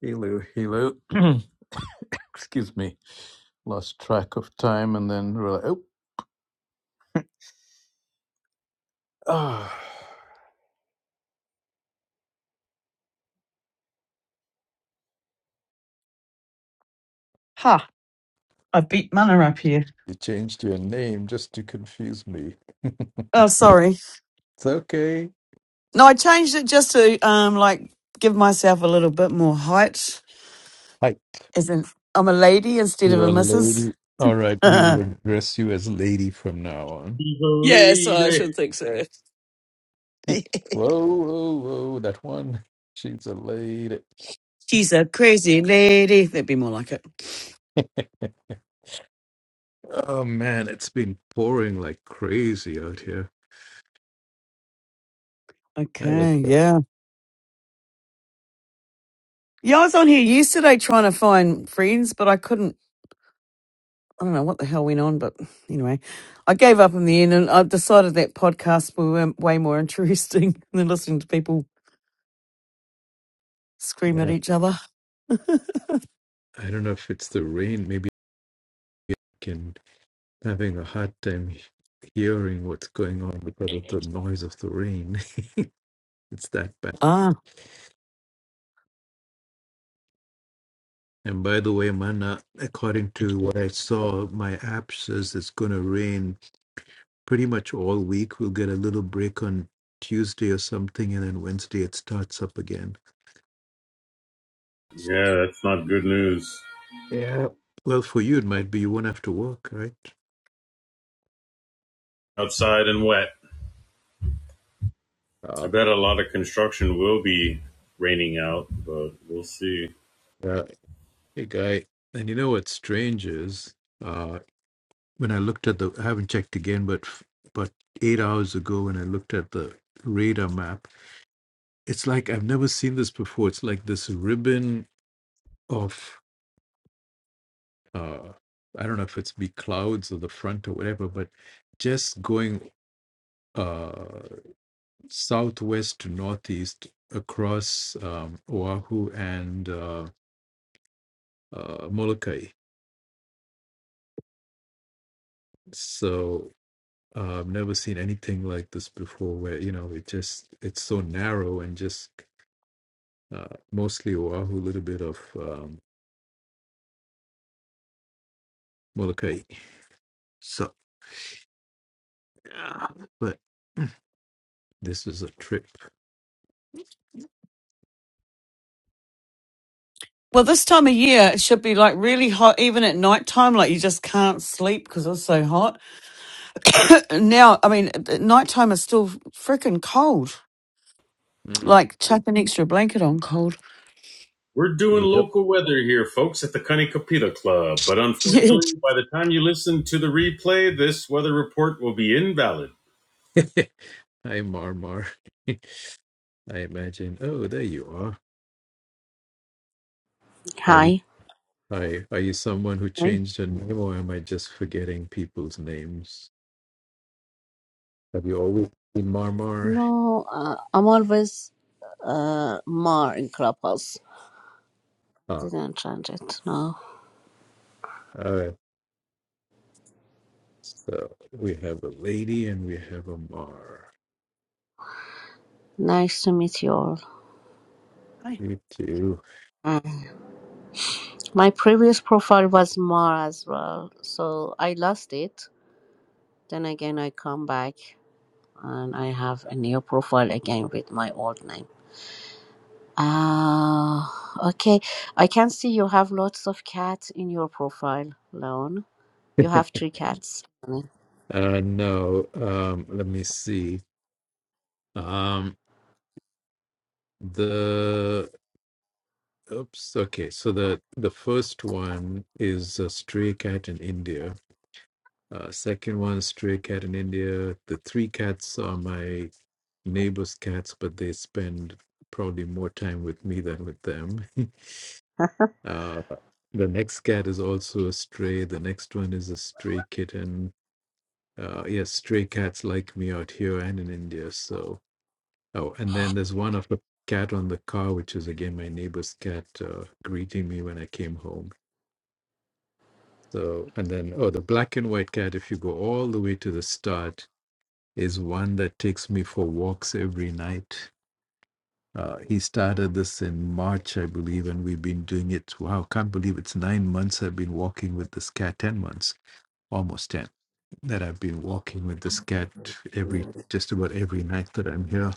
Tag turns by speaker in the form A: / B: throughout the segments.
A: Hello, hello. Excuse me. Lost track of time and then we're like, oh, ah,
B: Ha! I beat mana up here.
A: you changed your name just to confuse me.
B: Oh, sorry.
A: It's okay.
B: No, I changed it just to um like give myself a little bit more height.
A: Hi,
B: As in, I'm a lady instead of
A: you're
B: a
A: a
B: missus.
A: lady. All right, we
B: yeah,
A: will address you as lady from now on.
C: She's a
B: so I
C: lady.
B: should think so.
A: whoa, whoa, whoa, that one. She's a lady.
B: She's a crazy lady. That'd be more like it.
A: oh man, it's been pouring like crazy out here. I
B: Okay,
A: like that.
B: yeah. Yeah, I was on here yesterday trying to find friends, but I couldn't. I don't know what the hell went on, but anyway, I gave up in the end and I decided that podcasts were way more interesting than listening to people scream at
A: I
B: each other.
A: don't know if it's the rain. Maybe I can. having a hard time hearing what's going on because of the noise of the rain. it's that bad.
B: Ah,
A: And by the way, Mana, according to what I saw, my app says it's going to rain pretty much all week. We'll get a little break on Tuesday or something, and then Wednesday it starts up again.
C: Yeah, that's not good news.
A: Yeah. Well, for you, it might be you won't have to work, right?
C: Outside and wet. I
A: Uh,
C: bet a lot of construction will be raining out, but we'll see.
A: yeah. Hey, guy. And you know what strange is? Uh, when I looked at the, I haven't checked again, but but eight hours ago when I looked at the radar map, it's like I've never seen this before. It's like this ribbon of, uh, I don't know if it's be clouds or the front or whatever, but just going uh, southwest to northeast across um, Oahu and uh, uh, Molokai. So uh, I've never seen anything like this before, where you know it just it's so narrow and just uh, mostly Oahu, a little bit of um, Molokai. So, yeah, but this is a trip.
B: well, this time of year it should be like really hot, even at nighttime. Like you just can't sleep because it's so hot. Now, I mean, at nighttime is still freaking cold.
A: Mm.
B: Like chuck an extra blanket on, cold.
C: We're doing
A: Yep.
C: local weather here, folks, at the Kanikapita Club. But
B: Yeah.
C: unfortunately, by the time you listen to the replay, this weather report will be invalid.
A: Hi, Marmar. I imagine. Oh, there you are. Are you,
D: Hi.
A: are, are you someone who changed your name, or am I just forgetting people's names? Have you always been Marmar?
D: No, uh, I'm always uh, Mar in Clubhouse. I
A: Ah,
D: didn't change it. No.
A: So we have a lady and we have a Mar.
D: Nice to meet you all.
B: Hey.
A: You too.
D: Mm. My previous profile was Mar as well, so I lost it. Then again, I come back and I have a new profile again with my old name. Ah, okay. I can see you have lots of cats in your profile, Leon. You have three cats.
A: Uh, no, um, let me see. Um, the oops. Okay, so the the first one is a stray cat in India. Uh, second one, stray cat in India. The three cats are my neighbor's cats, but they spend probably more time with me than with them. uh, the next cat is also a stray. The next one is a stray kitten uh, yes, stray cats like me out here and in India. So, oh, and then there's one of the cat on the car, which is again my neighbor's cat uh, greeting me when I came home. So, and then, oh, the black and white cat, if you go all the way to the start, is one that takes me for walks every night. Uh, he started this in March, I believe, and we've been doing it. Wow, can't believe it's nine months I've been walking with this cat, 10 months almost 10 that I've been walking with this cat every just about every night that I'm here.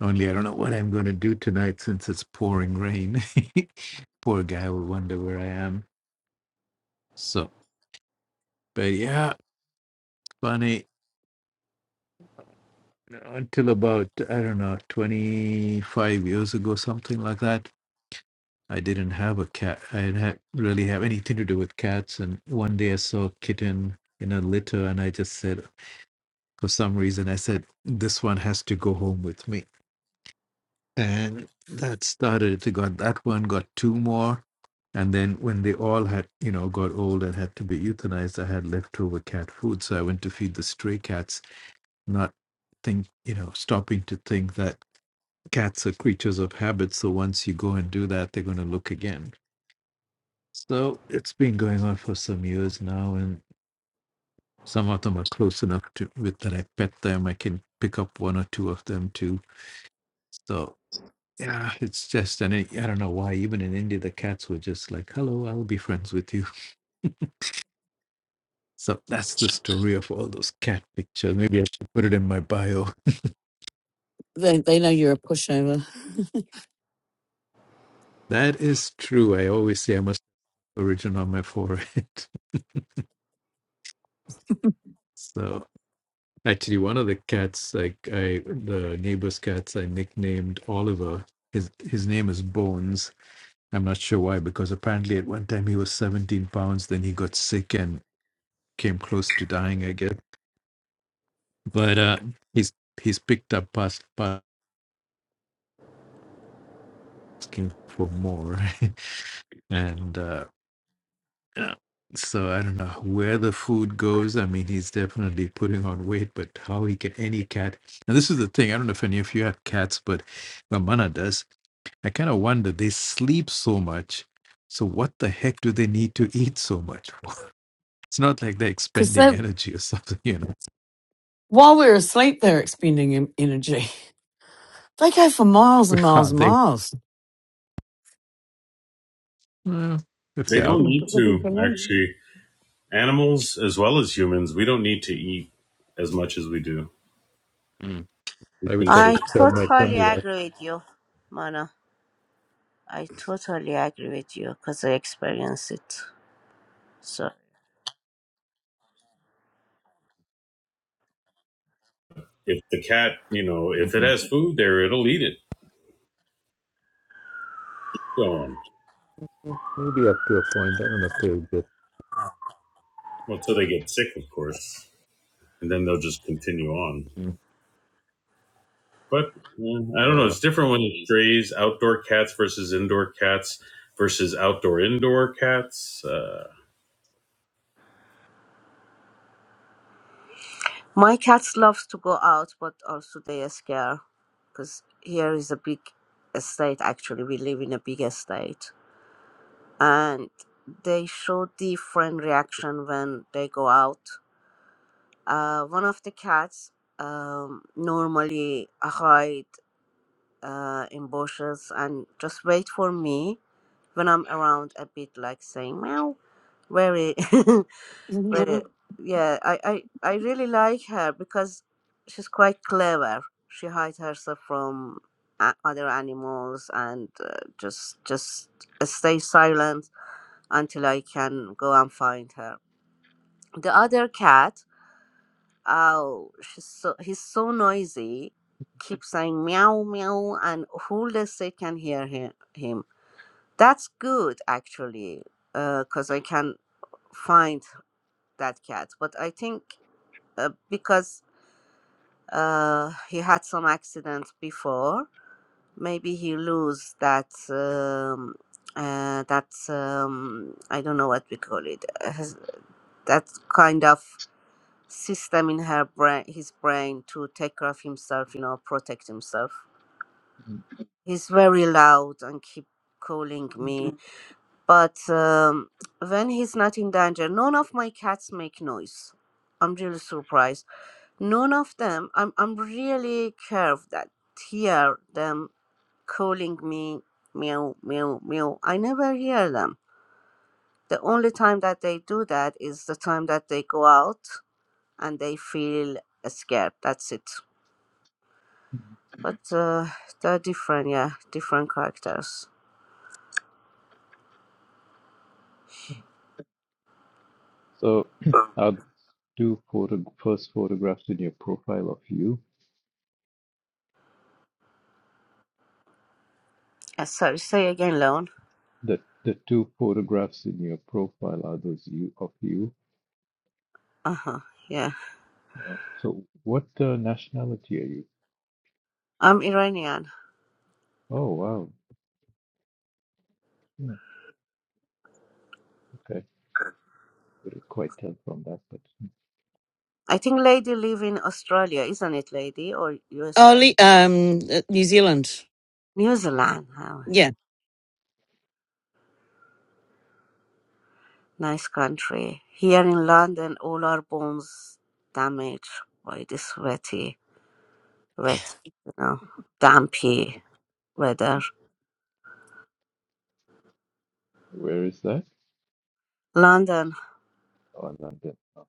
A: Only I don't know what I'm going to do tonight since it's pouring rain. Poor guy will wonder where I am. So, but yeah, funny. Until about, I don't know, 25 years ago, something like that, I didn't have a cat. I didn't really have anything to do with cats. And one day I saw a kitten in a litter and I just said, for some reason, I said, this one has to go home with me And that started, they got that one, got two more. And then when they all had, you know, got old and had to be euthanized, I had leftover cat food. So I went to feed the stray cats, not think, you know, stopping to think that cats are creatures of habit. So once you go and do that, they're going to look again. So it's been going on for some years now. And some of them are close enough to with that I pet them. I can pick up one or two of them too. So. Yeah, it's just, and I, I don't know why, even in India, the cats were just like, hello, I'll be friends with you. So that's the story of all those cat pictures. Maybe I should put it in my bio.
B: They, they know you're a pushover.
A: That is true. I always say I must have origin on my forehead. So actually, one of the cats, like I, the neighbor's cats, I nicknamed Oliver. His his name is Bones. I'm not sure why, because apparently at one time he was 17 pounds, then he got sick and came close to dying, I guess but uh, he's he's picked up us asking for more, and uh, yeah, so I don't know where the food goes. I mean, he's definitely putting on weight, but how he can any cat? And this is the thing. I don't know if any of you have cats, but my mana does. I kind of wonder they sleep so much, so what the heck do they need to eat so much for? It's not like they're
B: Because they
A: expending energy or something, you know.
B: while we're asleep, they're expending em- energy. They go for miles and miles
A: Are
B: and
A: they?
B: miles.
A: Well, if
C: They
A: they're
C: don't
A: out,
C: need to, actually. Animals as well as humans, we don't need to eat as much as we do.
A: Mm.
C: We
A: I
C: can
A: wish I
C: survive.
A: could
D: I
A: tell my
D: totally
A: tummy that.
D: agree with you, Mana. I totally agree with you because I experience it. So
C: If the cat, you know, if
A: Mm-hmm.
C: it has food there, it'll eat it. Go on.
A: Maybe up to a point. I don't know if they would get.
C: Well, until they get sick, of course, and then they'll just continue on.
A: mm,
C: But yeah, I don't know.
A: Uh,
C: It's different when it strays outdoor cats versus indoor cats versus outdoor indoor cats. Uh,
D: my cats loves to go out, but also they are scared because here is a big estate. Actually, we live in a big estate, and they show different reaction when they go out. Uh, one of the cats um, normally hide uh, in bushes and just wait for me when I'm around a bit, like saying meow, very. I Mm. re- yeah, I, I, I really like her because she's quite clever. She hides herself from a- other animals and uh, just just stay silent until I can go and find her. The other cat, oh, she's so he's so noisy, keeps saying meow meow, and who the state can hear him. him. That's good actually, because I can find that cat. But I think uh, because Uh, he had some accident before. Maybe he lose that um, uh, that um, I don't know what we call it. uh, Has that kind of system in her brain, his brain to take care of himself, you know, protect himself. He's very loud and keep calling me, Mm. but um, when he's not in danger, none of my cats make noise. I'm really surprised None of them. I'm I'm really curved that hear them calling me meow meow meow. I never hear them. The only time that they do that is the time that they go out and they feel scared. That's it. But uh, they're different, yeah, different characters.
A: of you.
D: Uh, sorry, say again, Lone.
A: That the two photographs in your profile are those you of you.
D: Uh huh. Yeah,
A: Uh, so, what uh, nationality are you?
D: I'm Iranian.
A: Oh wow. Hmm, okay, couldn't quite tell from that, but
D: I think Lady live in Australia, isn't it, Lady, or
B: Oh,
D: USA?
B: Le- um, uh, New Zealand.
D: New Zealand. Huh?
B: Yeah.
D: Nice country. Here in London, all our bones damaged by this wetty, wet, you know, dampy weather.
A: where is that?
D: London,
A: Oh, London. Oh,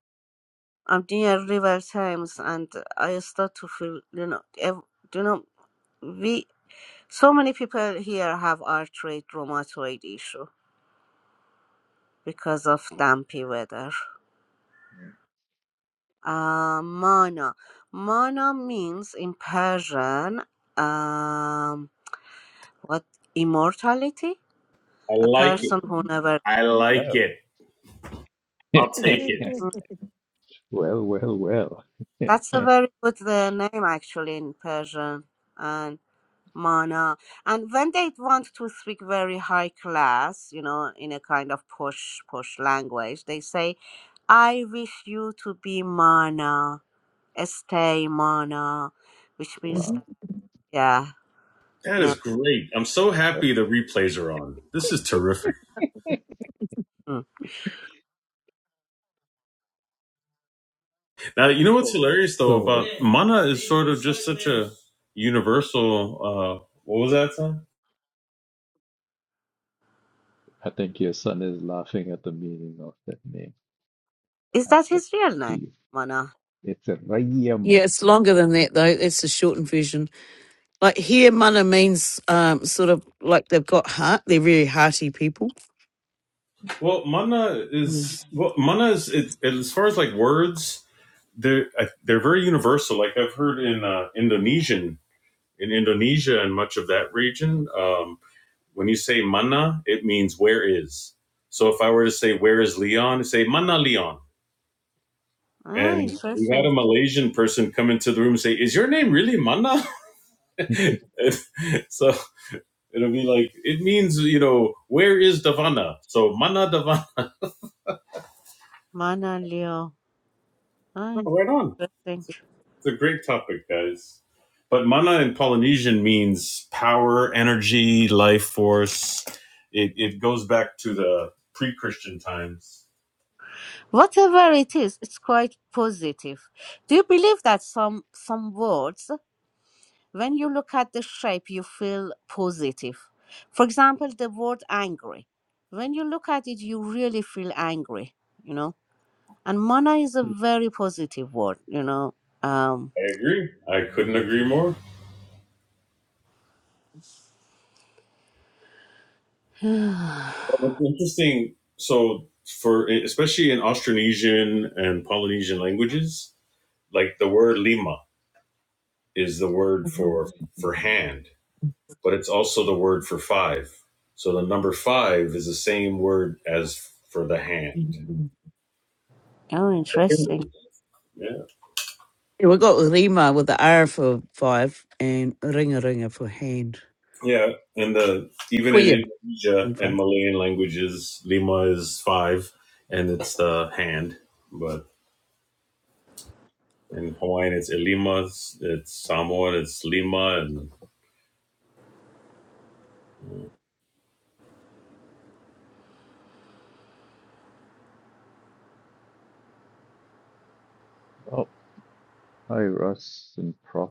D: I'm near River Thames, and I start to feel, you know, ev- you know, we so many people here have arthritis, rheumatoid issue because of dampy weather.
A: hmm.
D: Uh, mana, mana means in Persian, um, what immortality?
C: I
D: A
C: like it.
D: person who never.
C: I like
A: well,
C: it. I'll take it.
D: Mm,
A: well, well, well.
D: That's a
A: Yeah,
D: very good uh, name actually in Persian and mana. And when they want to speak very high class, you know, in a kind of posh posh language, they say, "I wish you to be mana, stay mana," which
B: Mhm.
D: means that,
A: wow.
D: yeah.
C: That is
D: No,
C: great. I'm so happy the replays are on. This is terrific.
D: mm.
C: Now, you know what's hilarious though
A: Oh, right.
C: about mana is sort of just such a universal. Uh, what was that son?
A: I think your son is laughing at the meaning of that name.
D: Is
A: Add
D: that
A: that
D: his real
A: to
D: name,
A: you.
D: mana?
A: It's a Rayama.
B: Yeah, it's longer than that though. That's the shortened version. Like here, mana means um, sort of like they've got heart. They're very hearty people.
C: Well, mana
B: Mm.
C: is well, mana is it, as far as like words they're uh, they're very universal. Like I've heard in uh, Indonesian, in Indonesia and much of that region, um, when you say mana, it means where is. So if I were to say where is Leon, say mana Leon.
D: Ah,
C: And we had a
D: interesting.
C: Malaysian person come into the room and say, "Is your name really Mana?" so it'll be like it means you know where is Davana? So Mana Davana
D: Mana Leo. Ah,
C: Oh, right on. It's
D: interesting.
C: a, it's a great topic, guys. But mana in Polynesian means power, energy, life force. It, it goes back to the pre Christian times.
D: Whatever it is, it's quite positive. Do you believe that some some words, when you look at the shape, you feel positive? For example, the word angry. When you look at it, you really feel angry, you know? And mana is a very positive word, you know. Um
C: I agree. I couldn't agree more.
D: oh
C: But what's interesting. So, for especially in Austronesian and Polynesian languages, like the word lima is the word for for hand, but it's also the word for five. So the number five is the same word as for the hand. Yeah,
D: interesting.
B: Yeah, we got Rima with the R for five and Ringa Ringa for hand.
C: yeah, and the even
B: Well,
C: in
B: yeah,
C: Indonesia
B: in
C: and
B: five.
C: Malayan languages, lima is five, and it's the hand. But in Hawaiian, it's elima, it's, it's Samoan, it's lima, and
A: Oh, Hi, Russ and Prof.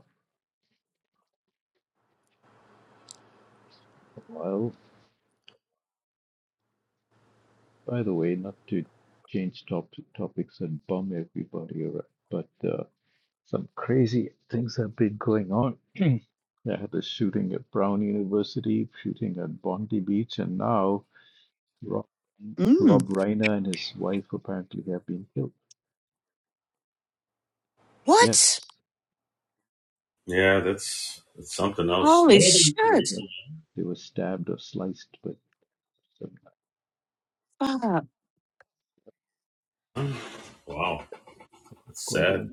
A: Well, by the way, not to change top topics and bum everybody around, but uh, some crazy things have been going on. They had a shooting at Brown University, shooting at Bondi Beach, and now Rob,
B: Mm.
A: Rob Reiner and his wife apparently have been killed. Yes,
B: What?
C: yeah, that's it's something else. No
B: Holy
C: other
B: shit!
A: yep,
C: information.
A: they were stabbed or sliced, but some
B: Fuck.
C: Wow, that's
A: quite
C: sad.
A: young.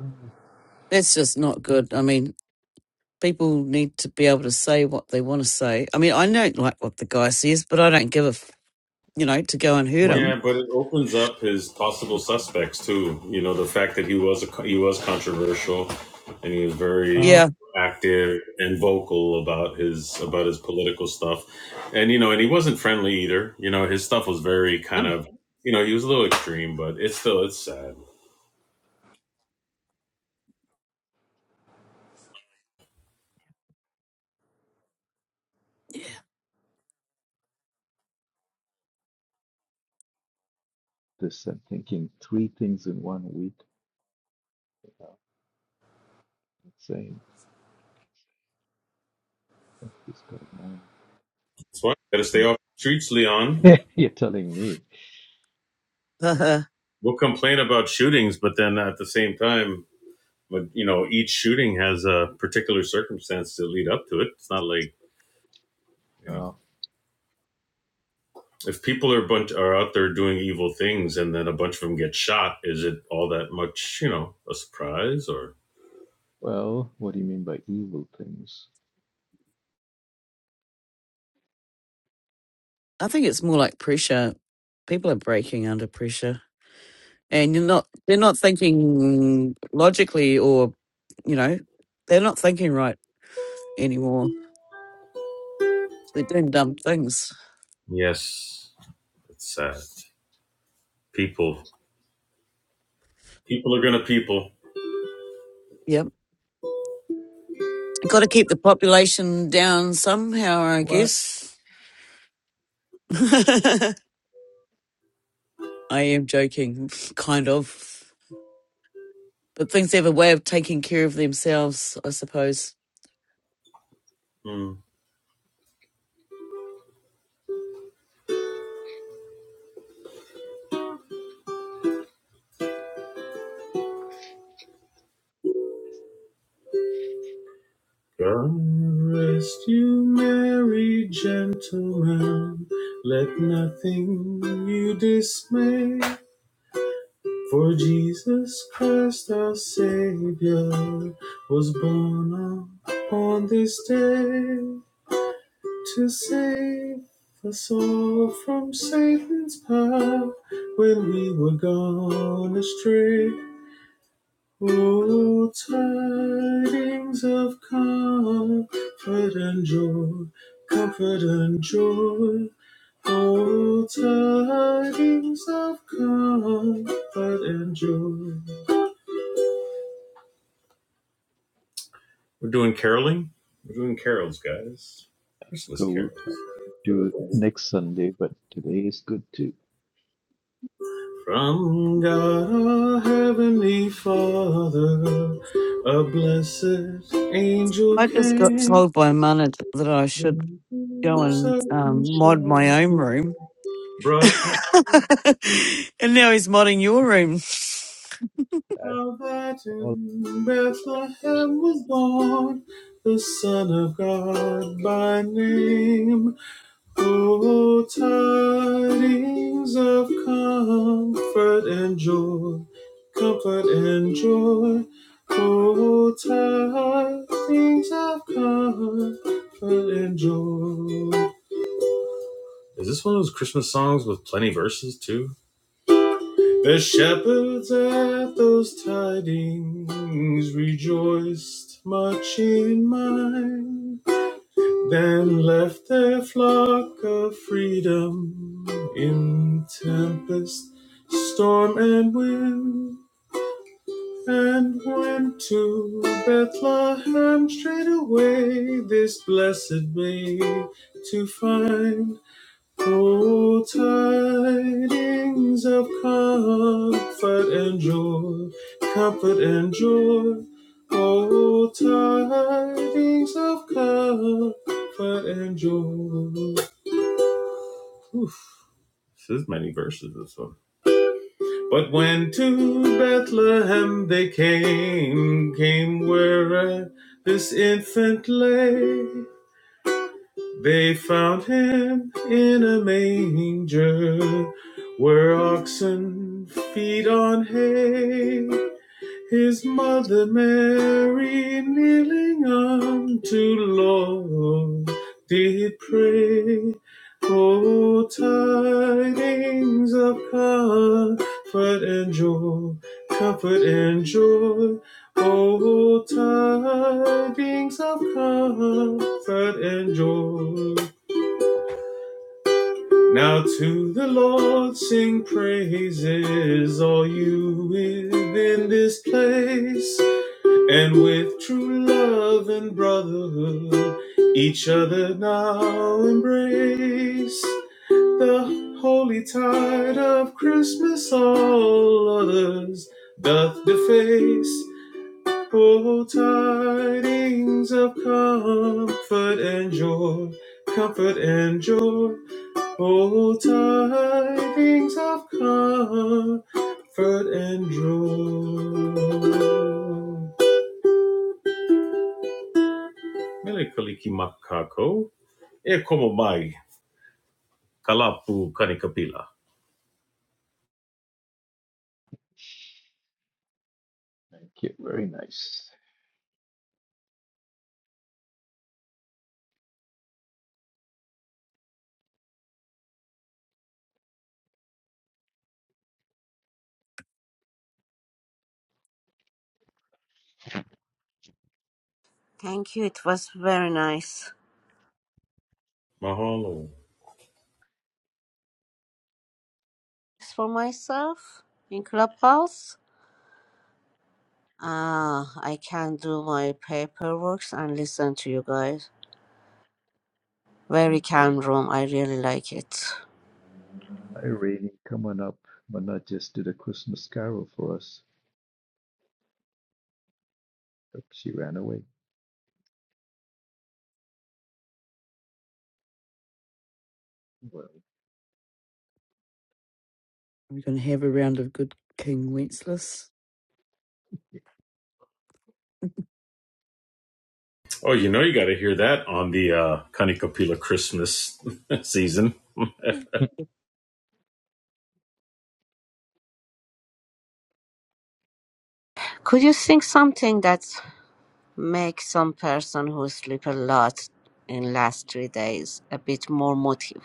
A: Uh,
B: That's just not good. I mean, people need to be able to say what they want to say. I mean, I don't like what the guy says, but I don't give a, f- you know, to go and hurt
A: Why
B: him.
A: he
C: Yeah,
A: said,
C: but it opens up his possible suspects too. You know, the fact that he was a, he was controversial, and he was very
A: uh,
B: Yeah.
C: active and vocal about his about his political stuff, and you know, and he wasn't friendly either. You know, his stuff was very kind
B: Oh.
C: of you know he was a little extreme, but it's still it's sad.
A: this I'm thinking three things in one week. Insane. What is going
C: That's why you got to stay off the streets, Leon.
A: on? You're telling me.
B: I
C: We'll complain about shootings, but then at the same time, but you know, each shooting has a particular circumstance to lead up to it. It's not like you know.
A: Oh,
C: if people are bunch are out there doing evil things and then a bunch of them get shot, is it all that much, you know, a surprise or
A: well, what do you mean by evil things?
B: think it's more like pressure. People are breaking under pressure and you're not, they're not thinking logically or, you know, they're not thinking right anymore. They're doing dumb things.
C: yes, it's sad. People people are gonna people.
B: Yeah. Got to keep the population down somehow, I
A: What?
B: guess. I am joking, kind of. But things have a way of taking care of themselves, I suppose.
C: Mm. God rest you merry gentlemen, let nothing you dismay. For Jesus Christ our Savior was born upon this day. to save us all from Satan's power when we were gone astray. Oh, tidings of comfort and joy, comfort and joy. Oh, tidings of comfort and joy. We're doing caroling. We're doing carols, guys.
A: That's
C: Christmas
A: cool. I'll do it
C: carols.
A: next Sunday, but today is good too.
C: From God our Heavenly Father, a blessed angel
B: I just got
C: came,
B: told by Mana that I should go and
C: certain
B: um, mod my own
C: shepherd
B: room.
C: brought
B: and now he's modding your room.
A: That's
C: how that
A: all.
C: in Bethlehem was born the Son of God by name. Oh, tidings of comfort and joy, comfort and joy. Oh, tidings of comfort and joy. Is this one of those Christmas songs with plenty of verses too? The shepherds at those tidings rejoiced much in mind. Then left their flock of freedom in tempest, storm, and wind, and went to Bethlehem straightway, this blessed babe to find. Oh, tidings of comfort and joy, comfort and joy. Oh, tidings of comfort and joy. Oof, this is many verses, this one. But when to Bethlehem they came, came where uh, this infant lay. They found him in a manger where oxen feed on hay. His mother Mary kneeling unto Lord did pray. O tidings of comfort and joy, comfort and joy. O tidings of comfort and joy. Now to the Lord sing praises, all you within this place, and with true love and brotherhood, each other now embrace. The holy tide of Christmas all others doth deface. Oh, tidings of comfort and joy, comfort and joy. Oh, tidings of comfort and joy. Mele kaliki makako. E como mai. Kalapu kanikapila.
A: Thank you. Very nice.
D: Thank you. It was very nice.
C: Mahalo.
D: for myself in Clubhouse. Ah, I can do my paperwork and listen to you guys. Very calm room. I really like it.
A: Hi, Rainy. Come on up. Mana just did a Christmas carol for us. But she ran away. Well,
B: We're going to have a round of good King Wenceslas.
C: Oh, you know you got to hear that on the uh, Kanikapila Christmas season.
D: Could you think something that makes some person who sleep a lot in last three days a bit more motive?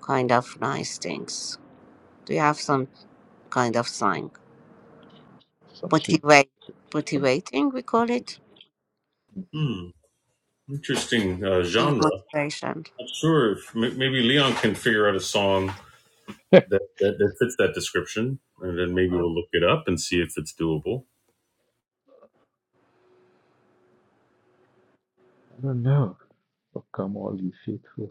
D: Kind of nice things. Do you have some kind of sign
A: something. popped
D: Motivate,
A: up.
D: motivating. We call it
C: Hmm, interesting uh,
D: Mm,
C: genre. Not
D: motivation.
C: sure if m- maybe Leon can figure out a song that, that, that fits that description, and then maybe we'll look it up and see if it's doable.
A: I don't know. Oh, come, all you faithful.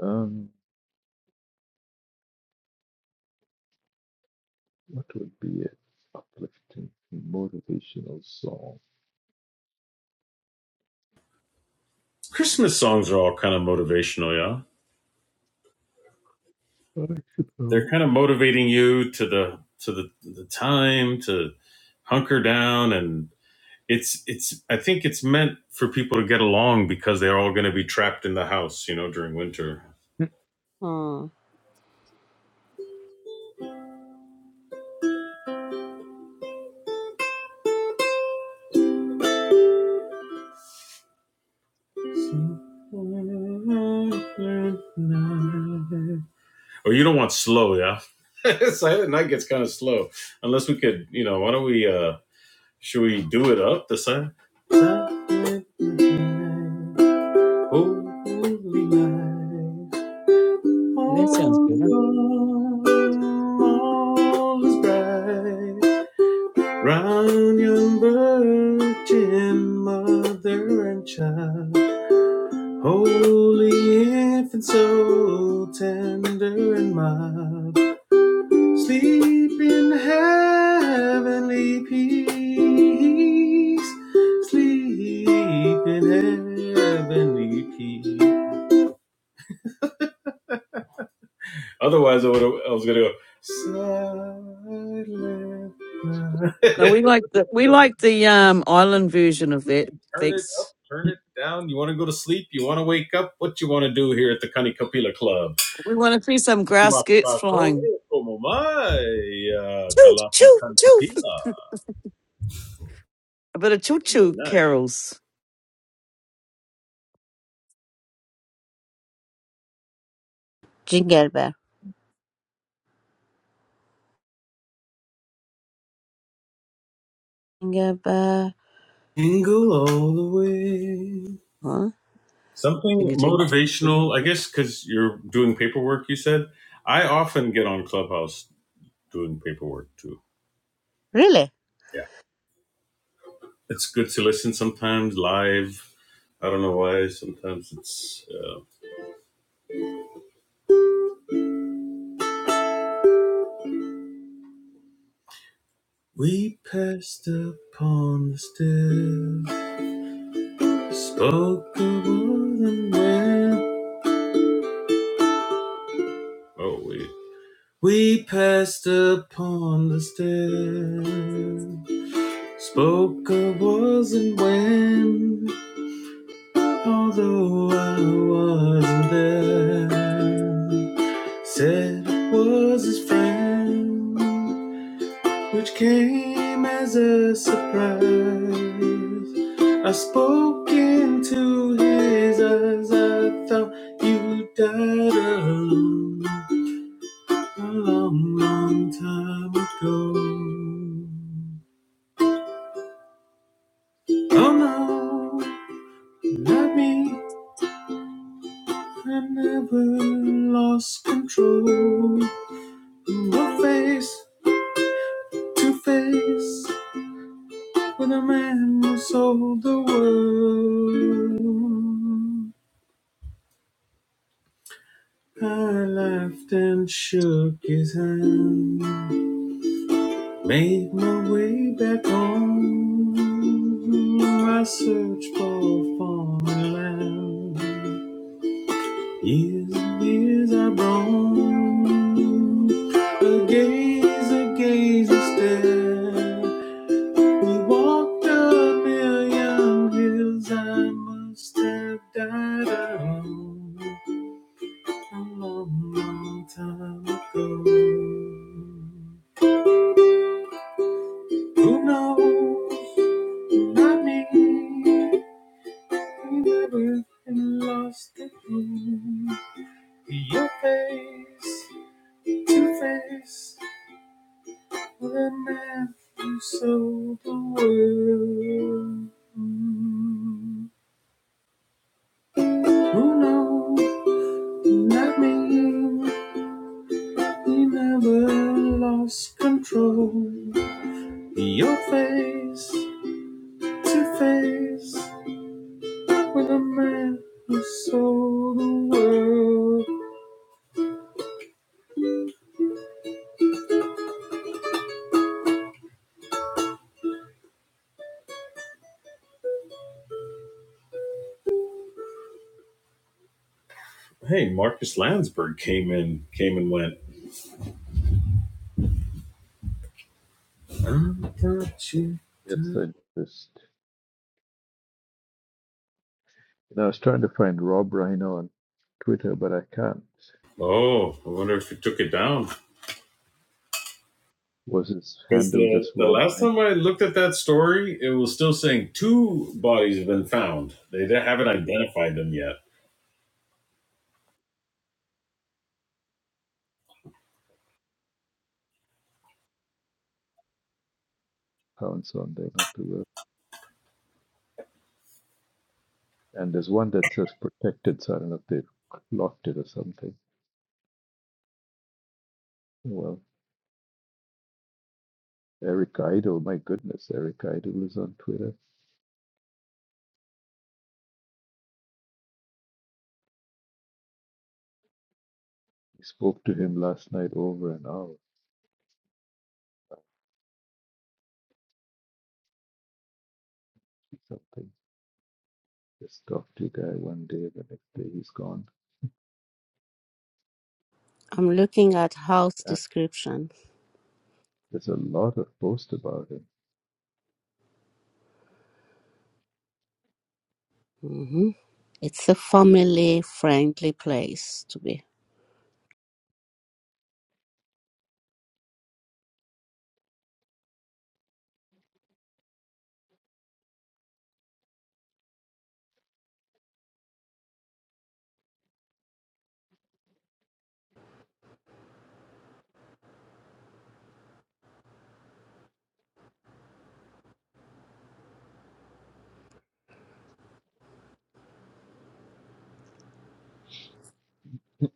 A: Um, what would be an uplifting, motivational song?
C: Christmas songs are all kind of motivational, yeah.
A: I
C: They're
A: suppose.
C: kind of motivating you to the to the, the time to hunker down and it's it's I think it's meant for people to get along because they're all going to be trapped in the house, you know, during winter.
D: Hmm.
C: Or you don't want slow, yeah. Silent night gets kind of slow. Unless we could, you know, why don't we? uh Should we do it up the side? Holy night,
B: That sounds
C: all
B: good.
C: all is bright. Round young virgin mother and child, holy infant, so tender and mild, sleep in heavenly peace, sleep in heavenly peace. Otherwise, I would have. I was gonna go. Silent night."
A: So,
B: No, we like the we like the um
C: we
B: island version of that.
C: can turn it up,
B: Thanks.
C: turn it down. You want to go to sleep? You want to wake up? What you want to do here at the Kani Kapila Club?
B: We want to see some grass skirts
C: Mapako
B: flying.
C: e uh,
B: Choo choo choo. A bit of choo choo
C: nice.
B: carols.
D: Jingle bell. Jingle bell.
C: Tingle all the way.
D: Huh?
C: Something
B: Ding a ding ding ding.
C: motivational, I guess, because you're doing paperwork. You said I often get on Clubhouse doing paperwork too.
D: Really?
C: Yeah. it's good to listen sometimes live. I don't know why. Sometimes it's. Uh, we passed upon the stairs, spoke the word and Oh wait. We passed upon the stairs, spoke I wasn't when, although I wasn't there. Said I was his friend, which came as a surprise. I spoke into his eyes. I thought you died alone a long, long time ago. Oh no, not me. I never lost control. No face to face with a man who sold the world. I laughed and shook his hand. Made my way back home. I searched for foreign land. Years and years I roamed. A gaze, a gaze, a stare. We walked a million hills I must have died alone. a long, long time ago. Who knows? Not me. We never been lost again. Your face to face with a man who sold the world. Who knows? Not me. We never lost control. Your face to face with a man who sold the world. Hey, Marcus Landsberg came in, came and went.
A: yes, I noticed. And I was trying to find Rob Rhino on Twitter, but I can't.
C: Oh, I wonder if he took it down.
A: Was his
C: Because
A: handle
C: the,
A: just
C: the
A: Rob
C: last
A: Rhino
C: time I looked at that story, it was still saying two bodies have been found. They haven't identified them yet.
A: accounts on there? Not to work. And there's one that says protected, so I don't know if they've locked it or something. Well, Eric Idle, my goodness, Eric Idle is on Twitter. I spoke to him last night over an hour or something. Just talked to a guy one day, the next day he's gone.
D: I'm looking at house
A: Yeah,
D: description.
A: there's a lot of posts about
D: hmm It's a family friendly place to be.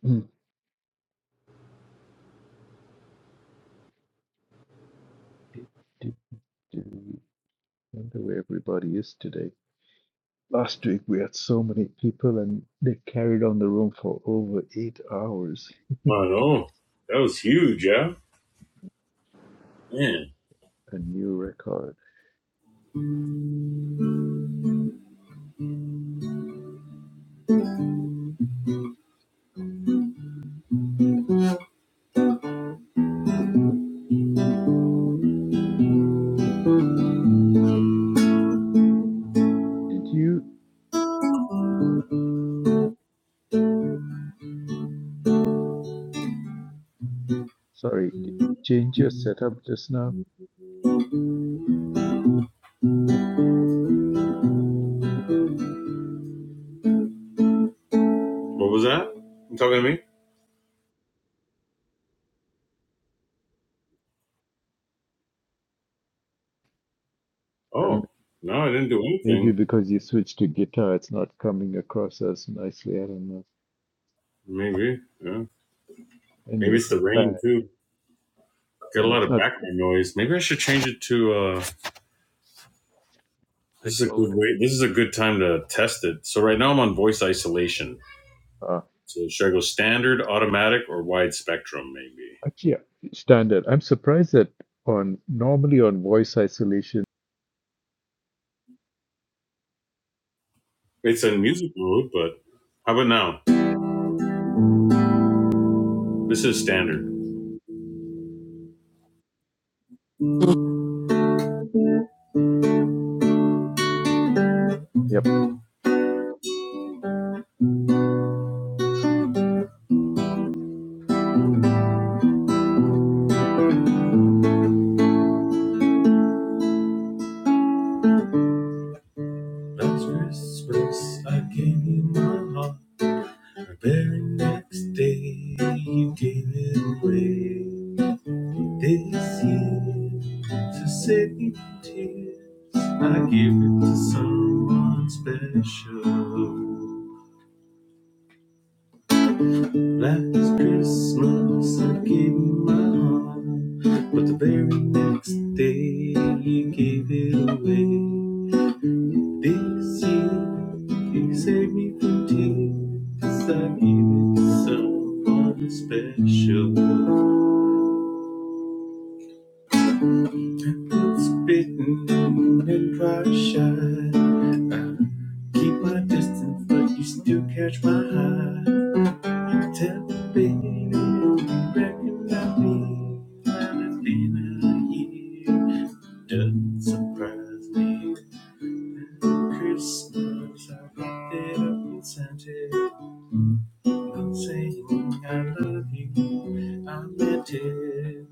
A: him. Do, do, do. I wonder where everybody is today. Last week we had so many people and they carried on the room for over eight hours,
C: Oh, that was huge, yeah?
A: a new record. Did you, oh, no, sorry, did you change your setup just now?
C: What was that? You talking to me?
A: I don't
C: Oh,
A: know.
C: no, I didn't do
A: Maybe
C: anything.
A: because you switched to guitar, it's not coming across as nicely. I don't know.
C: Maybe, yeah.
A: Anyway,
C: Maybe it's
A: it's not
C: the
A: bad.
C: rain, too. Got a
A: No,
C: lot
A: it's
C: of
A: not bad.
C: background noise. Maybe I should change it to. Uh,
A: The
C: this is a good
A: cloud.
C: way. This is a good time to test it. So right now I'm on voice isolation.
A: Uh,
C: So should I go standard, automatic, or wide spectrum? Maybe
A: actually, yeah, standard. I'm surprised that on normally on voice isolation.
C: it's in music mode, but how about now? This is standard.
A: Yep.
C: That's Christmas. I gave you my heart. The very next day you gave it away. This year to save me from tears, I give it to someone special. Last Christmas I gave you my heart, but the very next day you gave it away. This year you saved me from tears. I gave it to someone special. Good spitting and dry shine. I keep my distance, but you still catch my eye. You tell me, baby, you recognize me. And it's been a year, doesn't surprise me. Christmas, I wrapped it up in Santa. I'm saying I love you. I meant it.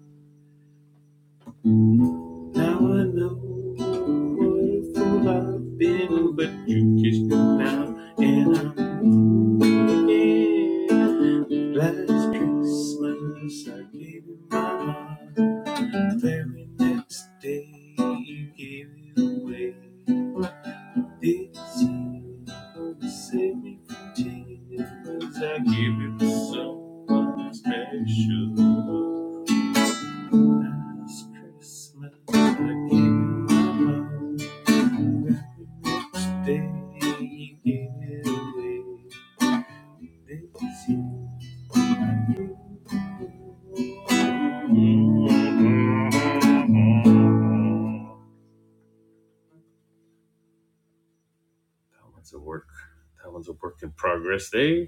C: Now I know what a fool I've been, but you kissed me now, and I'm again. Last Christmas I gave you my heart. The very next day you gave it away. It seems to save me from tears. I give it to someone special. Last Christmas, I gave you my love. Very much you gave it away. This year. That one's a work. That one's a work in progress. There.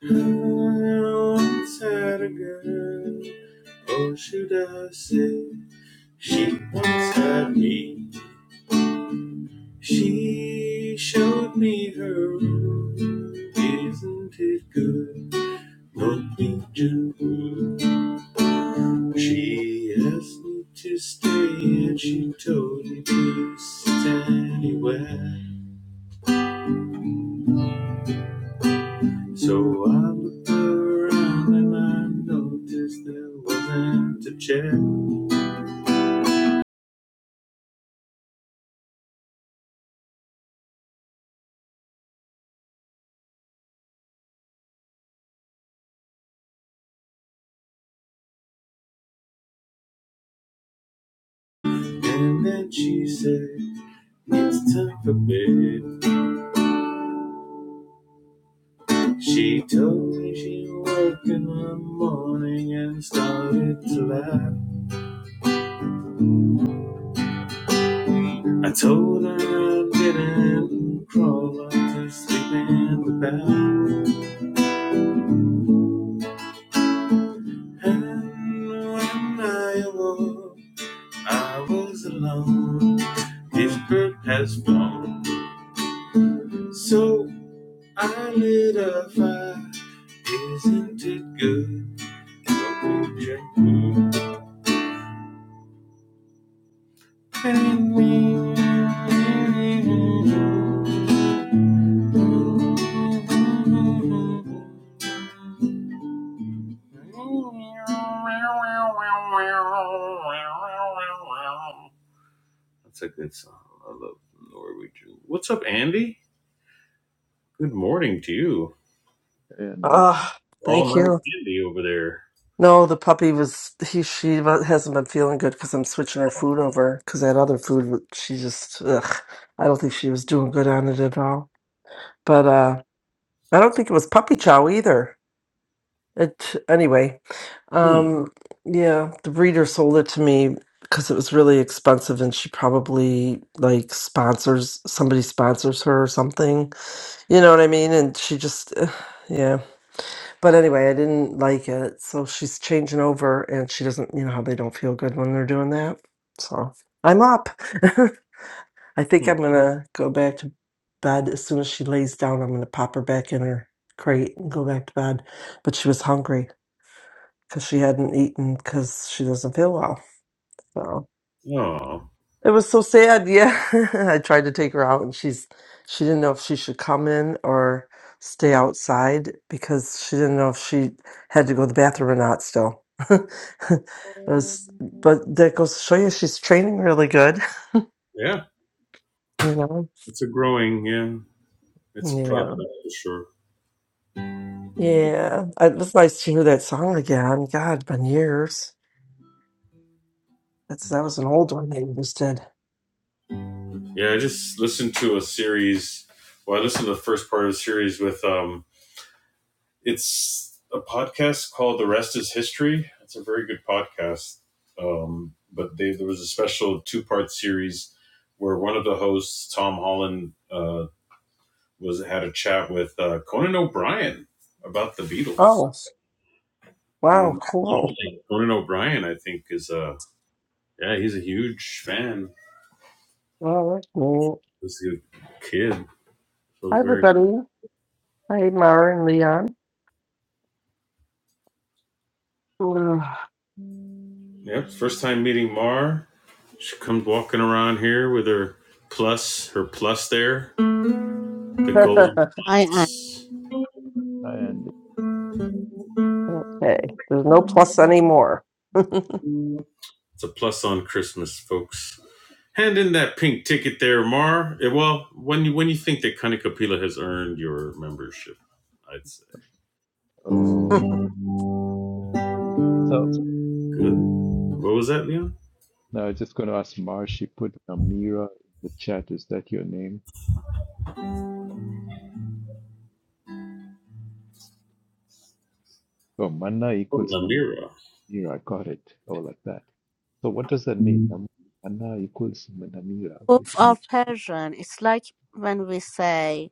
C: Once had a girl, oh should I say, she once had me. She showed me her room, isn't it good? Norwegian wood. She asked me to stay and she told me to sit anywhere. So I looked around and I noticed there wasn't a chair. And then she said, It's time for bed. She told me she woke in the morning and started to laugh. I told her I didn't crawl up to sleep in the bath. And when I awoke, I was alone. This bird has flown. So I lit a fire. Isn't it good? Don't drink food. That's a good song. I love Norwegian. What's up, Andy? Good morning to you.
A: And the-
E: Ah, thank
C: Right.
E: you. No, the puppy was he. She wa- hasn't been feeling good because I'm switching her food over because that other food wa- she just. Ugh, I don't think she was doing good on it at all. But uh, I don't think it was puppy chow either. It anyway.
C: Hmm,
E: Um, yeah, the breeder sold it to me because it was really expensive, and she probably like sponsors somebody sponsors her or something. You know what I mean? And she just, ugh, yeah. But anyway, I didn't like it. So she's changing over and she doesn't, you know how they don't feel good when they're doing that. So I'm up. I think I'm going to go back to bed as soon as she lays down. I'm going to pop her back in her crate and go back to bed. But she was hungry because she hadn't eaten because she doesn't feel well. So.
C: hmm. Oh,
E: It was so sad. Yeah. I tried to take her out and she's she didn't know if she should come in or stay outside because she didn't know if she had to go to the bathroom or not still. it was but that goes to show you she's training really good,
C: yeah.
E: you know.
C: It's a growing, yeah. It's a process
E: Yeah.
C: for sure.
E: Yeah. I- It was nice to hear that song again. God, been years. That's that was an old one they just did.
C: Yeah, I just listened to a series. Well, I listened to the first part of the series with um it's a podcast called The Rest Is History. It's a very good podcast. Um, but they, there was a special two part series where one of the hosts, Tom Holland, uh, was had a chat with uh, Conan O'Brien about the Beatles.
E: Oh, wow,
C: And
E: cool.
C: interesting, Conan O'Brien, I think, is a yeah, he's a huge fan.
E: Well, that's neat.
C: He's a good kid, so
E: Hi,
C: it's very
E: everybody. Hi, Mara and Leon. Ugh.
C: yeah. First time meeting Mar. She comes walking around here with her plus, her plus there, the golden
D: Mhm.
A: and the-
E: Okay. There's no plus anymore.
C: It's a plus on Christmas, folks. Hand in that pink ticket there, Mar. Eh, Well, when you when you think that Connie Kapila has earned your membership, I'd say.
A: oh, so.
C: Good. What was that, Leon?
A: Now, I'm just going to ask Marsh. She put Namira in the chat. Is that your name? Oh, Manna
C: Oh,
A: equals Namira.
C: Namira.
A: I got it. Oh, like that. So, what does that mean? Nam- Manna equals Namira,
D: Both
A: which means
D: are Persian. It's like when we say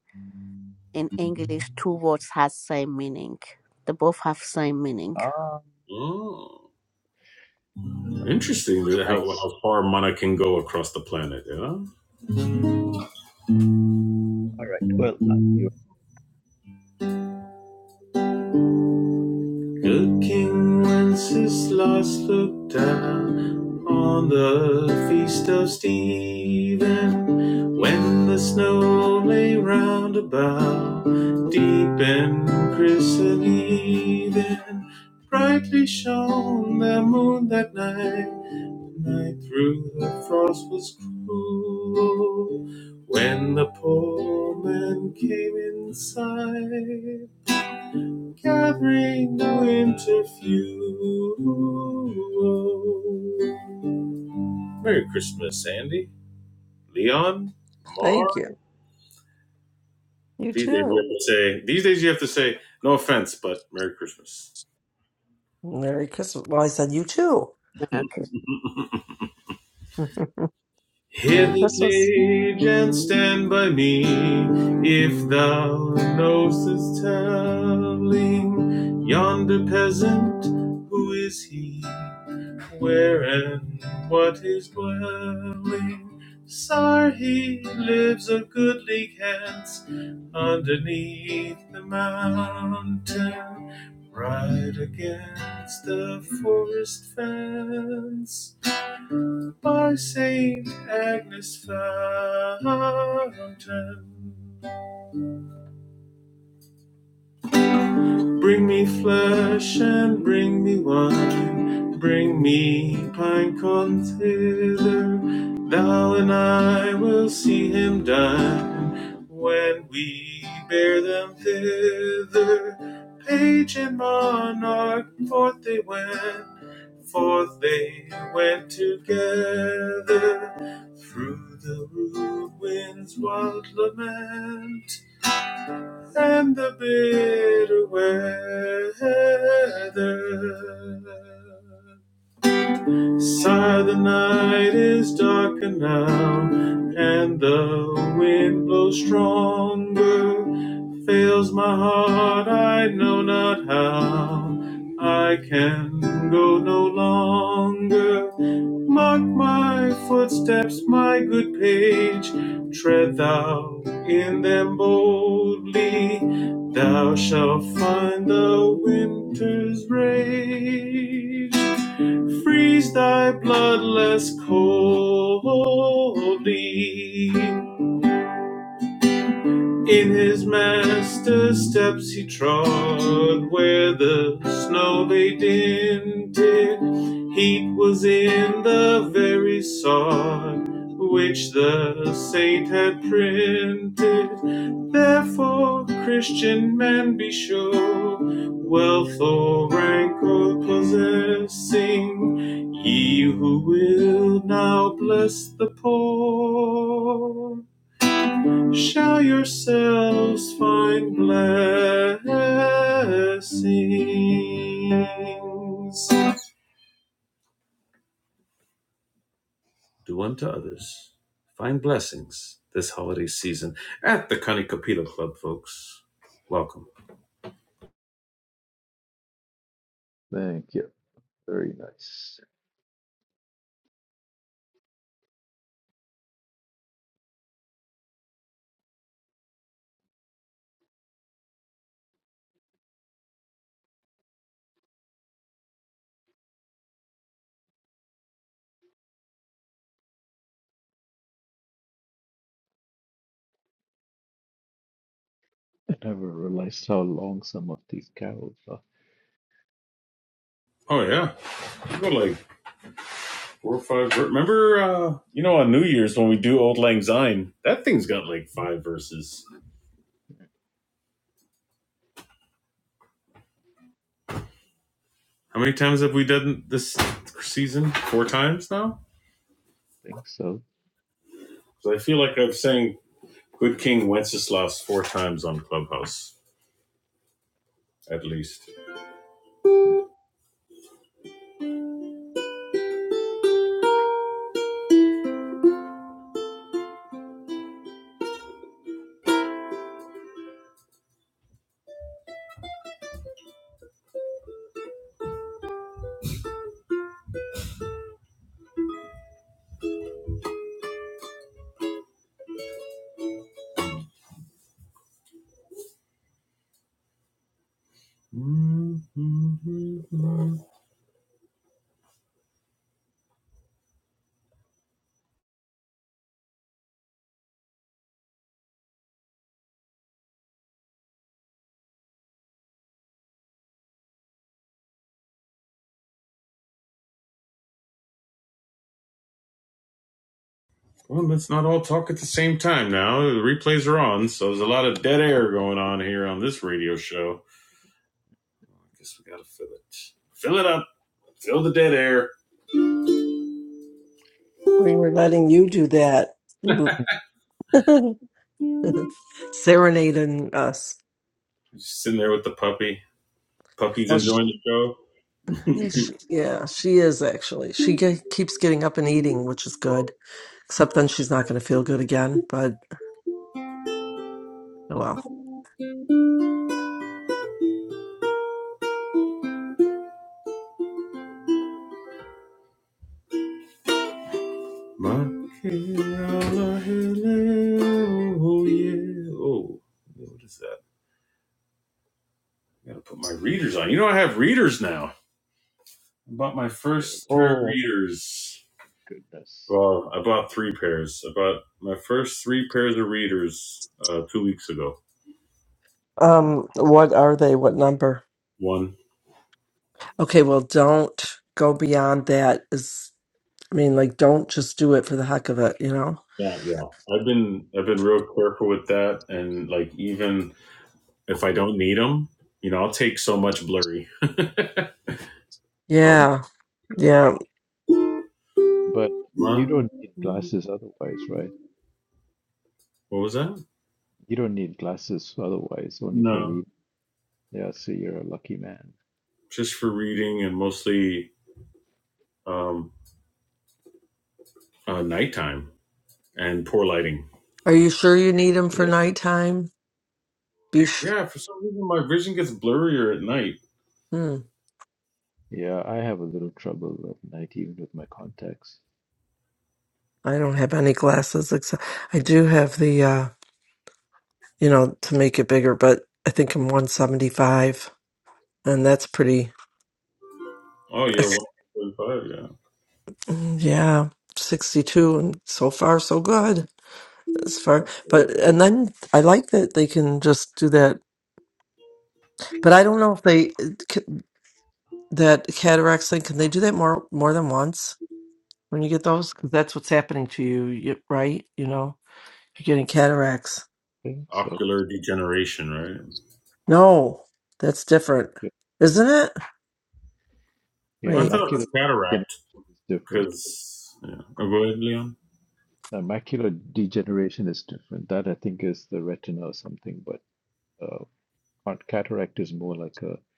D: in English two words has same meaning. They both have same meaning.
A: ah,
C: Oh,
A: Namira sound
C: interesting. How
A: nice.
C: how far mana can go across the planet? Yeah.
A: Mm. All right. Well, thank you.
C: Good King Wenceslas looked down on the feast of Stephen when the snow lay round about, deep and crisp and even. Brightly shone the moon that night, night through the frost was cruel when the poor man came in sight carrying the winter fuel. Merry Christmas, Andy, Leon, Mar.
E: Thank you. You
C: These days you
E: too.
C: have to say. These days you have to say. No offense, but Merry Christmas.
E: Merry Christmas. Well, I said you too.
D: Americans.
C: Hear
E: Merry
C: the
E: Christmas.
C: page and stand by me if thou knowest telling yonder peasant who is he, where and what is dwelling. Sire, he lives of goodly cats underneath the mountain, right against the forest fence by Saint Agnes Fountain. Bring me flesh and bring me wine. Bring me pine cones hither. Thou and I will see him dine when we bear them thither. Page and monarch, forth they went. Forth they went together through the rude wind's wild lament and the bitter weather. Sigh, the night is darker now, and the wind blows stronger. Fails my heart, I know not how. I can go no longer. Mark my footsteps, my good page. Tread thou in them boldly. Thou shalt find the winter's rage freeze thy bloodless coldly. In his master's steps he trod, where the snow lay dinted. Heat was in the very sod which the saint had printed. Therefore, Christian man, be sure, wealth or rank or possessing, ye who will now bless the poor shall yourselves find blessings. Do unto others, find blessings this holiday season at the Connie Club, folks. Welcome.
A: Thank you. Very nice. I never realized how long some of these carols are.
C: Oh yeah, we got like four or five. ver- Remember, uh, you know, on New Year's when we do Old Lang Syne, that thing's got like five verses. How many times have we done this season? Four times now.
A: I think so.
C: 'Cause I feel like I've sang Good King Wenceslas four times on Clubhouse, at least. Well, let's not all talk at the same time now. The replays are on, so there's a lot of dead air going on here on this radio show. I guess we gotta fill it. Fill it up. Fill the dead air.
E: We were letting you do that. You serenading us.
C: Just sitting there with the puppy. Puppy's
E: Well, sh
C: enjoying the show.
E: yeah, she, yeah, she is actually. She ge- keeps getting up and eating, which is good. Except then she's not going to feel good again. But oh well.
C: oh yeah. Oh, what is that? I gotta put my readers on. You know I have readers now. I bought my first
A: Really,
C: pair of
E: Oh.
C: readers.
A: goodness.
C: Well, I bought three pairs. I bought my first three pairs of readers uh, two weeks ago.
A: Mm.
E: Um. What are they? What number?
C: One.
E: Okay. Well, don't go beyond that. Is I mean, like, don't just do it for the heck of it, you know?
C: Yeah, yeah. I've been I've been real careful with that, and like even if I don't need them, you know, I'll take so much blurry. Oh,
E: Yeah. Yeah.
A: But you
C: huh?
A: don't need glasses otherwise, right?
C: what was that?
A: You don't need glasses otherwise, only for
C: No,
A: reading. Yeah, so you're a lucky man.
C: just reading and mostly um, uh, nighttime and poor lighting.
E: Are you sure you need them for
A: Yeah,
E: nighttime? Be sh-
C: Yeah, for some reason my vision gets blurrier at night.
E: hmm.
A: yeah, I have a little trouble at night, even with my contacts.
E: I don't have any glasses except I do have the, uh, you know, to make it bigger, but I think I'm 175 and that's pretty,
C: Oh, you're one forty-five. Yeah,
E: Mm, yeah. 62 and so far so good as far but and then i like that they can just do that but i don't know if they uh, c- that cataracts thing can they do that more more than once when you get those because that's what's happening to you, you right you know you're getting cataracts
A: I think so.
C: ocular degeneration, right?
E: no that's different
A: Yeah,
E: isn't it
A: yeah,
C: Well, I
E: wait
C: thought it was
A: macular
C: cataract
A: degeneration is different.
C: because. Yeah. Oh, go ahead, Leon.
A: Uh, macular degeneration is different. That I think is the retina or something, but uh, cont- cataract is more like a,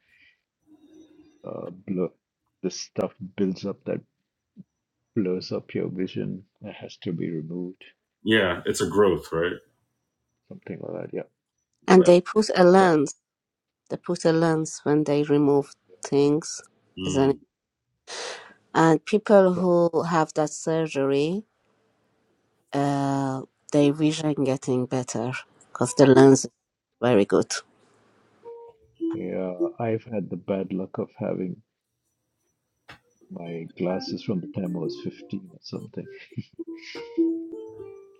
A: uh blur. The stuff builds up that blurs up your vision. It has to be removed,
C: Yeah, it's a growth, right?
A: something like that. Yeah,
D: And they put a
A: but.
D: lens. They put a lens when they remove things, isn't it?
C: Mm.
D: And people
A: uh,
D: who have that surgery, uh, their vision getting better because the lens is very good.
A: Yeah, I've had the bad luck of having my glasses from the time I was 15 or something,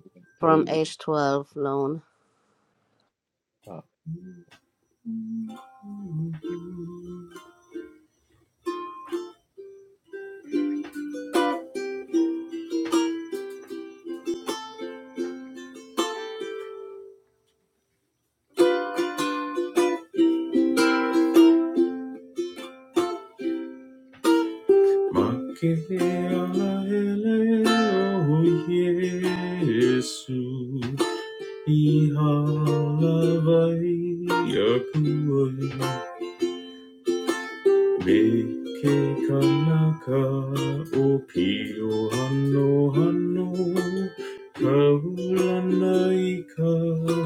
A: even
D: From
A: early.
D: age 12 loan.
A: Uh,
C: Yesu, Mkana kaopi o ano ano, kaulanaika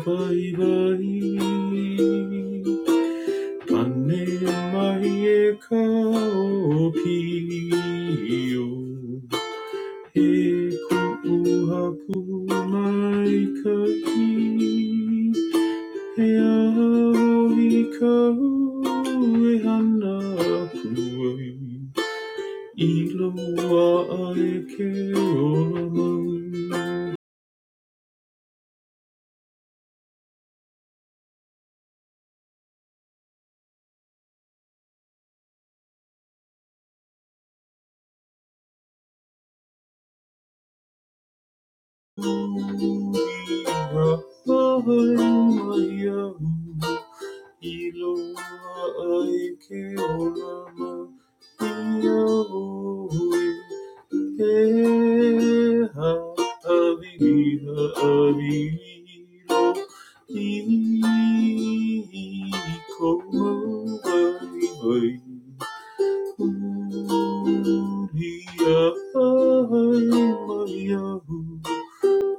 C: bye bye. Ani mai kaopi. Hekuhakumaikaki Heavikauehanaku Iloa aeke olamau Yahoo.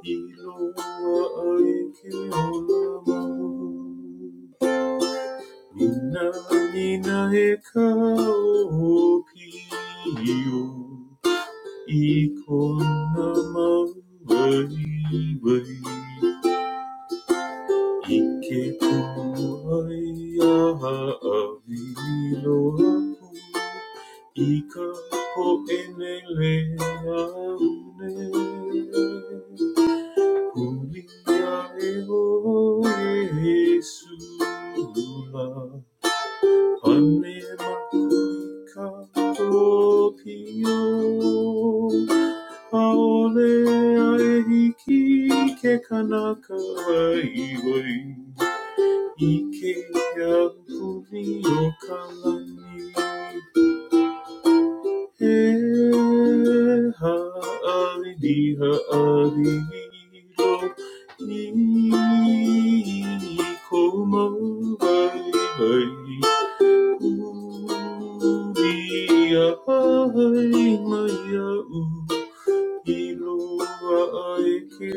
C: Nina nina ekao pio ikona mawai wai. Ika po enele aune. Julia eo Jesula, anema kuika topio, aole ae hiki ke kanaka ai wai Ike ya kumi E ha ali di ha ali ro. Ni komo bai bai Dia ai maya u ilua ai ke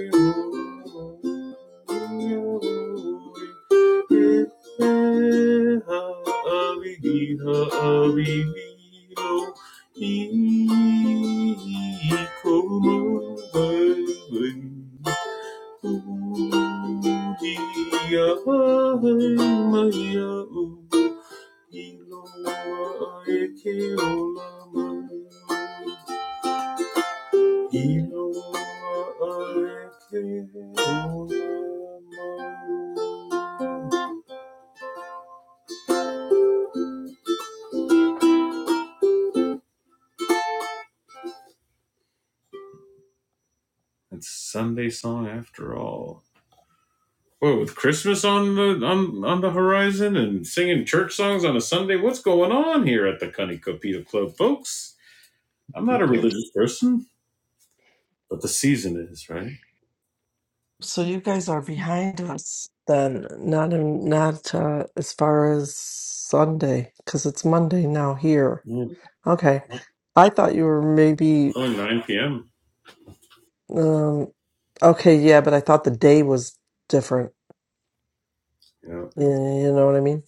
C: Maya, Iloa e ke ola manu. Iloa e ke ola manu. It's Sunday song after all. Whoa, with Christmas on the on on the horizon and singing church songs on a Sunday, what's going on here at the Cunny Copita Club, folks? I'm not
A: you
C: a
A: tell
C: religious person, but the season is right.
E: so you guys are behind us then not in, not uh, as far as sunday because it's monday now here
C: Yeah,
E: okay i thought you were maybe
C: only 9 p.m.
E: um okay yeah but i thought the day was different
C: Yeah,
E: you, you know what i mean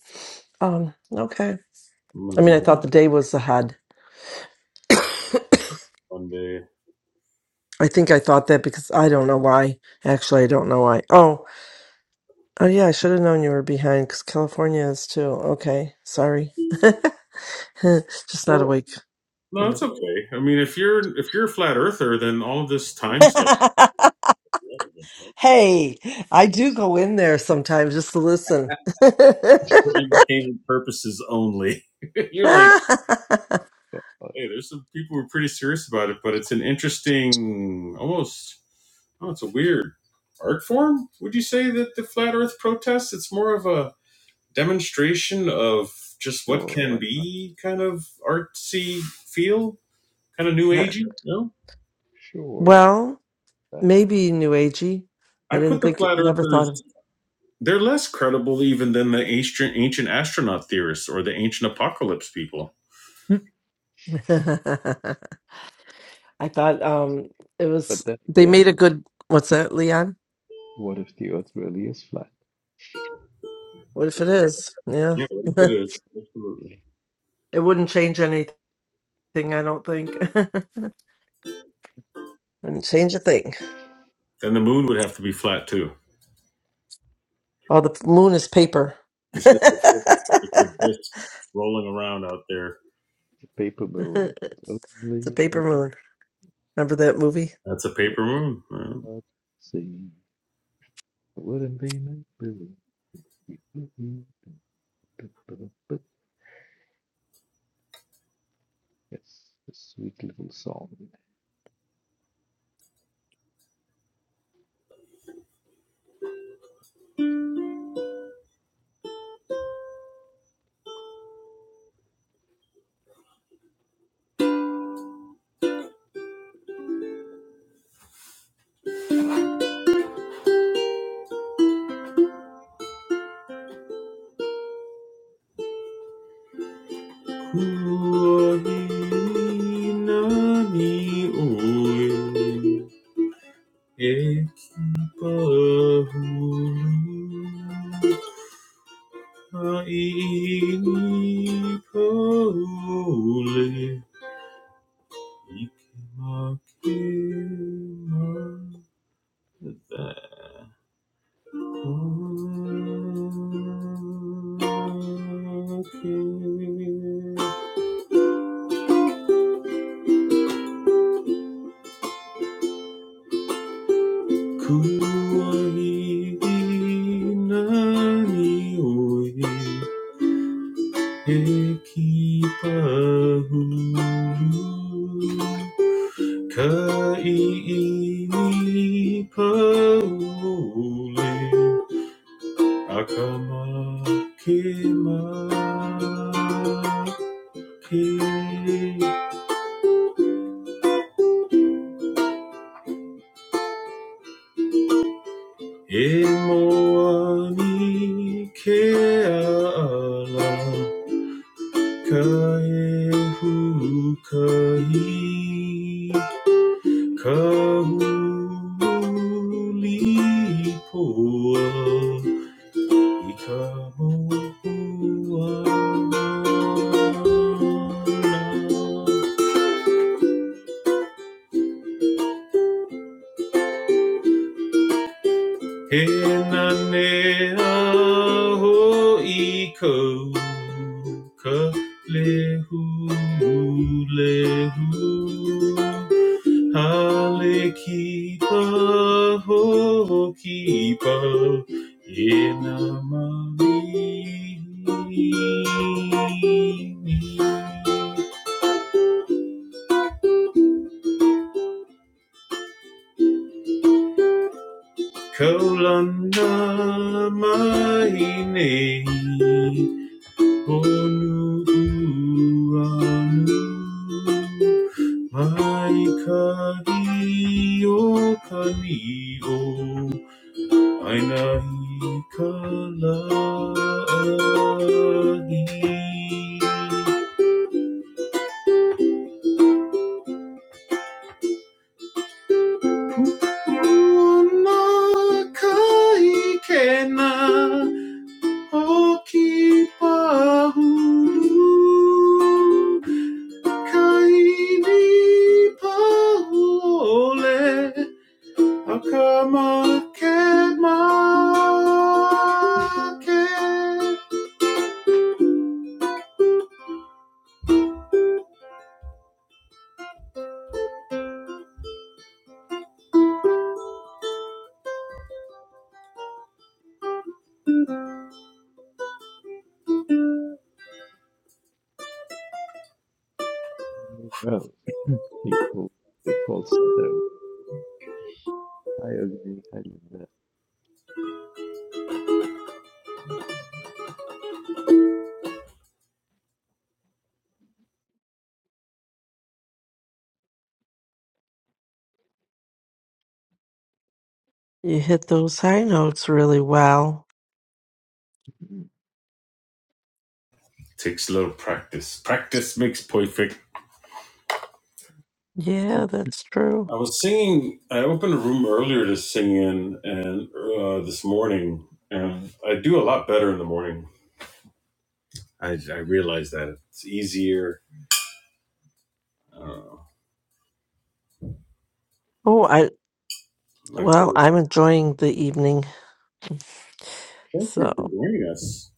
E: um okay
C: I'm gonna
E: i mean
C: be
E: i
C: good
E: thought the day was ahead
C: one day.
E: I think I thought that because I don't know why. Actually, I don't know why. Oh, oh yeah, I should have known you were behind because California is too. Okay, sorry. Just not
C: Well,
E: awake.
C: no, it's okay. I'm your flatter stuff
E: hey, I do go in there sometimes just to listen.
C: for
A: us.
C: entertainment purposes only. You're like,
A: Uh,
C: hey, there's some people who are pretty serious about it, but it's an interesting, almost, oh, it's a weird art form. Would you say that the flat Earth protests? It's more of a demonstration of just what
A: sure,
C: can
A: why
C: be
A: not?
C: kind of artsy, kind of new agey. No,
A: Sure,
E: well,
A: that.
E: maybe New Agey.
C: I
E: I didn't
C: put the
E: think,
C: flat
E: never thought of.
C: earthers. They're less credible even than the ancient ancient astronaut theorists or the ancient apocalypse people.
E: I thought um it was.
A: But then
E: They made a
A: again,
E: good. What's that, Leon?
A: what if the Earth really is flat?
E: What if it is? Yeah.
C: Yeah, it
E: it
C: is absolutely.
E: wouldn't change anything, I don't think. wouldn't change a thing.
C: Then the moon would have to be flat too.
E: Oh, the moon is paper.
C: It's just a
E: it's
C: disc, it's a disc rolling around out there.
A: The paper balloon is
E: a
A: only
E: paper
A: paper
E: moon. Remember that movie?
C: That's a paper moon.
A: but see. It wouldn't be my balloon. Yes, a sweet little song.
C: man. Akama kema ke E moa ni ke ala ka e hukai ka huli poa i ka moa Ina neahoika lehu lehu, alekipa ho kipa ina mahi ni ko la na mahi ni. Onu buanu mai kari o kari o aina i ka lagi hulu ona kaikena oki pahulu. Kaini paole akama kema ke.
A: Well, people, they falsetto. I agree. I love that.
E: You hit those high notes really well.
C: Takes a lot of practice. Practice makes perfect.
E: Yeah, that's true.
C: I was singing. I opened a room earlier to sing in, and uh, this morning, and I do a lot better in the morning. I, I realize that it's easier. Uh,
E: Oh, I
C: like, but
E: well, I'm enjoying the evening.
C: thank you for
E: So,
C: joining us.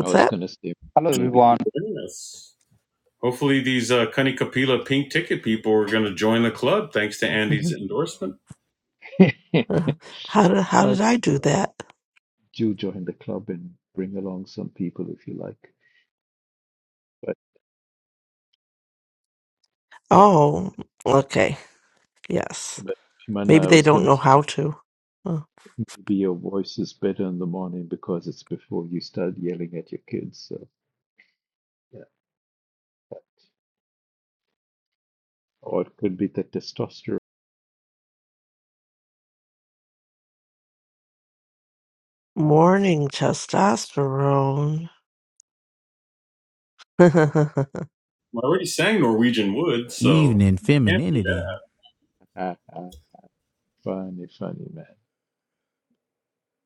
A: I was
E: that?
A: gonna say
F: Hello
A: maybe
F: everyone.
C: Joining us. Hopefully, these uh, Cunny pink ticket people are going to join the club thanks to Andy's
E: Mhm.
C: endorsement.
A: uh,
E: Uh, how did how
A: right,
E: did I do that?
A: do join the club and bring along some people if you like. But that,
E: Oh, okay. Yes.
A: but
E: Maybe
A: Manna, I
E: they
A: was
E: don't
A: gonna
E: know how to. Huh.
A: maybe your voice is better in the morning because it's before you start yelling at your kids. So yeah, or it could be the testosterone.
E: Morning testosterone. I
C: I already sang Norwegian Wood, so
G: Evening
C: yeah,
G: femininity.
A: Ha, ha. funny, funny man.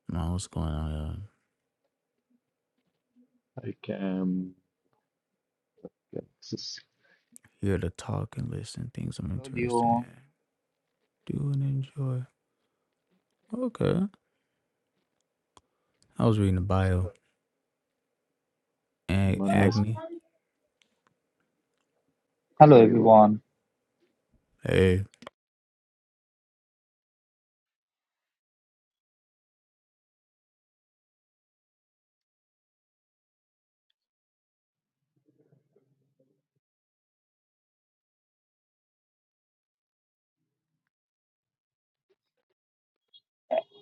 G: Man, what's going on?
A: I can. Yes,
G: Here? Here to talk and listen things I'm
F: Hello
G: interested
F: Leo.
G: in. Do and enjoy. Okay. I was reading the bio. And
A: Manna speak.
G: Agni.
F: Hello
A: Sorry, what?
F: everyone.
G: Hey.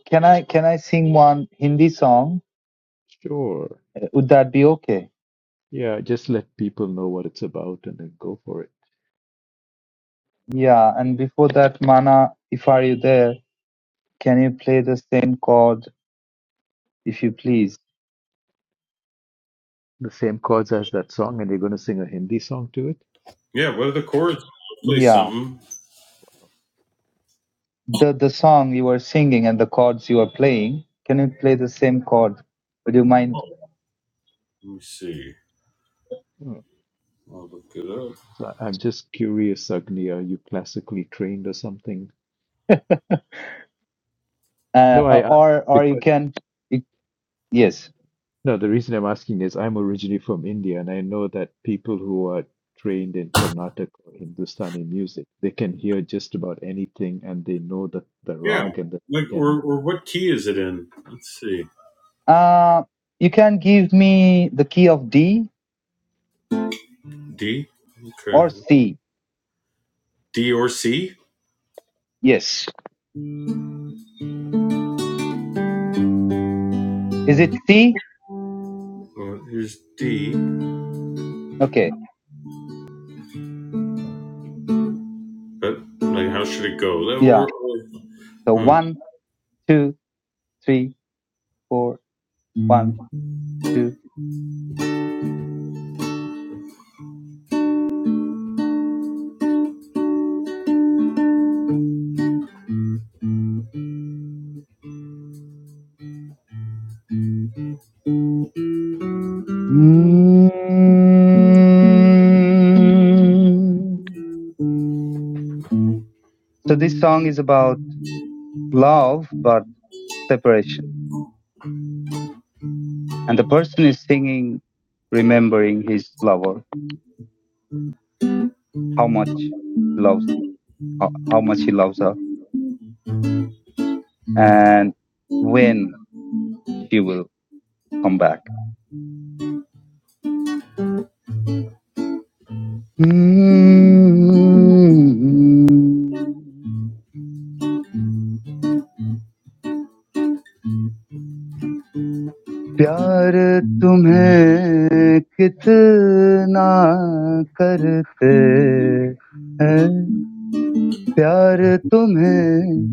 F: Can I can I sing one Hindi song?
A: Sure.
F: Uh, Would that be okay?
A: Yeah, just let people know what it's about and then go for it.
F: Yeah. And before that, Mana, if are you there, can you play the same chord if you please?
A: the same chords as that song, and you're going to sing a Hindi song to it?
C: yeah. What are the chords? I'll Play
F: Yeah.
C: something.
F: The the song you were singing and the chords you are playing. Can you play the same chord? Would you mind?
C: Oh, let me see.
A: Hmm.
C: I'll look it up.
A: So I- I'm just curious, Agni, are you classically trained or something?
F: Uh,
A: No, I
F: uh,
A: asked
F: or or you
A: because.
F: can. You, yes.
A: No, the reason I'm asking is I'm originally from India, and I know that people who are trained in Carnatic or Hindustani music, they can hear just about anything and they know the, the
C: Yeah,
A: rag and the
C: like
A: can.
C: or or what key is it in? Let's see.
F: Uh, you can give me the key of D
C: D. Okay.
F: or C.
C: D or C?
F: Yes. Is it C?
C: Or here's D.
F: Okay.
C: But like, how should it go?
F: Yeah.
C: Or, or-
F: So
C: hmm.
F: one, two, three, four, one, two. Mm. So this song is about love, but separation. And the person is singing, remembering his lover, how much he loves him, how, how much he loves her, and when she will come back. Mm. प्यार तुम्हें कितना करते हैं प्यार तुम्हें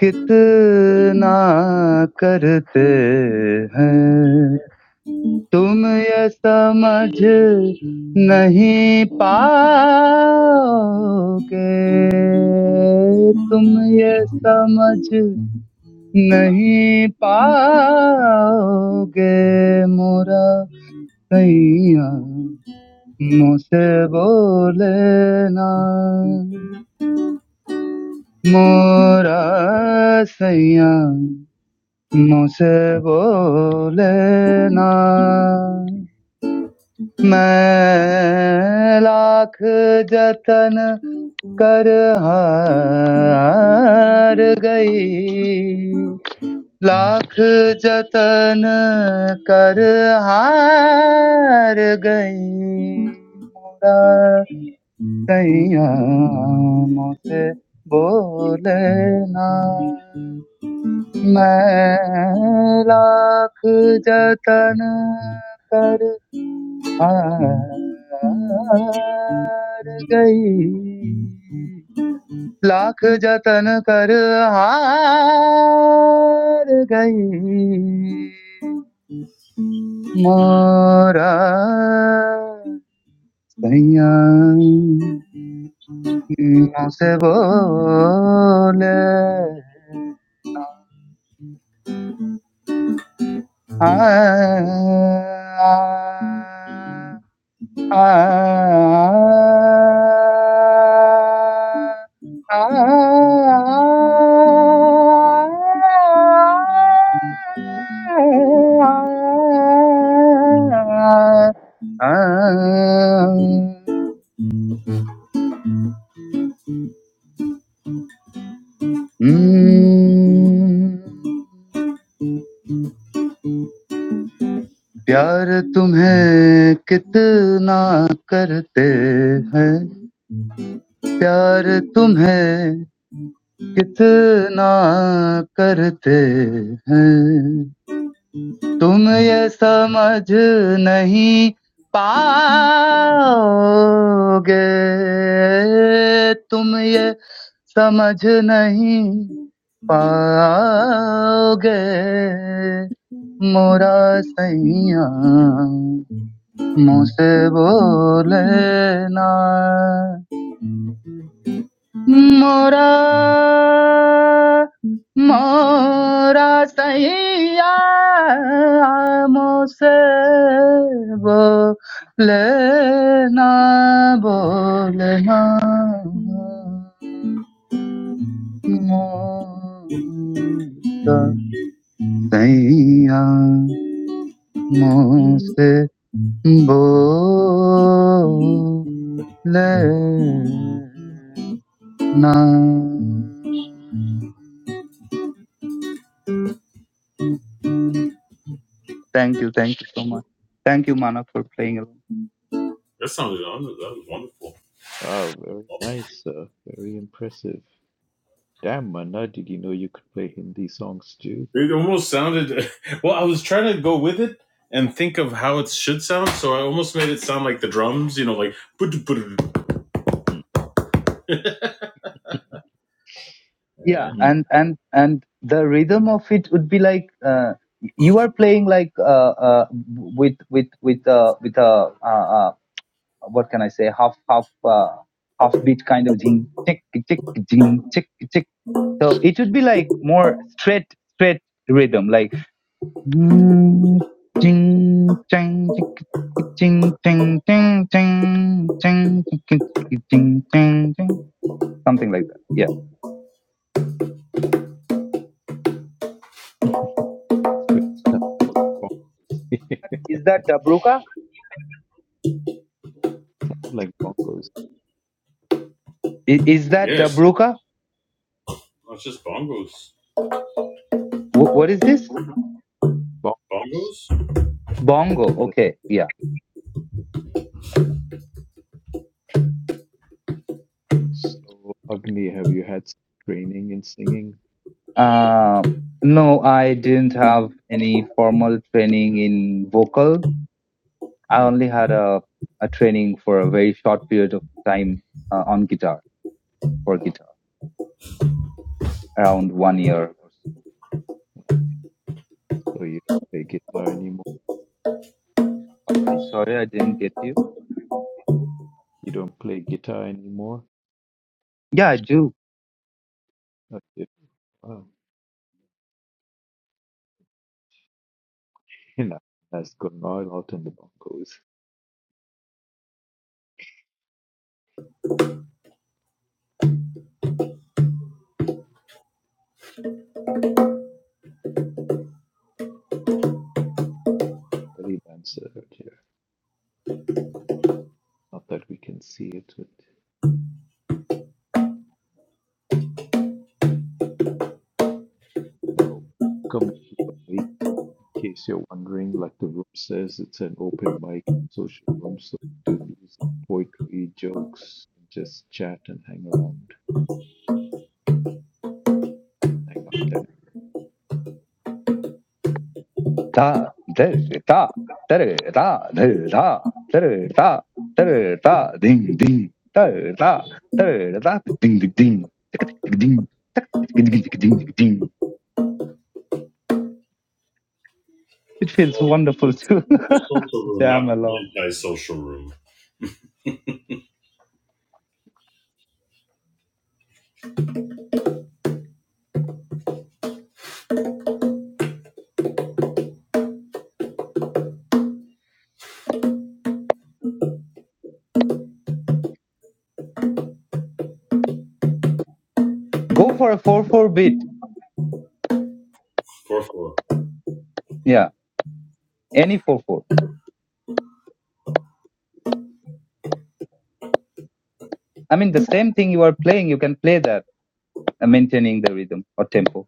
F: कितना करते हैं तुम ये समझ नहीं पाओगे तुम ये समझ नहीं पाओगे मोरा Saiya, mu se bolena, mora, Saiya, mu se bolena. Main lakh jatan karhar gay, lakh jatan karhar gay, mora. Tayyamose bole na, main lakh jatan kar har gayi, lakh jatan kar har gayi, mera tayyam. मुँह से बोले आ, आ, आ, आ, आ, आ, आ, प्यार तुम्हें कितना करते हैं प्यार तुम्हें कितना करते हैं तुम ये समझ नहीं पाओगे तुम ये समझ नहीं पाओगे मोरा सैया Moosey, bole na, mora, mora sahiya. I'moosey, bole na, bole na, mora sahiya. Moosey, bo. Lena. Thank you, thank you so much. Thank you, Mana, for playing along.
C: That sounded that was wonderful.
A: Wow, very nice, sir. Very impressive. Damn, Manna, did you know you could play Hindi songs too?
C: It almost sounded well. I was trying to go with it and think of how it should sound, so I almost made it sound like the drums. You know, like
A: Mm,
F: Yeah,
A: mm.
F: and and and the rhythm of it would be like uh, you are playing like uh, uh, with with with uh, with a uh, uh, what can I say half half uh, half beat kind of jing tick tick jing tick tick. So it would be like more straight straight rhythm, like. Jing jing jing jing jing jing jing jing jing jing jing something like that. Yeah.
A: It's very tough as bong-
F: Is that dabruka?
A: Like bongos,
F: I- Is that
C: yes,
F: dabruka?
C: that's just bongos.
F: Wh- What is this?
A: bongos.
C: Bongos.
F: Bongo. Okay. Yeah.
A: So, Agni, have you had some training in singing?
F: Uh, no, I didn't have any formal training in vocal. I
A: Mm.
F: only had a a training for a very short period of time uh, on guitar for
A: Uh,
F: guitar around one year. or so.
A: so you don't play guitar anymore?
F: Sorry, sorry, I didn't get you.
A: You don't play guitar anymore?
F: Yeah, I do.
A: I said, wow, you know, that's gone all out in the Broncos. Belly dancer out here. Not that we can see it, but oh, come in case you're wondering. Like the room says, it's an open mic, social room, so we do music, poetry, jokes, and just chat and hang around, hang out there.
F: da, da, da, da, da, da, da, da, da, da, da, ding, ding, da, da, da, da, ding, ding, ding, ding, ding, ding, ding, It feels
C: Oh,
F: wonderful to
C: the social room, not
F: jam along.
C: the anti-social room.
F: Go for a 4-4 beat.
C: Four four.
F: Yeah, any 4-4. I mean, the same thing you are playing, you can play that, uh, maintaining the rhythm or tempo.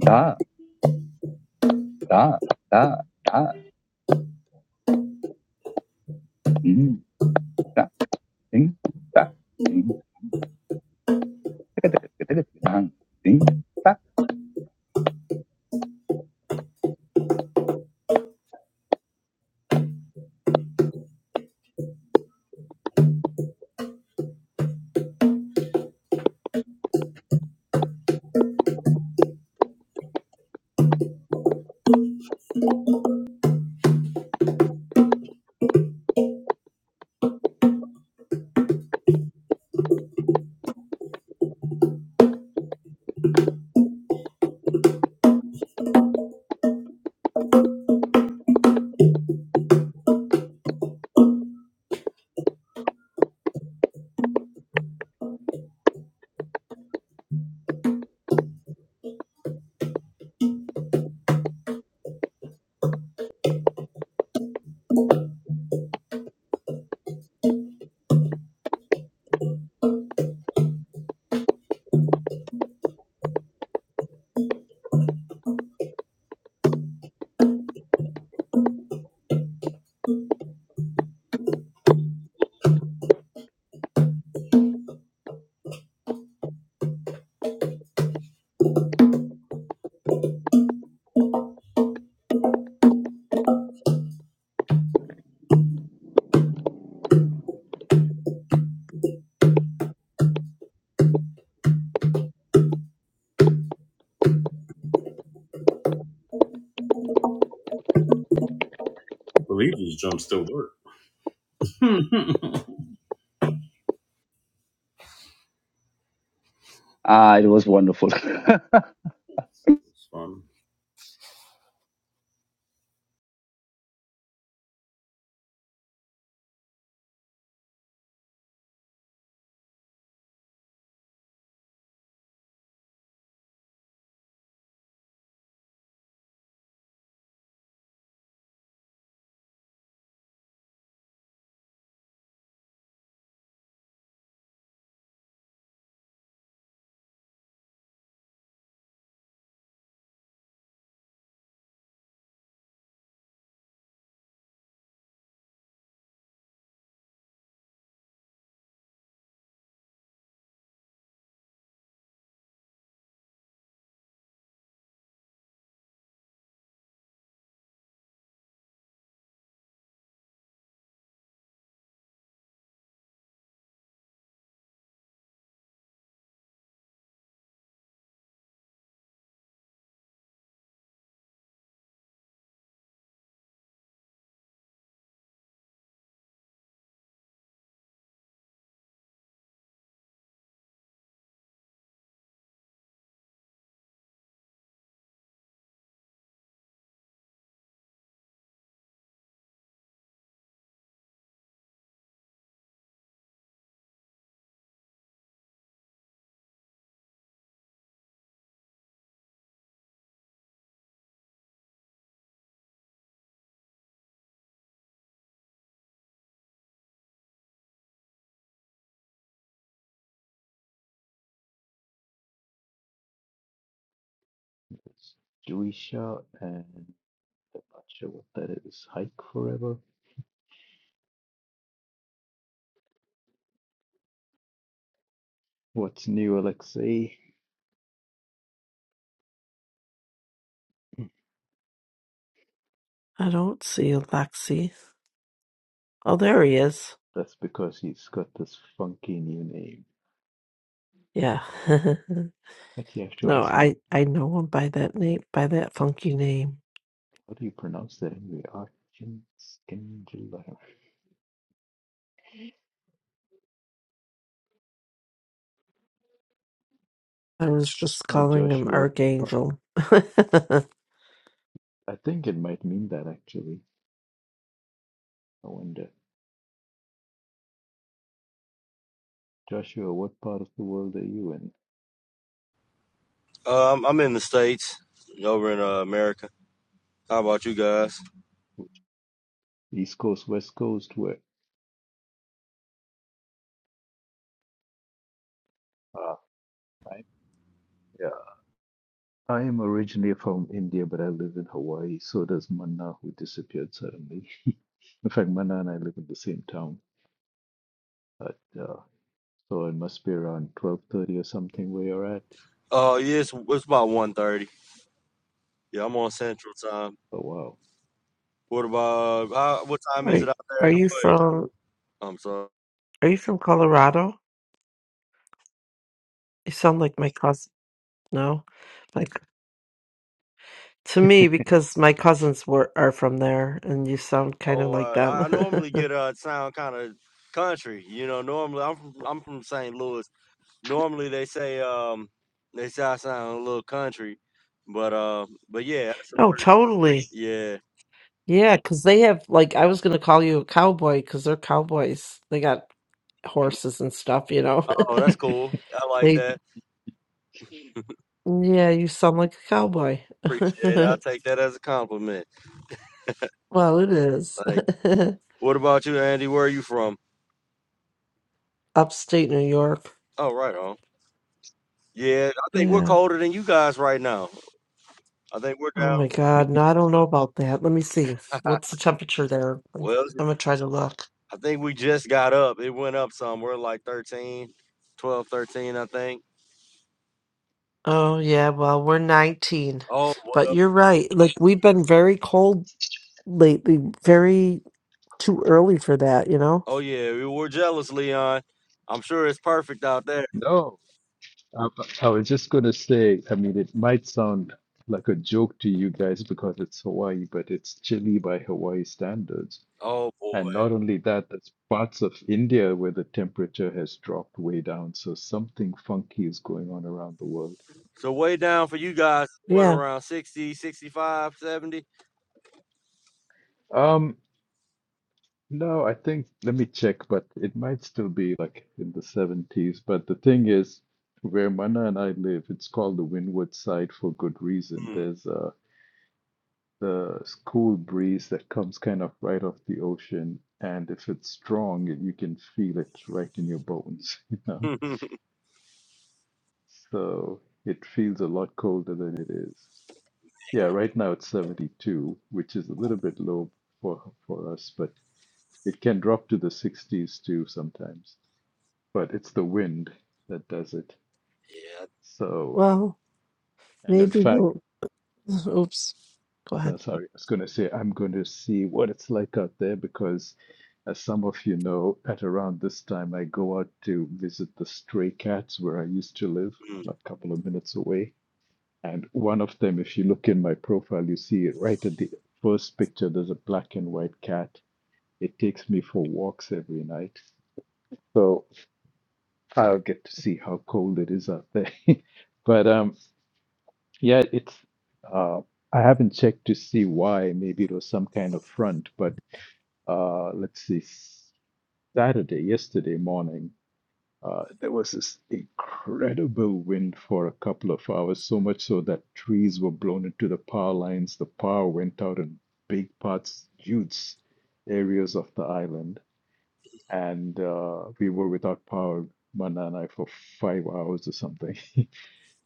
F: Da, da, da, da, ding, da, ding, da, ding, da, ding, da.
C: I believe these drums still work. it's
F: Ah, it was wonderful.
C: fun.
A: It's Jewisha and I'm not sure what that is. Hike forever. What's new, Alexei?
E: don't see Alexi. Oh, there he is.
A: That's because he's got this funky new name.
E: Yeah.
A: But you have to
E: no,
A: ask him,
E: I I know him by that name, by that funky name.
A: how do you pronounce that anyway? Archin Skindler.
E: I was just calling him
A: Joshua,
E: Archangel. are,
A: I think it might mean that actually. I wonder. Joshua, what part of the world are you in?
H: Um, I'm in the states, over in uh, America. How about you guys?
A: Which- East Coast, West Coast, where? Ah, I, yeah. I am originally from India, but I live in Hawaii. So does Manna, who disappeared suddenly. in fact, Manna and I live in the same town. But uh, so it must be around twelve thirty or something where you're at.
H: Uh, yeah, it's, it's about one thirty. Yeah, I'm on Central Time.
A: Oh, wow.
H: What about how, what time is it out there
E: are
H: in
E: you
H: Hawaii?
E: from
H: I'm sorry.
E: Are you from Colorado? You sound like my cousin. No, like to me because my cousins were are from there, and you sound kind of
H: Oh,
E: like
H: uh, I
E: them.
H: I normally get a uh sound kind of country. You know, normally I'm from I'm from St. Louis. Normally they say um they say I sound a little country, but uh but yeah, that's the
E: oh,
H: first.
E: totally.
H: Yeah.
E: Yeah, because they have like I was gonna call you a cowboy because they're cowboys. They got horses and stuff, you know.
H: Oh, that's cool. I like
E: They
H: that.
E: yeah, you sound like a cowboy.
H: Appreciate it. I'll take that as a compliment.
E: Well, it is.
H: What about you, Andy? Where are you from?
E: Upstate New York.
H: Oh, right on. Yeah, I think we're
E: Yeah.
H: colder than you guys right now. I think we're
E: Oh my
H: down.
E: God. No, I don't know about that. Let me see. What's the temperature there? I'm
H: Well,
E: gonna try to look.
H: I think we just got up. It went up some. We're like thirteen, twelve, thirteen. I think.
E: Oh yeah, well, we're 19.
H: Oh,
E: But
H: well,
E: you're right. Like we've been very cold lately, very too early for that, you know?
H: oh yeah, we were jealous, Leon. I'm sure it's perfect out there.
A: No, I, I was just going to say, I mean, it might sound like a joke to you guys because it's Hawaii, but it's chilly by Hawaii standards.
H: Oh boy.
A: And not only that, there's parts of India where the temperature has dropped way down. So something funky is going on around the world.
H: So way down for you guys, what
E: Yeah.
H: around sixty, sixty five, seventy?
A: Um, no, I think, let me check, but it might still be like in the 70s. But the thing is, where Mana and I live, it's called the Windward Side for good reason.
H: 65,
A: There's uh the cool breeze that comes kind of right off the ocean. And if it's strong, you can feel it right in your bones, you know?
H: Mm.
A: So it feels a lot colder than it is. Yeah, right now it's 72, which is a little bit low for for us, but it can drop to the 60s too sometimes. But it's the wind that does it.
H: yeah.
A: So,
E: Well,
A: and in
E: maybe
A: fact,
E: we'll, oops. Go
A: No,
E: ahead.
A: sorry. I was going to say, I'm going to see what it's like out there because, as some of you know, at around this time, I go out to visit the stray cats where I used to live,
H: mm,
A: like a couple of minutes away. And one of them, if you look in my profile, you see right at the first picture, there's a black and white cat. It takes me for walks every night. So I'll get to see how cold it is out there. But um, yeah, it's uh, I haven't checked to see why. Maybe it was some kind of front, but uh, let's see, Saturday, yesterday morning, uh, there was this incredible wind for a couple of hours, so much so that trees were blown into the power lines. The power went out in big parts, huge areas of the island, and uh, we were without power, Mana and I, for five hours or something.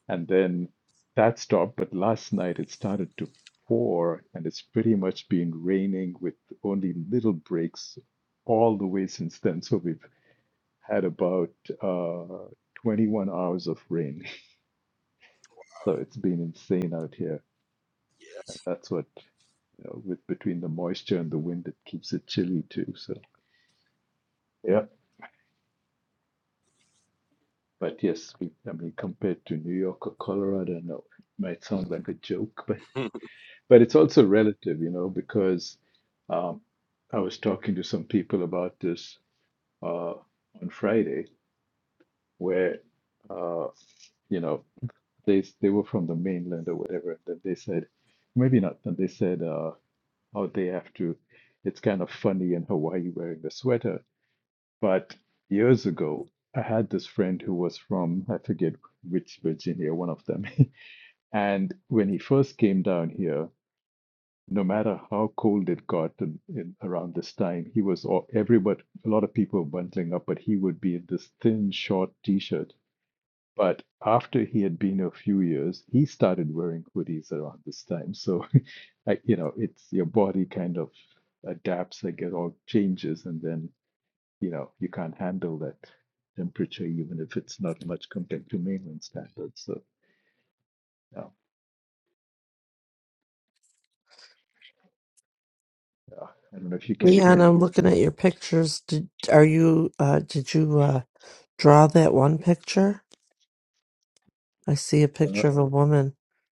A: And then that stopped, but last night it started to pour, and it's pretty much been raining with only little breaks all the way since then. So we've had about uh, 21 hours of rain. So it's been insane out here. And
H: Yes.
A: that's what, you know, with between the moisture and the wind, it keeps it chilly too. So, yeah. But yes, we, I mean, compared to New York or Colorado, no, it might sound like a joke, But it's also relative, you know, because um, I was talking to some people about this uh, on Friday, where uh, you know they they were from the mainland or whatever, and then they said maybe not, and they said uh, how they have to. It's kind of funny in Hawaii wearing the sweater, but years ago I had this friend who was from I forget which Virginia, one of them, and when he first came down here. no matter how cold it got in, in around this time, he was all, everybody, a lot of people were bundling up, but he would be in this thin, short t-shirt. But after he had been a few years, he started wearing hoodies around this time. So, you know, it's your body kind of adapts, I guess, all changes, and then, you know, you can't handle that temperature, even if it's not much compared to mainland standards. So, yeah, yeah. I don't know if you can
E: Leanne,
A: hear that.
E: I'm looking at your pictures. Did are you uh did you uh draw that one picture? I see a
A: Uh,
E: picture of a woman.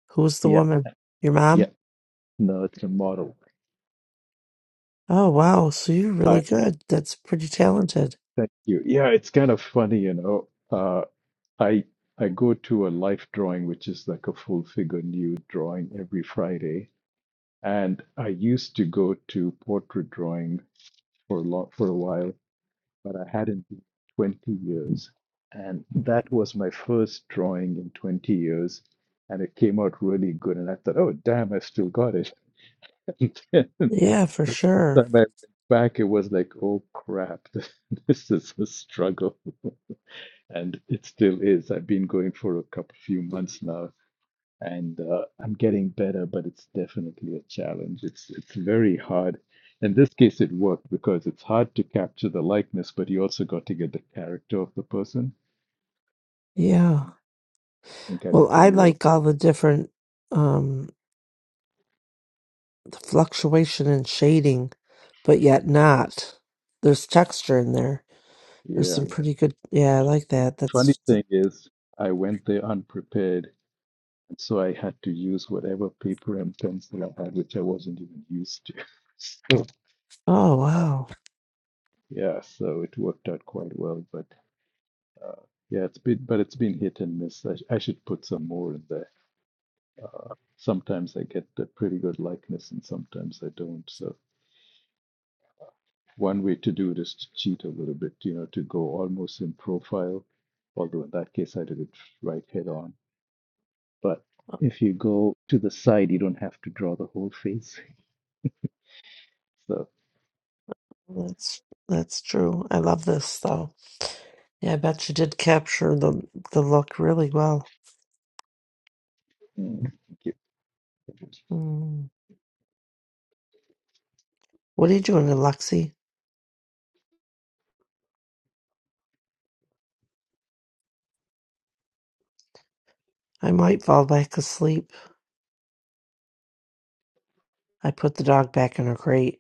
E: Who's the
A: yeah,
E: woman? Your mom?
A: yeah. No, it's a model.
E: Oh wow, so you're
A: I,
E: really good. That's pretty talented.
A: Thank you. Yeah, it's kind of funny, you know. Uh, I I go to a life drawing, which is like a full figure nude drawing every Friday, and I used to go to portrait drawing for a long, for a while, but I hadn't been in 20 years, and that was my first drawing in 20 years, and it came out really good, and I thought, oh damn, I still got it.
E: Yeah, for sure.
A: And then the time I went back, it was like, oh crap, this is a struggle and it still is. I've been going for a couple few months now, and uh, I'm getting better, but it's definitely a challenge. It's it's very hard. In this case, it worked because it's hard to capture the likeness, but you also got to get the character of the person,
E: Yeah.
A: and I think I
E: Well,
A: did
E: I
A: pretty well.
E: like all the different um the fluctuation and shading, but yet not. There's texture in there. There's
A: Yeah.
E: some pretty good. Yeah, I like that.
A: The funny
E: That's
A: thing is, I went there unprepared, and so I had to use whatever paper and pencil I had, which I wasn't even used to. So,
E: Oh
A: uh,
E: wow.
A: yeah, so it worked out quite well, but. Uh, yeah, it's been, but it's been hit and miss. I, sh- I should put some more in there. Uh, sometimes I get a pretty good likeness, and sometimes I don't. So one way to do it is to cheat a little bit, you know, to go almost in profile. Although in that case, I did it right head on. But if you go to the side, you don't have to draw the whole face. So
E: That's that's true. I love this though. Yeah, I bet you did capture the the look really well.
A: mm,
E: Mm. What are you doing, Alexi? I might fall back asleep. I put the dog back in her crate.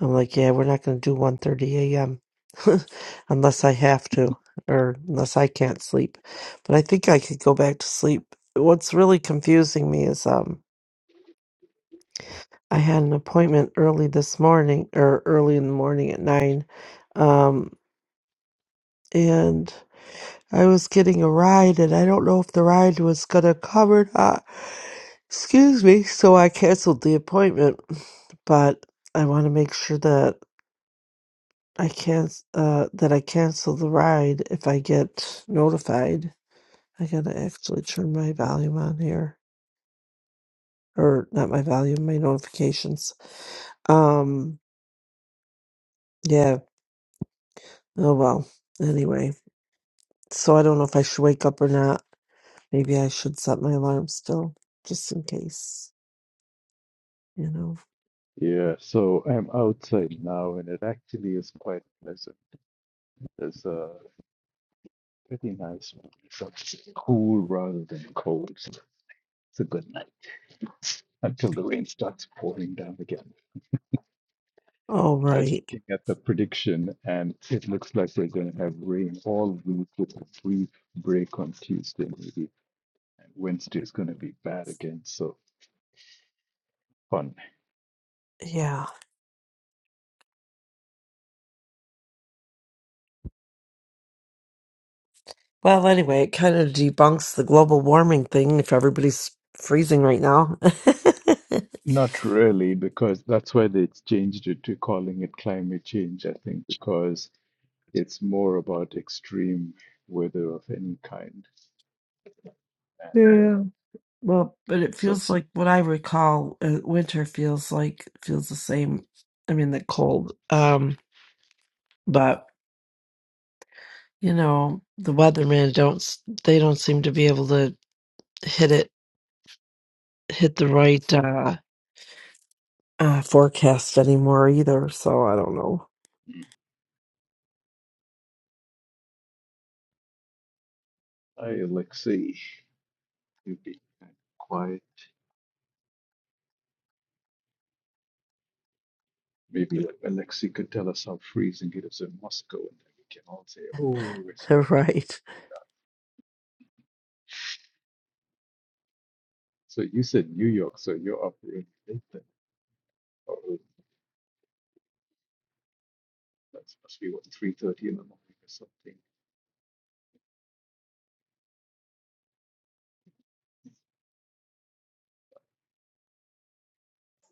E: I'm like, yeah, we're not going to do 1:30 a.m. unless I have to or unless I can't sleep. But I think I could go back to sleep. What's really confusing me is um I had an appointment early this morning or early in the morning at 9 um and I was getting a ride and I don't know if the ride was going to come or not. Excuse me, so I canceled the appointment, but I want to make sure that I can't uh that I cancel the ride if I get notified. I gotta actually turn my volume on here. Or not my volume, my notifications. Um yeah. Oh well. Anyway. So I don't know if I should wake up or not. Maybe I should set my alarm still, just in case, you know.
A: yeah, so I'm outside now, and it actually is quite pleasant. There's a pretty nice, it's cool rather than cold. So It's a good night until the rain starts pouring down again.
E: All
A: I was
E: right.
A: looking at the prediction, and it looks like we're going to have rain all week with a free break on Tuesday, maybe. And Wednesday is going to be bad again. So fun.
E: Yeah. Well anyway, it kinda debunks the global warming thing if everybody's freezing right now.
A: Not really, because that's why they changed it to calling it climate change, I think, because it's more about extreme weather of any kind. And
E: yeah.
A: uh,
E: Well, but it
A: so,
E: feels like what I recall, uh, winter feels like feels the same. I mean, the cold. Um, but you know, the weathermen don't s- they don't seem to be able to hit it hit the right uh, uh forecast anymore either. So I don't know.
A: mm, hi, Alexei. You've been quiet. Maybe like Alexei could tell us how freezing it is in Moscow, and then we can all say, "Oh, we're so lucky to be."
E: right.
A: So you said New York, so you're up really late then, or oh, that must be what three thirty in the morning or something.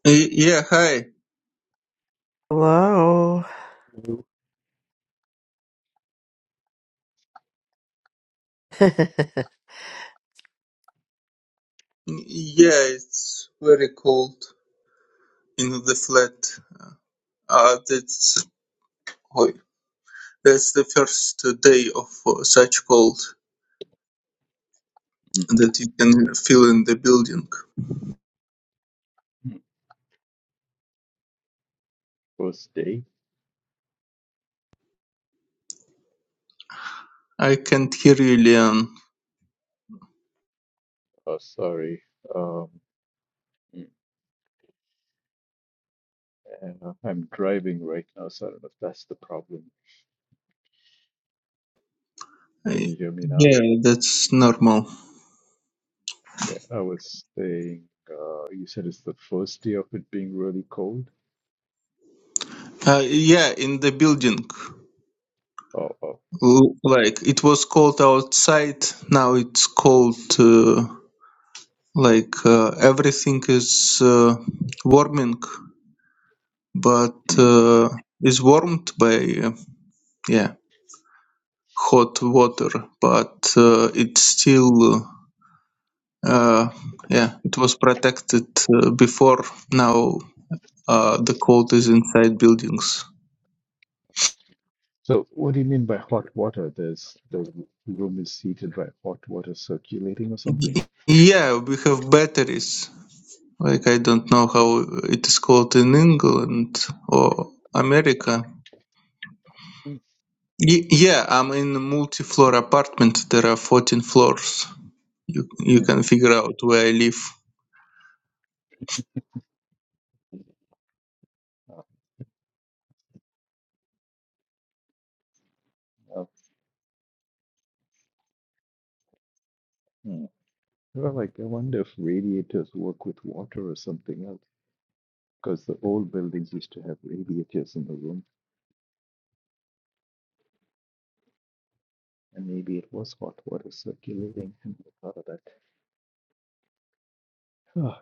I: Y- Yeah, hi.
E: Hello. it's
I: Mm, Yeah, it's very cold in the flat. Uh, that's oi, that's the first day of uh, such cold that you can feel in the building.
A: Mhm. First day.
I: I can't hear you, Leon.
A: Oh, sorry. Um, mm, uh, I'm driving right now, so I don't know if that's the problem. Can
I: I-
A: you hear me now?
I: yeah, that's normal.
A: Okay. I was saying, uh, you said it's the first day of it being really cold.
I: Uh, yeah, in the building.
A: Oh, oh.
I: L- Like it was cold outside, now it's cold. Uh, like uh, everything is uh, warming. but
A: Mm.
I: uh, is warmed by uh, yeah hot water but uh, it's still uh, uh, yeah it was protected uh, before now uh, the cold is inside buildings
A: So what do you mean by hot water? There's the room is heated, right? Hot water circulating or something?
I: Y- yeah we have batteries like i don't know how it is called in england or america
A: Mm.
I: y- yeah i'm in a multi-floor apartment there are 14 floors you, you
A: Mm.
I: can figure out where i live
A: Uh, uh, mm. Well, like I wonder if radiators work with water or something else, because the old buildings used to have radiators in the room, and maybe it was hot water circulating. And thought of that. Ah,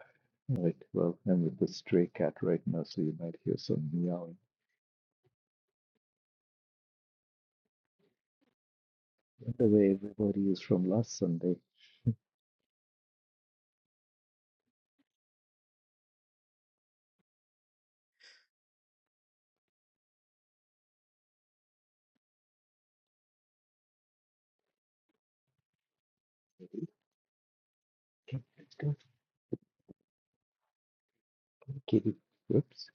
A: All right. Well, I'm with the stray cat right now, so you might hear some meowing. By the way everybody is from last Sunday. Okay, Can- can- Kitty, whoops.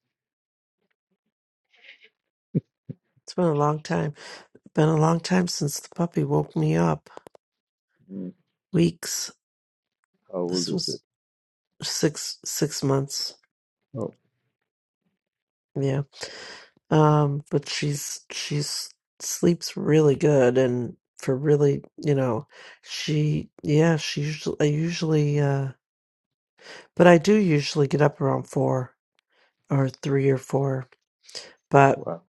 E: been a long time. Been a long time since the puppy woke me up.
A: Mm,
E: Weeks.
A: How old
E: This
A: is it?
E: was six six months.
A: Oh,
E: Yeah. Um, but she's she's sleeps really good and for really, you know, she yeah, she usually I usually uh but I do usually get up around 4 or 3 or 4. But
A: wow.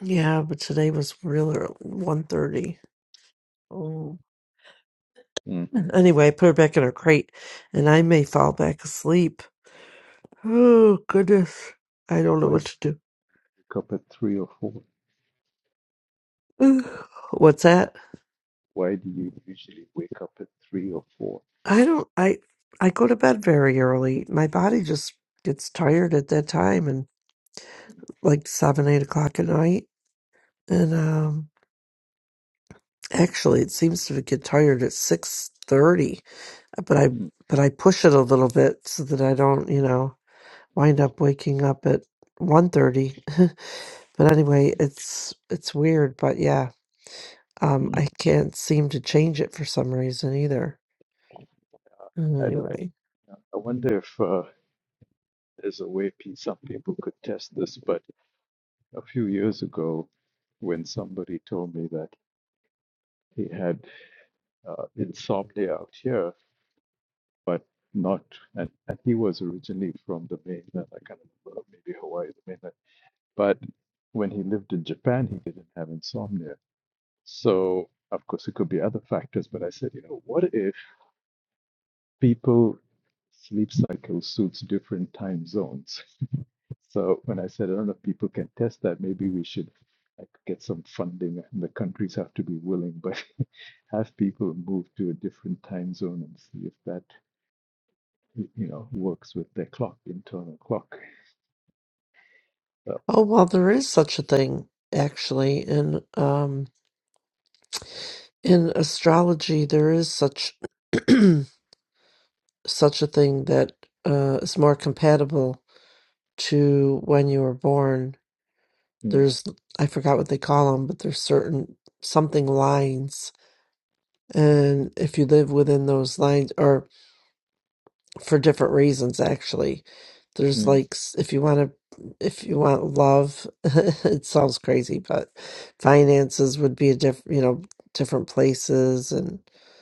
E: yeah, but today was real early, 1:30. Oh.
A: Mm.
E: Anyway, I put her back in her crate and I may fall back asleep. Oh, goodness. I don't know
A: Why do
E: what
A: you
E: to
A: wake up at three or four?
E: do. What's that?
A: Why do you usually wake up at three or four?
E: I don't I I go to bed very early. My body just gets tired at that time and like seven, eight o'clock at night. And
A: Uh,
E: um actually it seems to get tired at six thirty. But I
A: mm,
E: but I push it a little bit so that I don't, you know, wind up waking up at one thirty. but anyway, it's it's weird, but yeah. Um I
A: mm.
E: can't seem to change it for some reason either.
A: I don't know.
E: Anyway.
A: I wonder if uh, there's a way some people could test this, but a few years ago, when somebody told me that he had uh, insomnia out here, but not, and, and he was originally from the mainland, I can't remember, maybe Hawaii, the mainland, but when he lived in Japan, he didn't have insomnia. So, of course, it could be other factors, but I said, you know, what if people sleep cycle suits different time zones? So when I said, I don't know if people can test that, maybe we should like get some funding and the countries have to be willing, but have people move to a different time zone and see if that, y- you know, works with their clock, internal clock. So,
E: Oh, well, there is such a thing actually in um in astrology there is such such a thing that uh is more compatible to when you were born.
A: mm,
E: There's I forgot what they call them, but there's certain something lines and if you live within those lines or for different reasons actually there's
A: mm,
E: like s- if you want to if you want love it sounds crazy but finances would be a different you know different places and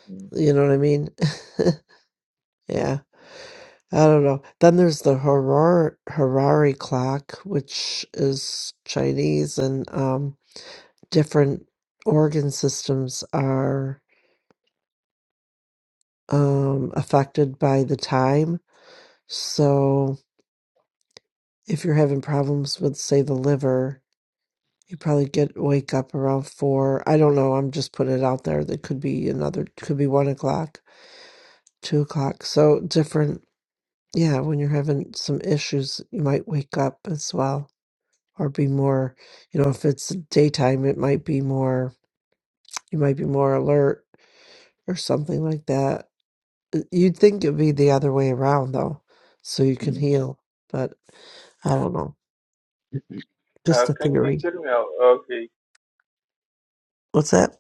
A: mm,
E: you know what i mean yeah i don't know then there's the Harar harari clock which is chinese and um different organ systems are um affected by the time so if you're having problems with say the liver You probably get wake up around four. I don't know. I'm just putting it out there. That could be another, could be one o'clock, two o'clock. So different. Yeah, when you're having some issues, you might wake up as well or be more, you know, if it's daytime, it might be more, you might be more alert or something like that. You'd think it'd be the other way around though, so you can
A: mm.
E: heal. But I don't know.
I: Uh,
E: Just a
I: can you
E: theory.
I: hear me? o- Okay.
E: What's that?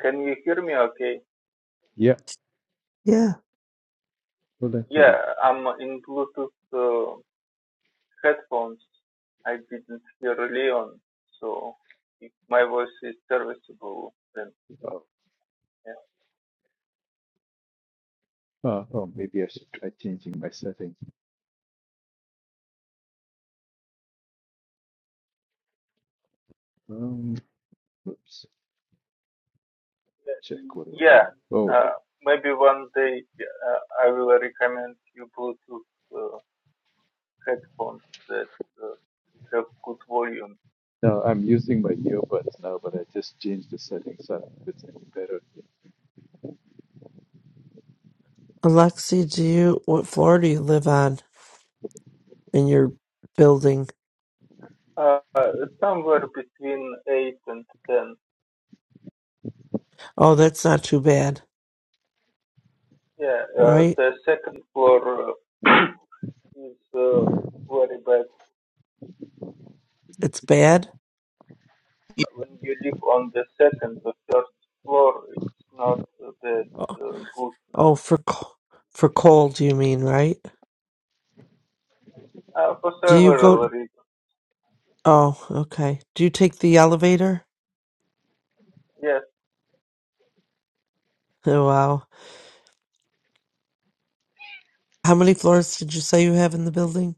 I: Can you hear me? Okay.
A: yeah,
E: Yeah.
A: well, thank you.
I: Yeah, I'm in Bluetooth uh, headphones. I didn't hear Leon, so if my voice is serviceable, then
A: Oh,
I: yeah.
A: uh, oh, maybe I should try changing my settings. Um, oops, check what do
I: Yeah,
A: I have? Oh,
I: Uh, maybe one day uh, I will recommend you Bluetooth uh, headphones that uh, have good volume.
A: no, I'm using my earbuds now, but I just changed the settings. I don't know if it's any better.
E: Alexi, do you, what floor do you live on? in your building.
I: Uh, somewhere between eight and ten.
E: Oh, that's not too bad,
I: Yeah. Uh,
E: right?
I: the second floor. uh, is uh, very bad.
E: It's bad.
I: When you live on the second or third floor, it's not that
E: Oh,
I: uh, good
E: oh, for co- for cold, you mean, right?
I: uh, for
E: Do you go?
I: several reasons.
E: Oh, okay. Do you take the elevator?
I: Yes,
E: Oh, wow. How many floors did you say you have in the building?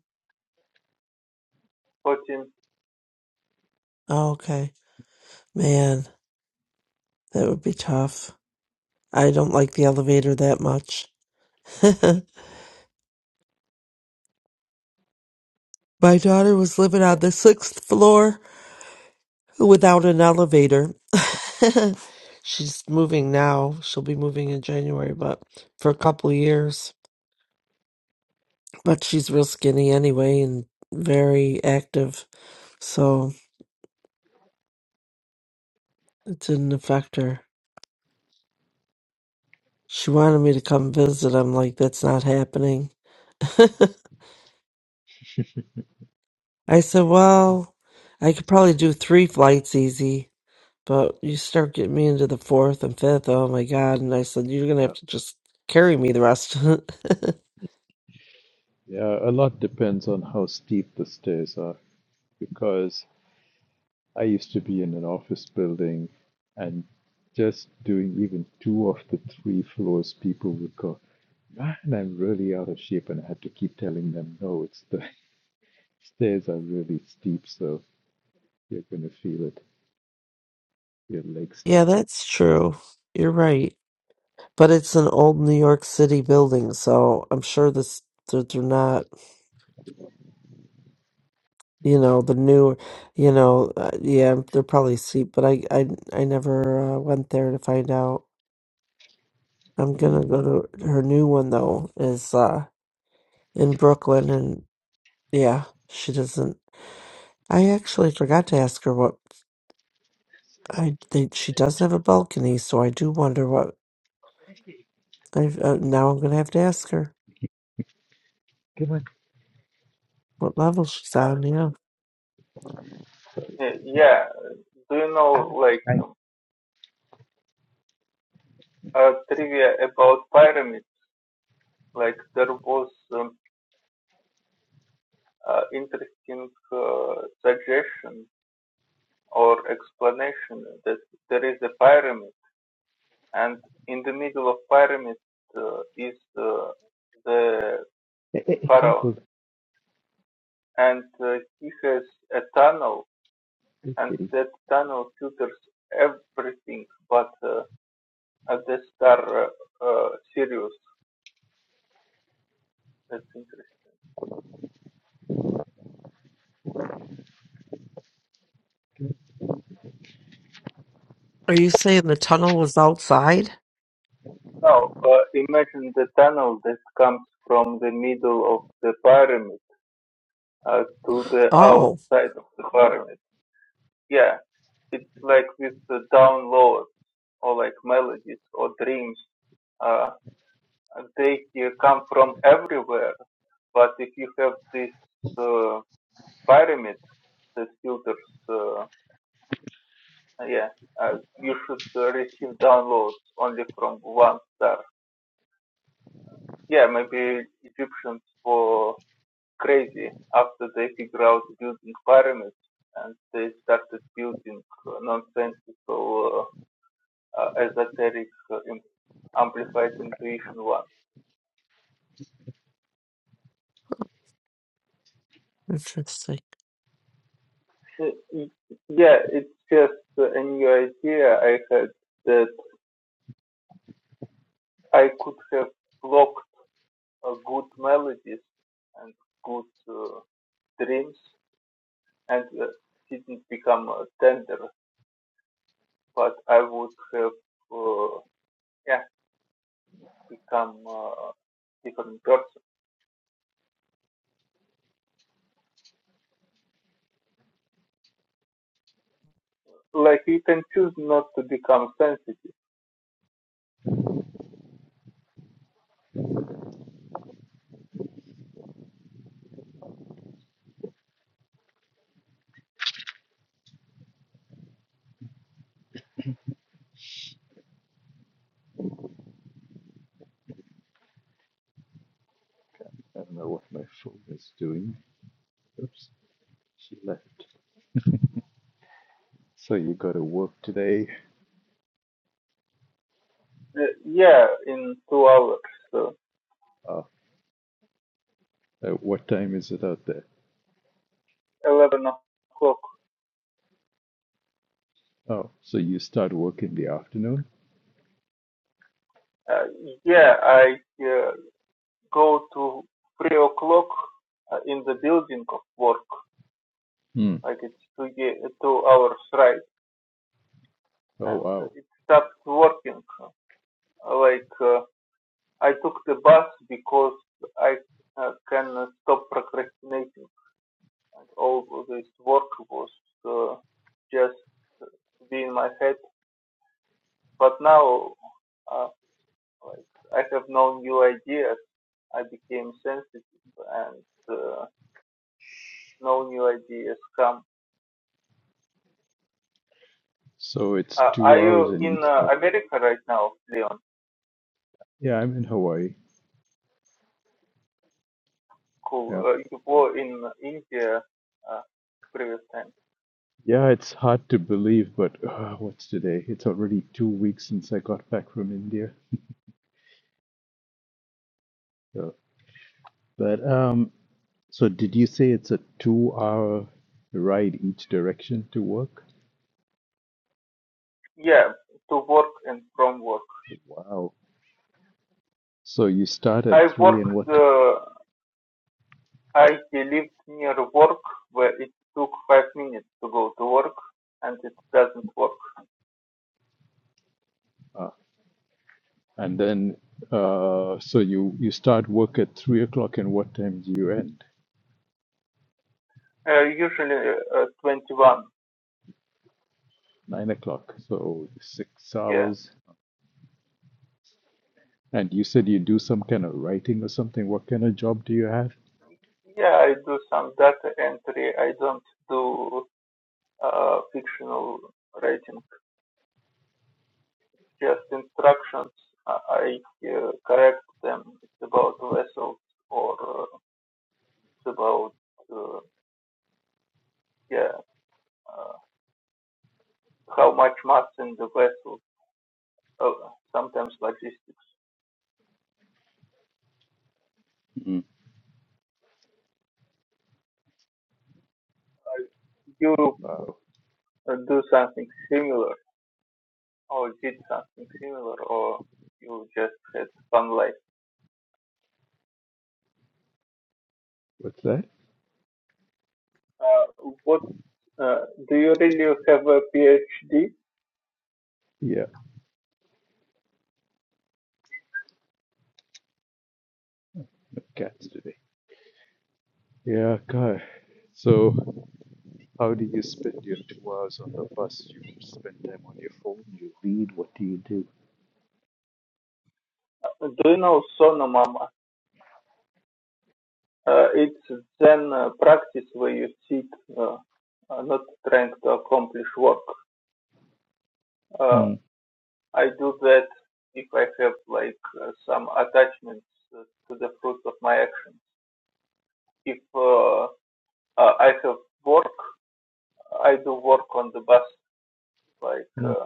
I: 14.
E: Oh, okay. Man, that would be tough. I don't like the elevator that much. My daughter was living on the sixth floor without an elevator. she's moving now. She'll be moving in January, but for a couple of years. But she's real skinny anyway and very active, so it didn't affect her. She wanted me to come visit. I'm like, that's not happening. I said, well, I could probably do three flights easy, but you start getting me into the fourth and fifth. Oh my God. And I said, you're going to
A: Uh,
E: have to just carry me the rest.
A: Yeah, a lot depends on how steep the stairs are because I used to be in an office building and just doing even two of the three floors, people would go, Man, I'm really out of shape. And I had to keep telling them, No, it's the stairs are really steep, so you're going to feel it. Your legs start
E: Yeah,
A: to.
E: that's true. You're right. But it's an old New York City building, so I'm sure this they're, they're not, you know, the new, you know, uh, yeah, they're probably cheap, but I I I never uh, went there to find out. I'm
A: Mm.
E: gonna go to her new one though is uh in Brooklyn and yeah, she doesn't I actually forgot to ask her what I think she does have a balcony, so I do wonder what I uh, now I'm gonna have to ask her what level she's
I: Uh,
E: on, yeah.
I: eh, yeah, do you know like
A: I,
I: um, uh, trivia about pyramids? Like there was um, uh, interesting uh, suggestion or explanation that there is a pyramid, and in the middle of pyramid uh, is uh, the
A: hey, hey, hey,
I: pharaoh
A: careful,
I: and uh, he has a tunnel,
A: good
I: and
A: kitty.
I: that tunnel filters everything but uh, uh, the star uh, uh, Sirius. That's interesting.
E: Are you saying the tunnel was outside?
I: Now, uh, imagine the tunnel that comes from the middle of the pyramid uh, to the
E: Oh,
I: outside of the pyramid. Yeah, it's like with the downloads or like melodies or dreams. Uh, they uh, come from everywhere, but if you have this uh, pyramid these filters, uh, yeah, uh, you should uh, receive downloads only from one star. Yeah, maybe Egyptians were crazy after they figured out building pyramids and they started building uh, nonsensical, uh, uh, esoteric, uh, amplified intuition one.
E: interesting.
I: Uh, Yeah, it's just a new idea I had that I could have blocked uh, good melodies and good uh, dreams and uh, didn't become uh, tender, but I would have uh, yeah become a uh, different person. Like you can choose not to become sensitive.
A: I don't know what my phone is doing. Oops, she left. So you got to work today.
I: Uh, yeah, in two hours, uh,
A: Uh, Uh, what time is it out there?
I: eleven o'clock.
A: Oh, so you start work in the afternoon?
I: Uh, yeah, I uh, go to three o'clock uh, in the building of work.
A: Hmm.
I: Like it's two two hours right,
A: Oh,
I: and
A: wow.
I: it stops working. Uh, Like uh, I took the bus because I uh, can stop procrastinating. And all this work was uh, just to be in my head. But now, uh, like, I have no new ideas. I became sensitive and uh, no new ideas come.
A: So it's
I: Uh,
A: two
I: are
A: hours
I: you
A: in
I: in
A: each day.
I: uh, America right now, Leon?
A: Yeah, I'm in Hawaii.
I: Cool.
A: Yeah.
I: Uh, you were in India uh, previous time.
A: Yeah, it's hard to believe, but uh, what's today? It's already two weeks since I got back from India. So, but um, so did you say it's a two-hour ride each direction to work?
I: Yeah, to work and from work.
A: Wow. So you start at
I: I
A: three and
I: worked.
A: what?
I: Uh, I he lived near work where it took five minutes to go to work and it doesn't work.
A: Uh, and then, uh, so you you start work at three o'clock and what time do you end?
I: Uh, usually uh, 21.
A: nine o'clock. So six
I: Yeah.
A: hours. And you said you do some kind of writing or something. What kind of job do you have?
I: Yeah, I do some data entry. I don't do uh, fictional writing, just instructions. Uh, I uh, correct them. It's about vessels or uh, it's about, uh, yeah, uh, how much mass in the vessel. Uh, sometimes logistics.
A: Mm.
I: You
A: Wow.
I: uh, do something similar or did something similar, or you just had fun life?
A: What's that?
I: Uh, what uh, do you really have a PhD?
A: Yeah, the cats today. Yeah, God. So, how do you spend your two hours on the bus? You spend time on your phone. You read. What do you do?
I: Do you know Sonomama? Uh, it's Zen uh, practice where you sit, uh, uh, not trying to accomplish work. Uh,
A: Mm.
I: I do that if I have like uh, some attachments uh, to the fruit of my actions. If uh, uh, I have work, I do work on the bus, like
A: Mm.
I: uh,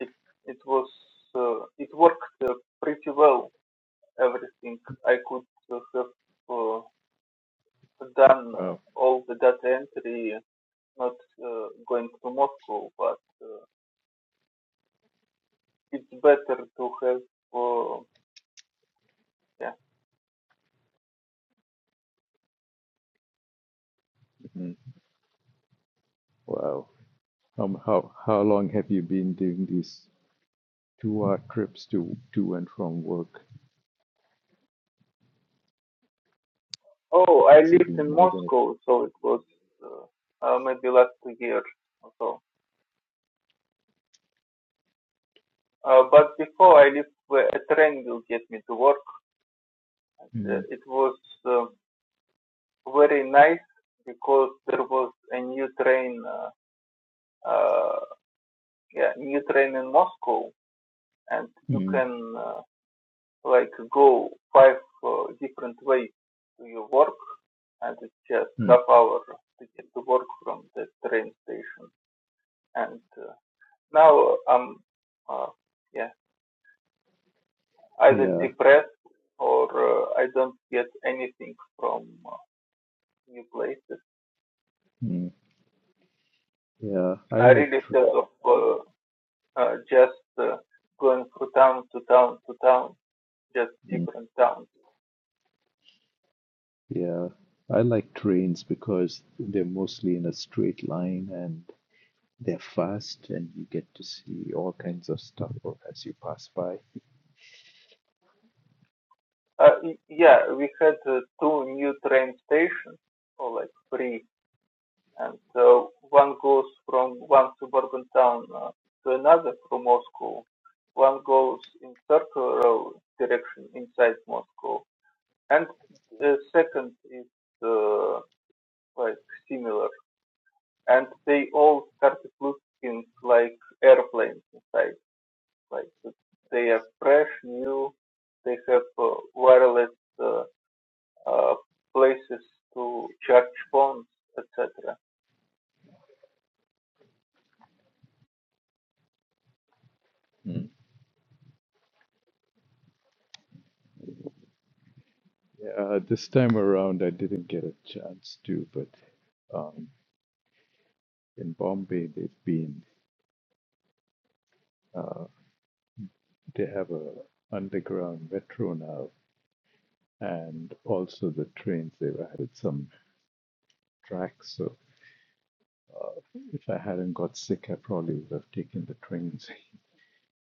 I: It it was uh, it worked uh, pretty well. Everything I could uh, have uh, done uh,
A: Wow.
I: all the data entry, not uh, going to Moscow, but uh, it's better to have. Uh, yeah.
A: Mm. Wow. Um, how how long have you been doing these two-hour trips to to and from work?
I: Oh, I
A: Has it
I: lived
A: been
I: in
A: more than
I: Moscow, so it was uh, uh, maybe last year or so. Uh, but before I lived where a train will get me to work,
A: a?
I: uh,
A: Mm.
I: it was uh, very nice because there was a new train. Uh, uh, yeah, new train in Moscow, and you
A: Mm.
I: can uh, like go five uh, different ways to your work, and it's just
A: Mm.
I: half hour to get to work from the train station. And uh, now I'm uh, yeah either
A: Yeah.
I: depressed or uh, I don't get anything from uh, new places.
A: Mm. Yeah, I
I: I
A: like
I: really
A: tr
I: thought of uh, uh, just uh, going from town to town to town, just
A: mm,
I: different towns
A: yeah, I like trains because they're mostly in a straight line and they're fast and you get to see all kinds of stuff as you pass by.
I: Uh, y- yeah, we had uh, two new train stations, or like three, and uh, one goes from one suburban town uh, to another from Moscow. One goes in circular direction inside Moscow, and the second is uh, like similar, and they all started looking like airplanes inside, like they are fresh, new, they have uh, wireless. Uh, uh, places to charge phones, etc.
A: Mm. Yeah, this time around I didn't get a chance to, but um, in Bombay they've been uh, they have a underground metro now and also the trains they've added some tracks so uh, if I hadn't got sick I probably would have taken the trains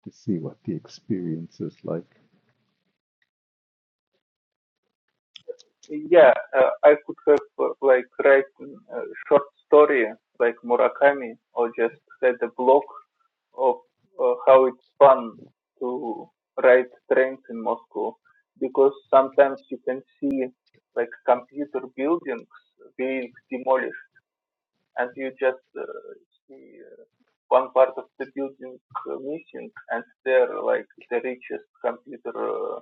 A: to see what the experience is like.
I: Yeah, uh, I could have uh, like written a short story like Murakami, or just had a blog of uh, how it's fun to ride trains in Moscow, because sometimes you can see like computer buildings being demolished, and you just uh, see uh, one part of the building uh, missing, and they're like the richest computer uh,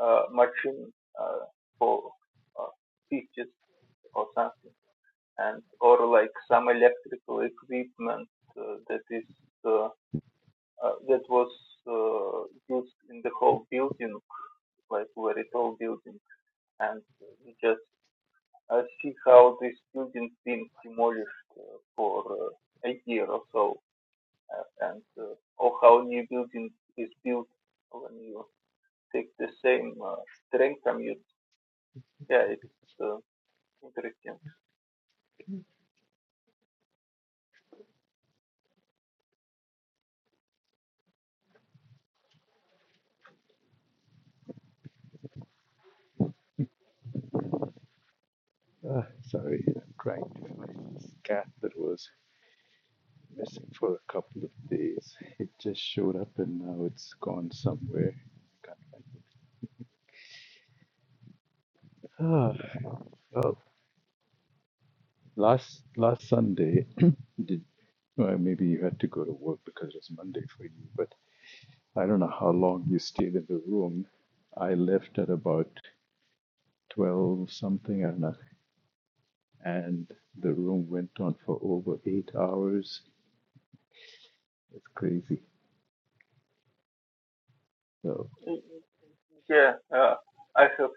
I: uh, mushroom uh, for uh, features or something, and or like some electrical equipment uh, that is uh, uh, that was uh, used in the whole building, like very tall building, and you just uh, see how this building being demolished uh, for uh, a year or so, uh, and uh, or how new building is built when you take the same uh, train commute. Yeah, it's uh, Interesting.
A: Ah, sorry, I'm trying to find this cat that was missing for a couple of days. It just showed up and now it's gone somewhere. Can't find it. Ah, well, last last Sunday, did well, maybe you had to go to work because it was Monday for you, but I don't know how long you stayed in the room. I left at about twelve something, I don't know, and the room went on for over eight hours. It's crazy. So
I: Yeah, uh, I have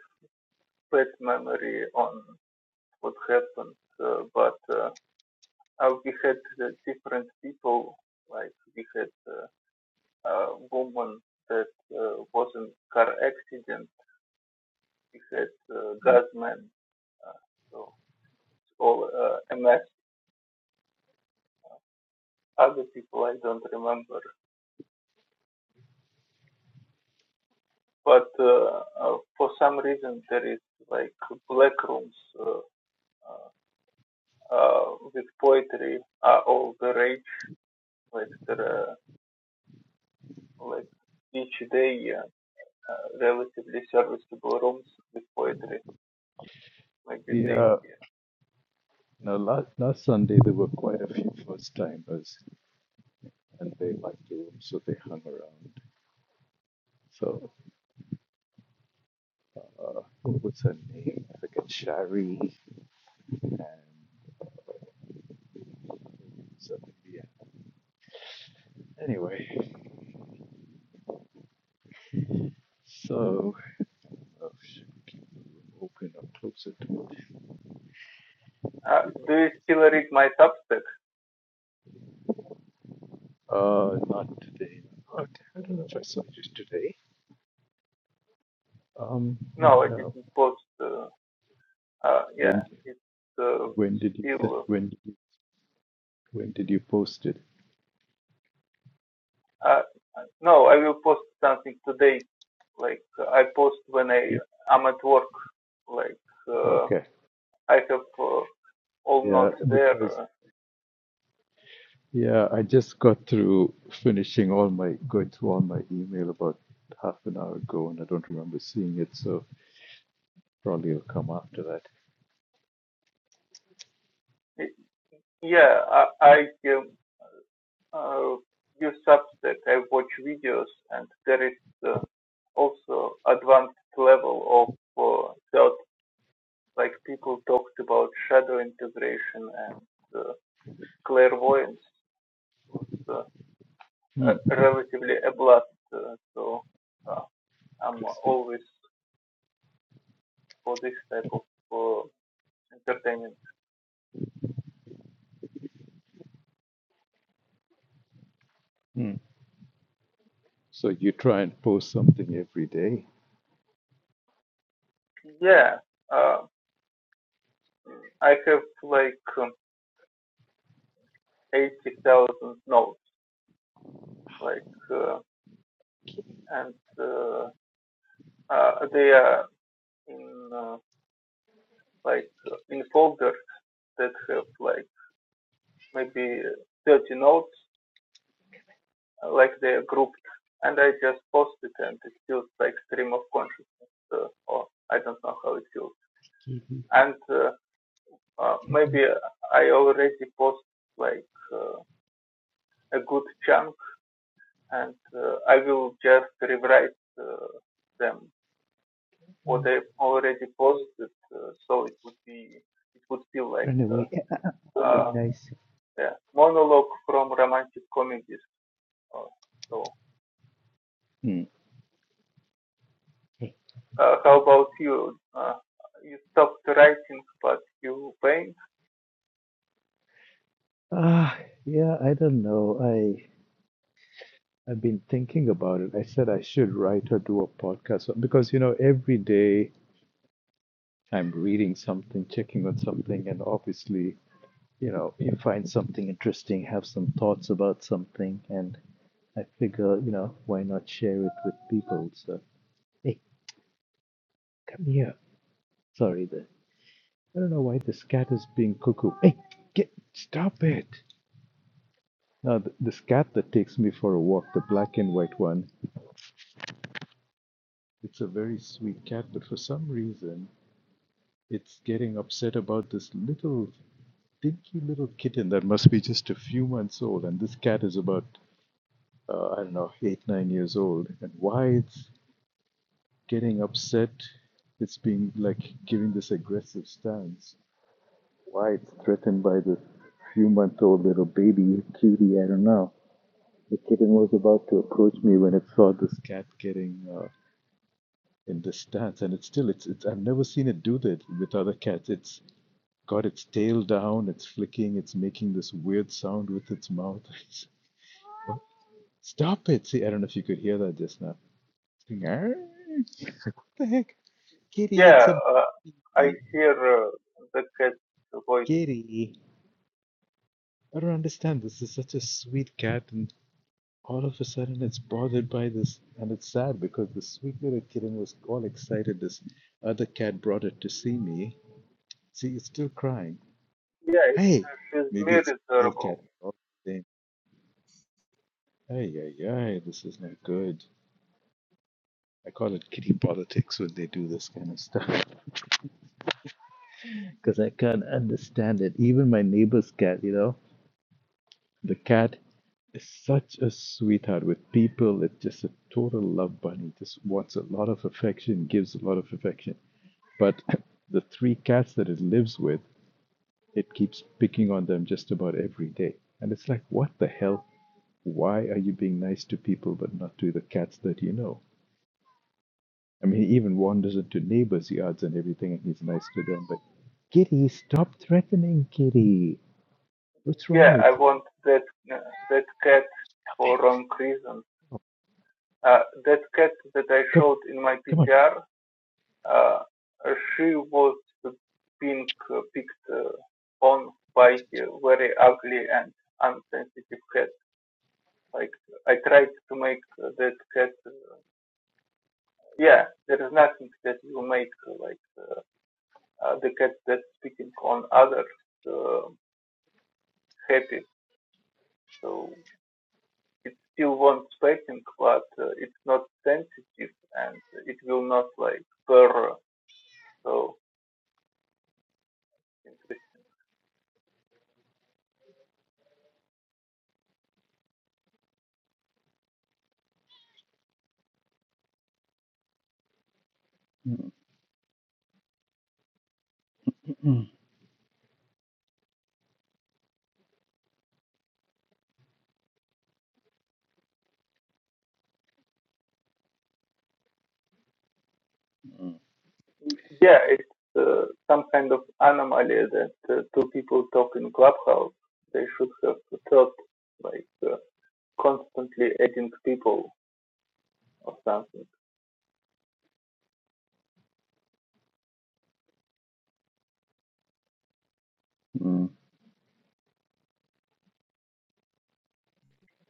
I: bad memory on what happened, uh, but uh, uh, we had uh, different people. Like we had uh, a woman that uh, was in car accident. We had uh, gas man. Uh, so it's all uh, MS. Other people I don't remember. But uh, uh, for some reason there is like black rooms uh, uh, with poetry are all the rage. Like there are like each day uh, relatively serviceable rooms with poetry. Maybe they.
A: yeah,
I: yeah.
A: now last last Sunday there were quite a few first timers, and they liked the room, so they hung around. So uh, what was her name? I forget. Shari and so, yeah. Anyway, so uh, should we open up closer to what
I: Uh, do
A: everybody
I: you still read
A: anticipated?
I: my Substack?
A: Uh, not today. Okay, I don't know if I saw you today. Um, I
I: No,
A: don't
I: I
A: know.
I: didn't post. Uh, uh,
A: When
I: yeah, it's uh,
A: when did you send?
I: still.
A: When did you when did you post it?
I: Uh, uh, no, I will post something today. Like I post when I
A: Yeah.
I: am at work. Like uh,
A: Okay.
I: I have uh, all
A: Yeah,
I: notes there.
A: because yeah, I just got through finishing all my going through all my email about half an hour ago, and I don't remember seeing it, so probably it'll come after that.
I: Yeah, I, I um, uh, use Substack. I watch videos, and there is. Uh, also advanced level of uh, thought, like people talked about shadow integration and uh, clairvoyance was uh,
A: Hmm,
I: a- relatively a blast. Uh, so uh, I'm
A: interesting.
I: always for this type of uh, entertainment.
A: Hmm. So you try and post something every day.
I: Yeah, uh, I have like um, 80,000 notes, like, uh, and uh, uh, they are in uh, like uh, in folders that have like maybe 30 notes, uh, like they are grouped, and I just post it, and it feels like stream of consciousness, uh, or I don't know how it feels.
A: Kitty,
I: And uh, uh,
A: cat,
I: maybe I already post like uh, a good chunk, and uh, I will just rewrite uh, them what I already posted, uh, so it would be it would feel like
A: run away. Yeah,
I: uh,
A: be
I: uh,
A: nice.
I: yeah, monologue from romantic comedies or so.
A: Hmm. Hey.
I: Uh, how about you? Uh, you stopped writing, but you paint?
A: Ah, yeah, I don't know. I I've been thinking about it. I said I should write or do a podcast because you know every day I'm reading something, checking on something, and obviously. you know you find something interesting, have some thoughts about something, and I figure you know why not share it with people. So hey, come here. Sorry, the I don't know why this cat is being cuckoo. Hey, get stop it! Now th- this cat that takes me for a walk, the black and white one, it's a very sweet cat, but for some reason it's getting upset about this little dinky little kitten that must be just a few months old, and this cat is about uh, I don't know eight nine years old, and why it's getting upset. it's being like giving this aggressive stance. Why it's threatened by this few month old little baby, cutie, I don't know. The kitten was about to approach me when it saw this cat getting uh, in this stance, and it's still, it's, it's, I've never seen it do that with other cats. It's got its tail down, it's flicking, it's making this weird sound with its mouth. Stop it! See, I don't know if you could hear that just now. It's going, "Arr!" what the heck? Kitty, it's
I: Yeah,
A: a
I: uh, I
A: baby.
I: hear uh, the cat's voice.
A: Gary, I don't understand this. is such a sweet cat, and all of a sudden it's bothered by this, and it's sad because the sweet little kitten was all excited. This other cat brought it to see me. See, it's still crying.
I: Yeah,
A: Hey,
I: she's
A: maybe it's a male cat.
I: miserable.
A: Hey, dang. Ay, this is not good. I call it kitty politics when they do this kind of stuff because I can't understand it. Even my neighbor's cat, you know, the cat is such a sweetheart with people. It's just a total love bunny. Just wants a lot of affection, gives a lot of affection. But the three cats that it lives with, it keeps picking on them just about every day. And it's like, what the hell? Why are you being nice to people but not to the cats that you know? I mean, he even wanders into neighbors' yards and everything, and he's nice to them. But Kitty, stop threatening Kitty. What's wrong
I: Yeah,
A: with
I: I
A: you?
I: want that uh, that cat
A: Stop
I: for
A: it.
I: wrong reasons. Uh, that cat that I
A: Come,
I: showed in my
A: come
I: PTR, uh, she was being uh, picked uh, on by a very ugly and unsensitive cat. Like I tried to make uh, that cat yeah, there is nothing that will make like uh, the cat that's spitting on others uh, happy. So it's still wants petting, but uh, it's not sensitive and it will not like purr. So
A: on. Mm-mm.
I: yeah, it's uh, some kind of anomaly that uh, two people talk in clubhouse. They should have thought like uh, constantly adding people or something.
A: Mm-mm.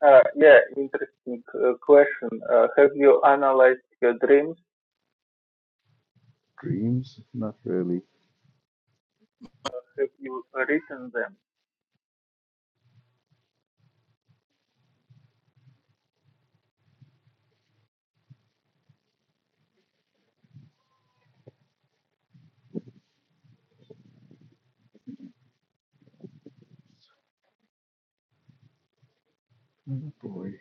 I: Uh, yeah, interesting uh, question. Uh, have you analyzed your dreams?
A: Dreams? Not really.
I: Have you written them?
A: Oh boy,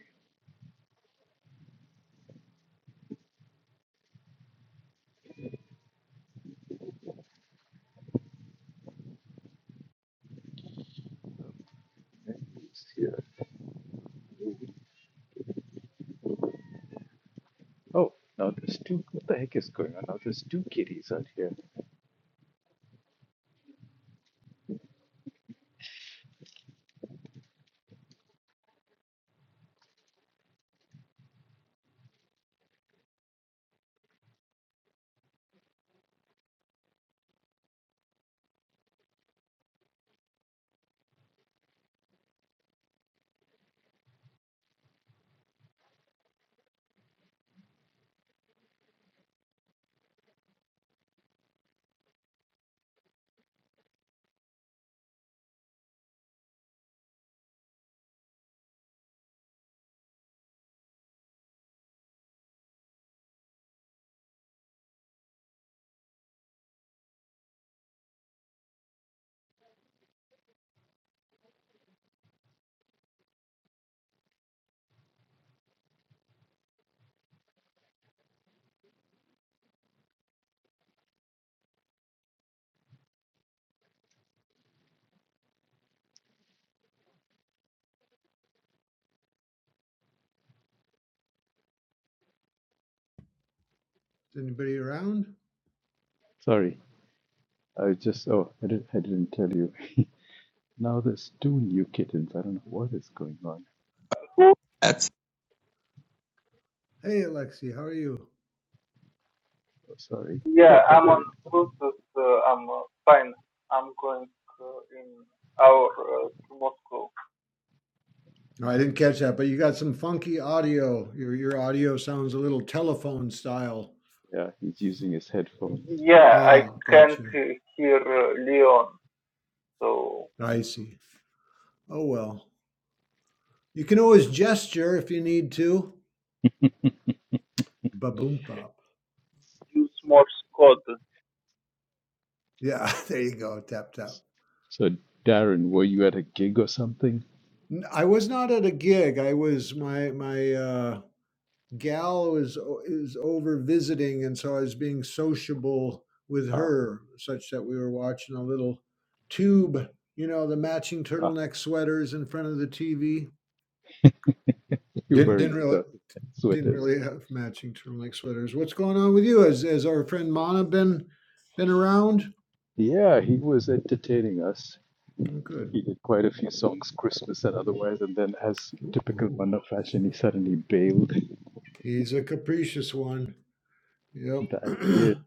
A: Andy's here. Oh, now there's two. What the heck is going on? Now there's two kitties out here.
J: Is anybody around?
A: Sorry, I just. Oh, I didn't. I didn't tell you. now there's two new kittens. I don't know what is going on.
I: That's
J: Hey, Alexi, how are you?
A: Oh, sorry. Oh,
I: Yeah, I'm on
A: Darren.
I: Bluetooth. Uh, I'm uh, fine. I'm going uh, in our uh, to Moscow.
J: No, I didn't catch that, but you got some funky audio. Your your audio sounds a little telephone style.
A: Yeah, he's using his headphones.
I: Yeah, I
J: Ah,
I: can't
J: gotcha.
I: uh, hear uh, Leon, so
J: I see. Oh well. You can always gesture if you need to. Ba boom pop.
I: use Morse code.
J: Yeah, there you go. Tap tap.
A: So, Darren, were you at a gig or something?
J: N- I was not at a gig. I was my my uh Gal is is over visiting, and so I was being sociable with
A: Ah,
J: her, such that we were watching a little tube, you know, the matching
A: ah,
J: turtleneck sweaters in front of the TV.
A: you're
J: Didn't
A: wearing
J: didn't really
A: turtleneck
J: didn't
A: sweaters.
J: really have matching turtleneck sweaters. What's going on with you? Has has our friend Mana been been around?
A: Yeah, he was entertaining us.
J: Oh, good.
A: He did quite a few songs, Christmas and otherwise, and then, as
J: Ooh,
A: typical
J: ooh.
A: Manna fashion, he suddenly bailed.
J: He's a capricious one. Yep.
A: That he is.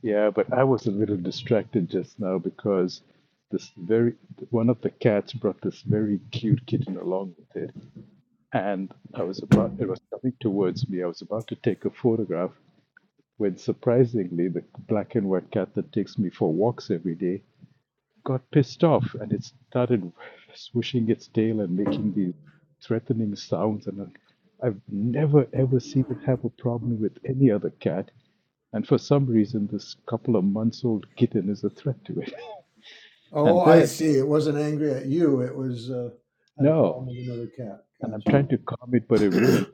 A: Yeah, but I was a little distracted just now because this very one of the cats brought this very cute kitten along with it, and I was about it was coming towards me. I was about to take a photograph when surprisingly the black and white cat that takes me for walks every day got pissed off and it started swishing its tail and making these threatening sounds. And uh, I've never ever seen it have a problem with any other cat. And for some reason, this couple of months old kitten is a threat to it.
J: oh,
A: And
J: I
A: then,
J: see. It wasn't angry at you. It was uh, had a
A: no.
J: problem with another cat.
A: And
J: Gotcha.
A: I'm trying to calm it, but it wouldn't.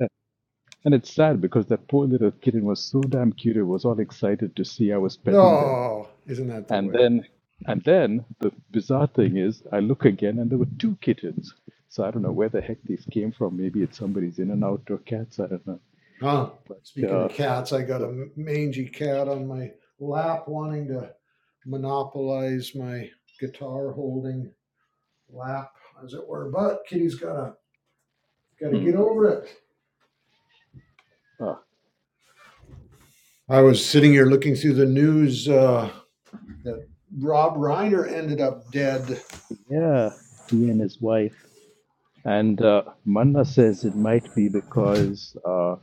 A: and it's sad because that poor little kitten was so damn cute. It was all excited to see I was petting them
J: Oh, isn't that the
A: And
J: way?
A: then, and then the bizarre thing is, I look again and there were two kittens. So I don't know where the heck these came from. Maybe it's somebody's in and out or cats. I don't know.
J: Huh? Speaking of
A: Uh,
J: cats, I got
A: so,
J: a mangy cat on my lap wanting to monopolize my guitar holding lap, as it were. But Kitty's gotta gotta
A: Mm.
J: get over it.
A: uh,
J: I was sitting here looking through the news uh, that Rob Reiner ended up dead.
A: yeah, he and his wife. And uh, Manna says it might be because uh,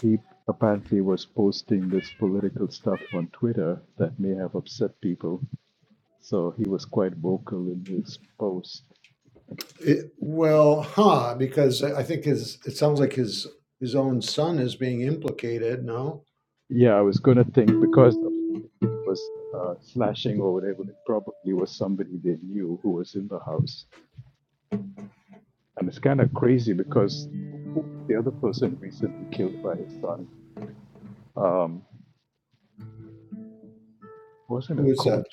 A: he apparently was posting this political stuff on Twitter that may have upset people. So he was quite vocal in his post.
J: It, well, huh? Because I I think his it sounds like his his own son is being implicated. No,
A: Yeah, I was going to think because of if it was uh, slashing or whatever, it probably was somebody they knew who was in the house. And it's kind of crazy because who who was the other person recently killed by his son um, wasn't a
J: who is that?
A: coach.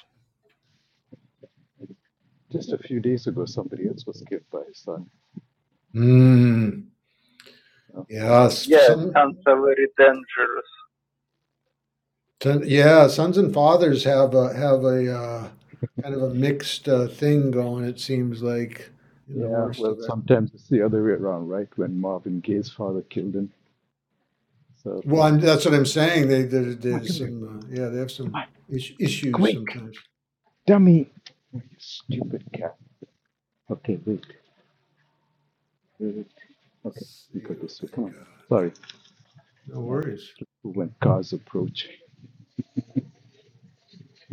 A: Just a few days ago, somebody else was killed by his son.
J: Hmm.
A: you know.
J: Yeah,
I: Yeah,
J: some,
I: sounds are very dangerous.
J: ton- yeah, sons and fathers have a have a uh, kind of a mixed uh, thing going. It seems like in the
A: Yeah,
J: worst
A: well,
J: of it.
A: sometimes it's the other way around, right? When Marvin Gaye's father killed him. So,
J: Well, and that's what I'm saying. They there,
A: come on,
J: there's
A: come here.
J: some uh, yeah, they have
A: Come
J: some
A: on,
J: is- issues
A: quick,
J: sometimes.
A: dummy. Oh, you stupid cat. Okay, wait. Good. Okay,
J: Let's
A: we
J: see
A: go
J: what
A: this way. Come
J: we
A: on.
J: got.
A: Sorry,
J: No
A: I have to
J: worries.
A: keep when cars approach.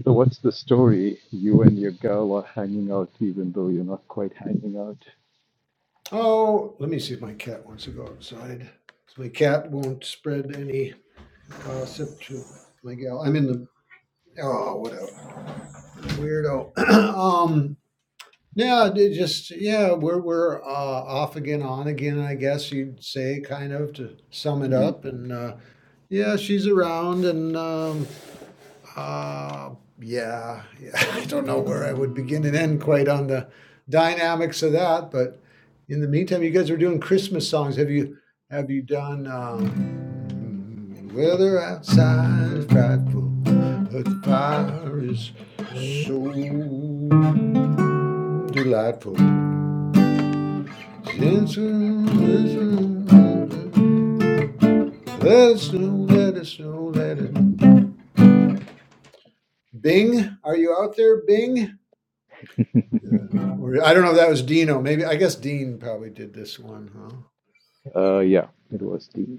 A: So, what's the story? You and your girl are hanging out, even though you're not quite hanging out.
J: Oh, let me see if my cat wants to go outside. So my cat won't spread any gossip to my gal. I'm in the oh whatever weirdo. um, Yeah, they just yeah, we're we're, uh, off again, on again, I guess you'd say, kind of, to sum it
A: Mm.
J: up, and, uh, yeah, she's around and, um, uh, yeah, yeah, I don't know where I would begin and end quite on the dynamics of that, but in the meantime, you guys are doing Christmas songs. Have you have you done, um, "Weather outside is frightful, but the fire is so delightful." Let it snow, let it snow, let it snow, let it snow, Bing, are you out there, Bing? Yeah. Or I don't know if that was Dino. Maybe I guess Dean probably did this one, huh?
A: Uh, yeah, it was the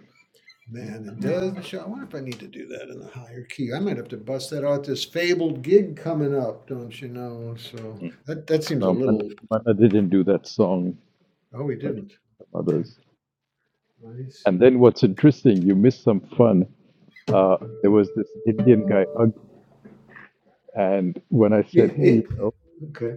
J: Man, it does. show- I wonder if I need to do that in a higher key. I might have to bust that out. This fabled gig coming up, don't you know? So that that seems a
A: No, Man-
J: little.
A: Manna didn't do that song,
J: Oh, we
A: but
J: didn't.
A: some
J: Okay,
A: others.
J: I
A: And
J: see.
A: then what's interesting, you missed some fun. Uh, there was this Indian guy, Ag, and when I
J: Yeah.
A: said,
J: it,
A: hey, you
J: it-
A: know,
J: okay.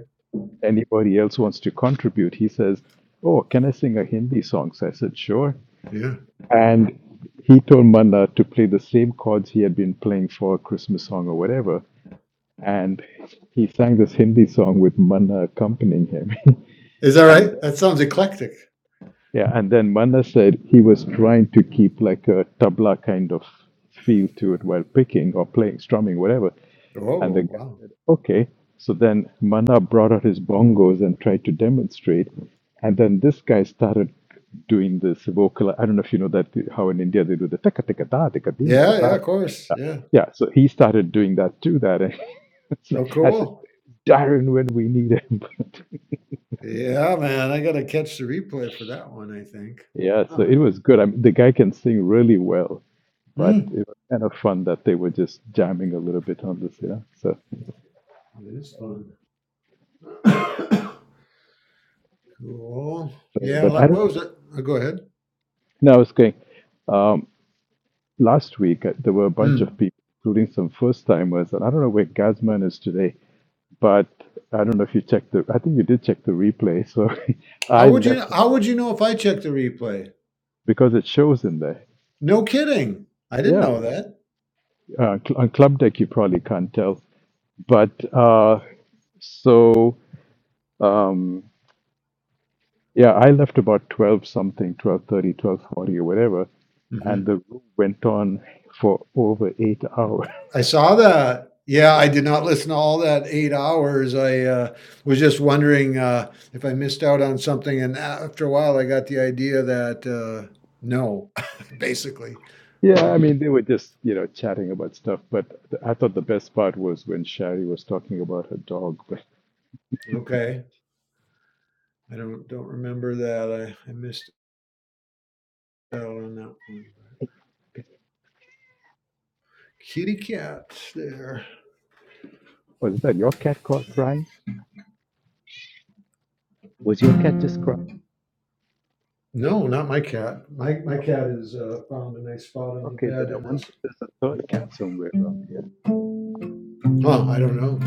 A: anybody else wants to contribute, he says, oh, can I sing a Hindi song? So I said, sure.
J: Yeah.
A: And he told Manna to play the same chords he had been playing for a Christmas song or whatever. And he sang this Hindi song with Manna accompanying him.
J: Is that
A: And.
J: right? That sounds eclectic.
A: Yeah, and then Manna said he was trying to keep like a tabla kind of feel to it while picking or playing, strumming, whatever. And the
J: Oh
A: guy
J: wow.
A: said, okay. So then Manna brought out his bongos and tried to demonstrate. And then this guy started doing this vocal. I don't know if you know that, how in India they do the taka taka da, tika deen, tika
J: Yeah, yeah,
A: da.
J: of course, yeah.
A: Yeah, so he started doing that too, that. And it's
J: Oh,
A: like, I said,
J: cool.
A: Darren, when we need him.
J: Yeah, man, I gotta catch the replay for that one, I think.
A: yeah, so
J: Huh.
A: it was good. I mean, the guy can sing really well. but
J: Mm.
A: it was kind of fun that they were just jamming a little bit on this, you know. So,
J: It is fun. Cool.
A: so
J: Yeah,
A: but I
J: like
A: don't
J: what was it? Oh, go ahead.
A: know. I was going um, last week. uh, There were a bunch of
J: Mm.
A: people, including some first timers, and I don't know where Gazman is today, but I don't know if you checked the. I think you did check the replay. So I
J: How would you
A: left a
J: how would
A: spot
J: you know if I checked the replay?
A: because it shows in there.
J: No kidding. I didn't
A: Yeah,
J: know that.
A: uh, cl- on club deck you probably can't tell, but uh, so. Um, Yeah, I left about 12 something, twelve thirty, twelve forty or whatever,
J: Mhm.
A: and the room went on for over 8 hours.
J: I saw that. Yeah, I did not listen to all that eight hours. I uh, was just wondering uh, if I missed out on something. And after a while, I got the idea that uh, no, basically.
A: Yeah,
J: But
A: I mean, they were just, you know, chatting about stuff, but th- I thought the best part was when Shari was talking about her dog.
J: okay, I don't don't remember that. I, I missed out on that one. Kitty cat there.
A: Was that your cat caught crying? Was your cat just crying?
J: No, not my cat. My my cat has uh, found a nice spot on the
A: Okay, then
J: bed
A: I
J: and
A: wonder
J: is.
A: if there's a third cat somewhere around here.
J: Huh, I don't know.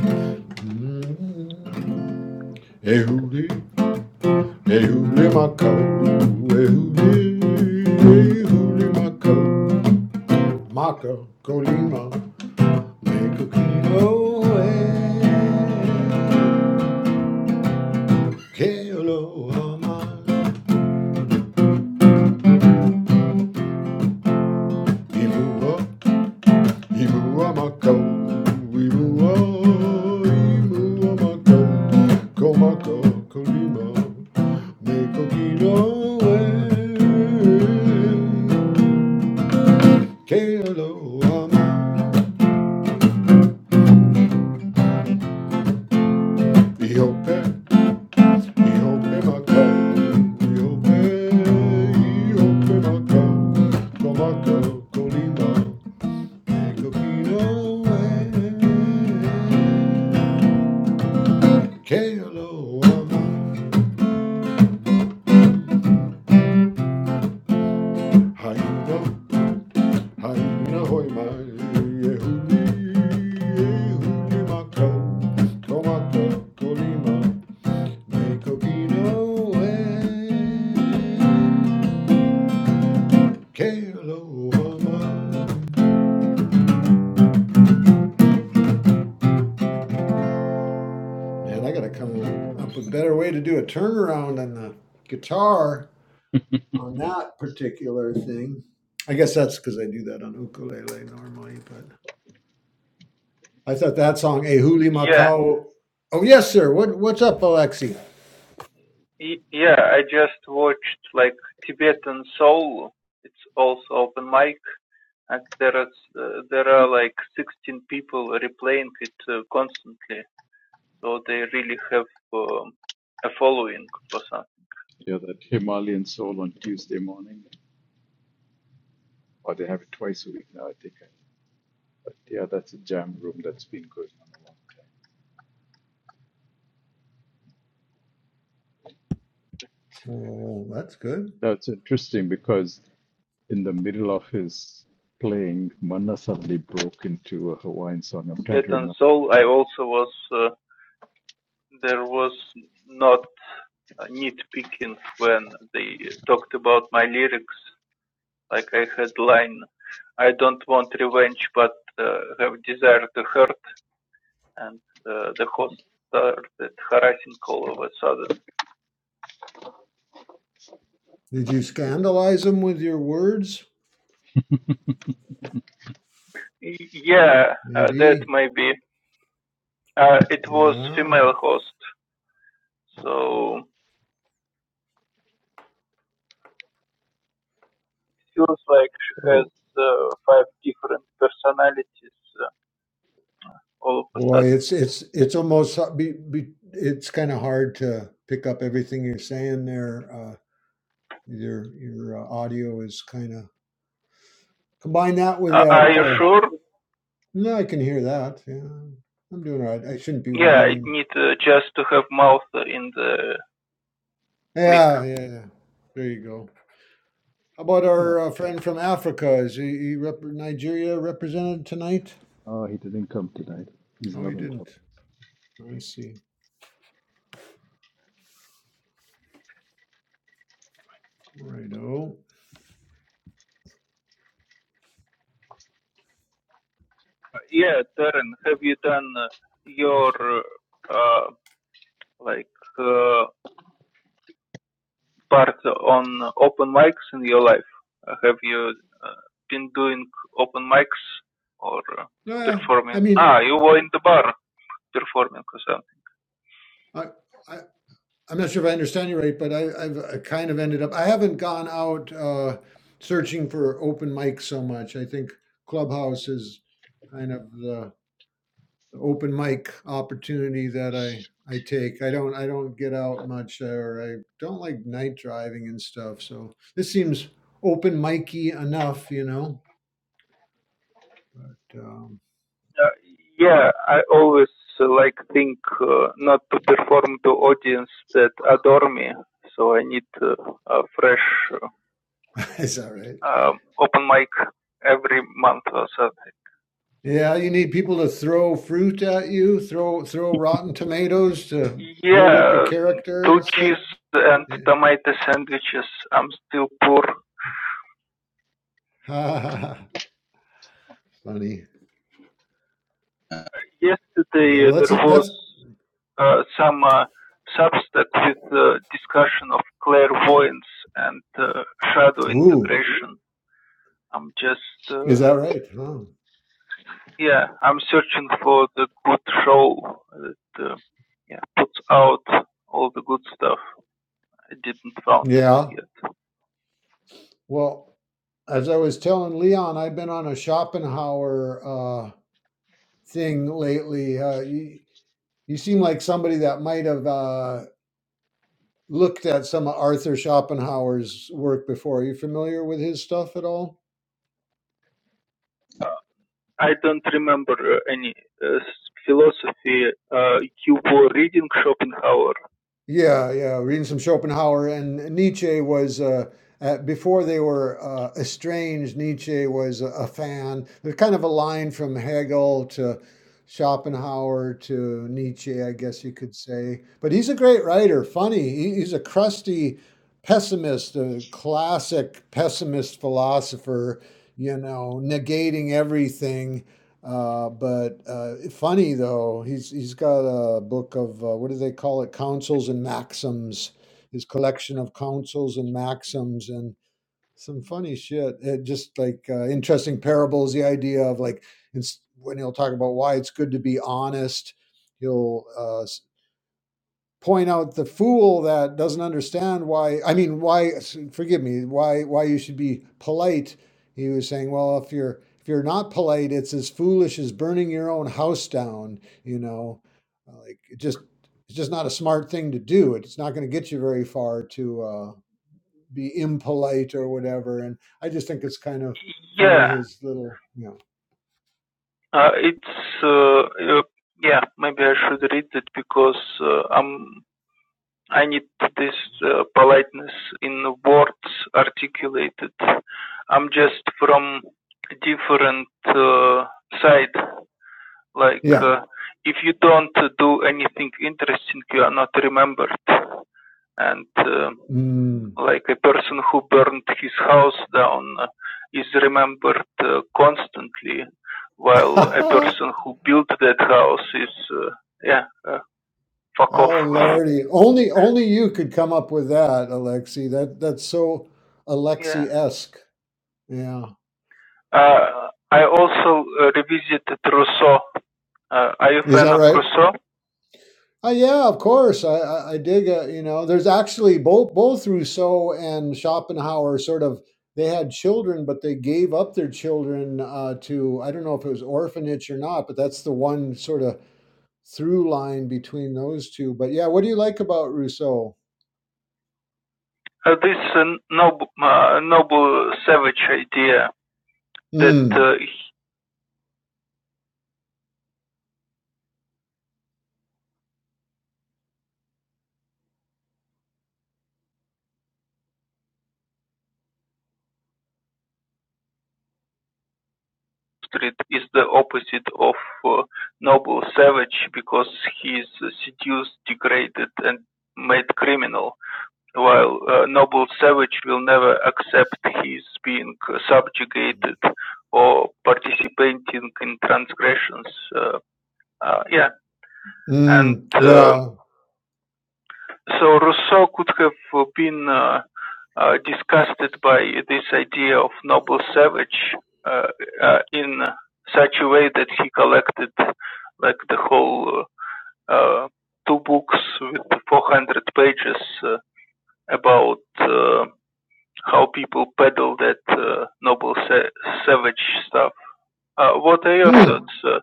J: Mm-hmm. Hey, Hey, who blew my coat? Hey, who blew? Hey, who blew my coat? Maca, Colima, make a kilo. Hey, Kelo, ama, imu, imu, ama, coat. Imu, imu, ama, coat. Comaca, Colima, make a kilo. Hey, Kelo, ama. Ihope, ihope maka, ihope, ihope maka, komaka, kolima, ekopino, e. Kealo ama, haina, haina hoi mai, ehuli, ehuli maka, komaka, kolima, ekopino, e. K-L-O-M-A. Man, I gotta come up with a better way to do a turnaround on the guitar on that particular thing. I guess that's because I do that on ukulele normally, but I thought that song Ehuli
I: Yeah,
J: Makau. Oh yes, sir. What what's up, Alexi?
I: y- yeah. I just watched like Tibetan Soul. It's also open mic. as there is uh, there are like 16 people replaying it uh, constantly, so they really have um, a following for that.
A: Yeah, that Himalayan soul on Tuesday morning, or they have it twice a week now, I think. But yeah, that's a jam room that's been going on a while.
J: Oh, that's good.
A: That's interesting because in the middle of his playing, Manna suddenly broke into a Hawaiian song. I'm trying
I: Yet
A: to
I: and
A: remember.
I: Soul, I also was uh, there was not uh, nitpicking when they talked about my lyrics. Like I had line, I don't want revenge, but uh, have desire to hurt, and uh, the host started harassing all of a sudden.
J: Did you scandalize them with your words?
I: Yeah, uh, that
J: Maybe.
I: may be. Uh, it was
J: Yeah.
I: female host, so it feels like she has
A: Oh,
I: uh, five different personalities uh, all of a
J: Boy,
I: sudden.
J: it's it's it's almost be, be, it's kind of hard to pick up everything you're saying there, Uh, Your your uh, audio is kind of combine that with
I: Uh, are
J: that.
I: you
J: Uh,
I: sure?
J: no, I can hear that. Yeah, I'm doing all right. I shouldn't be
I: Yeah, I
J: whining.
I: need uh, just to have mouth in the mic.
J: Yeah, yeah, yeah. There you go. How about
A: uh,
J: our uh, friend from Africa? Is he, he rep- Nigeria represented tonight?
A: oh, he didn't come tonight. He's
J: Oh,
A: not
J: he
A: on top.
J: didn't. I see. Righto.
I: Yeah, Darren, have you done uh,
J: Yes.
I: your uh, uh, like uh, part on open mics in your life? Uh, have you uh, been doing open mics or uh,
J: Yeah,
I: performing?
J: I mean,
I: Ah, you were in the bar performing or something.
J: I, I I'm not sure if I understand you right, but I, I've uh, kind of ended up, I haven't gone out uh, searching for open mic so much. I think Clubhouse is kind of the, the open mic opportunity that I, I take. I don't, I don't get out much or I don't like night driving and stuff. So this seems open micy enough, you know? Um,
I: Yeah, I always uh, like think uh, not to perform to audience that adore me, so I need uh, a fresh uh,
J: is that right?
I: um, open mic every month or so.
J: Yeah, you need people to throw fruit at you, throw, throw rotten tomatoes to build up your
I: Yeah,
J: character
I: two
J: and stuff.
I: cheese and
J: Yeah.
I: tomato sandwiches. I'm still poor.
J: Ha ha ha. Funny. Yeah.
I: Yesterday uh,
J: Well, that's
I: there was
J: that's.
I: uh, some uh, Substack with uh, discussion of clairvoyance and uh, shadow
J: Ooh,
I: integration. I'm just
J: is
I: uh,
J: that right? Huh.
I: Yeah, I'm searching for the good show that uh, yeah, puts out all the good stuff. I didn't found it
J: Yeah.
I: yet.
J: Well, as I was telling Leon, I've been on a Schopenhauer uh, thing lately. Uh, you, you seem like somebody that might have uh, looked at some of Arthur Schopenhauer's work before. Are you familiar with his stuff at all?
I: I don't remember uh, any uh, philosophy. Uh, you were reading Schopenhauer.
J: Yeah, yeah, reading some Schopenhauer and Nietzsche was uh, uh, before they were uh, estranged. Nietzsche was a, a fan. There's kind of a line from Hegel to Schopenhauer to Nietzsche, I guess you could say. But he's a great writer. Funny, he, he's a crusty pessimist, a classic pessimist philosopher. You know, negating everything uh, but uh, funny though, he's he's got a book of uh, what do they call it? Counsels and maxims. His collection of counsels and maxims and some funny shit. It just like uh, interesting parables. The idea of like it's, when he'll talk about why it's good to be honest. He'll uh, s- point out the fool that doesn't understand why i mean why forgive me why why you should be polite he was saying well if you're if you're not polite it's as foolish as burning your own house down you know like it just it's just not a smart thing to do it's not going to get you very far to uh, be impolite or whatever and i just think it's kind of funny
I: Yeah,
J: his little you know
I: uh, it's uh, uh, yeah. Maybe I should read it because uh, I'm. I need this uh, politeness in words articulated. I'm just from different uh, side like
J: yeah
I: uh, if you don't do anything interesting you are not remembered and uh,
J: mm.
I: like a person who burned his house down uh, is remembered uh, constantly while a person who built that house is uh, yeah uh, fuck off
J: Oh lordy, only only you could come up with that, Alexi. That that's so
I: yeah
J: Alexi-esque. Yeah,
I: uh, i also uh, revisited rousseau uh, are you a
J: is that
I: fan of
J: right?
I: rousseau
J: Uh, yeah, of course. I I, I dig. Uh, you know, there's actually both both Rousseau and Schopenhauer sort of they had children, but they gave up their children uh, to I don't know if it was orphanage or not, but that's the one sort of through line between those two. But yeah, what do you like about Rousseau?
I: uh, this uh, noble, uh, noble savage idea that
J: Mm,
I: uh, Street is the opposite of uh, noble savage because he is seduced, degraded, and made criminal, while a noble savage will never accept his being subjugated or participating in transgressions. Uh, uh, yeah, and
J: mm,
I: uh,
J: yeah.
I: so Rousseau could have been uh, uh, disgusted by this idea of noble savage uh, uh, in such a way that he collected like the whole uh, uh, two books with 400 pages uh, about uh, how people peddle that uh, noble sa- savage stuff. Uh, what are your
J: Hmm.
I: thoughts? Uh,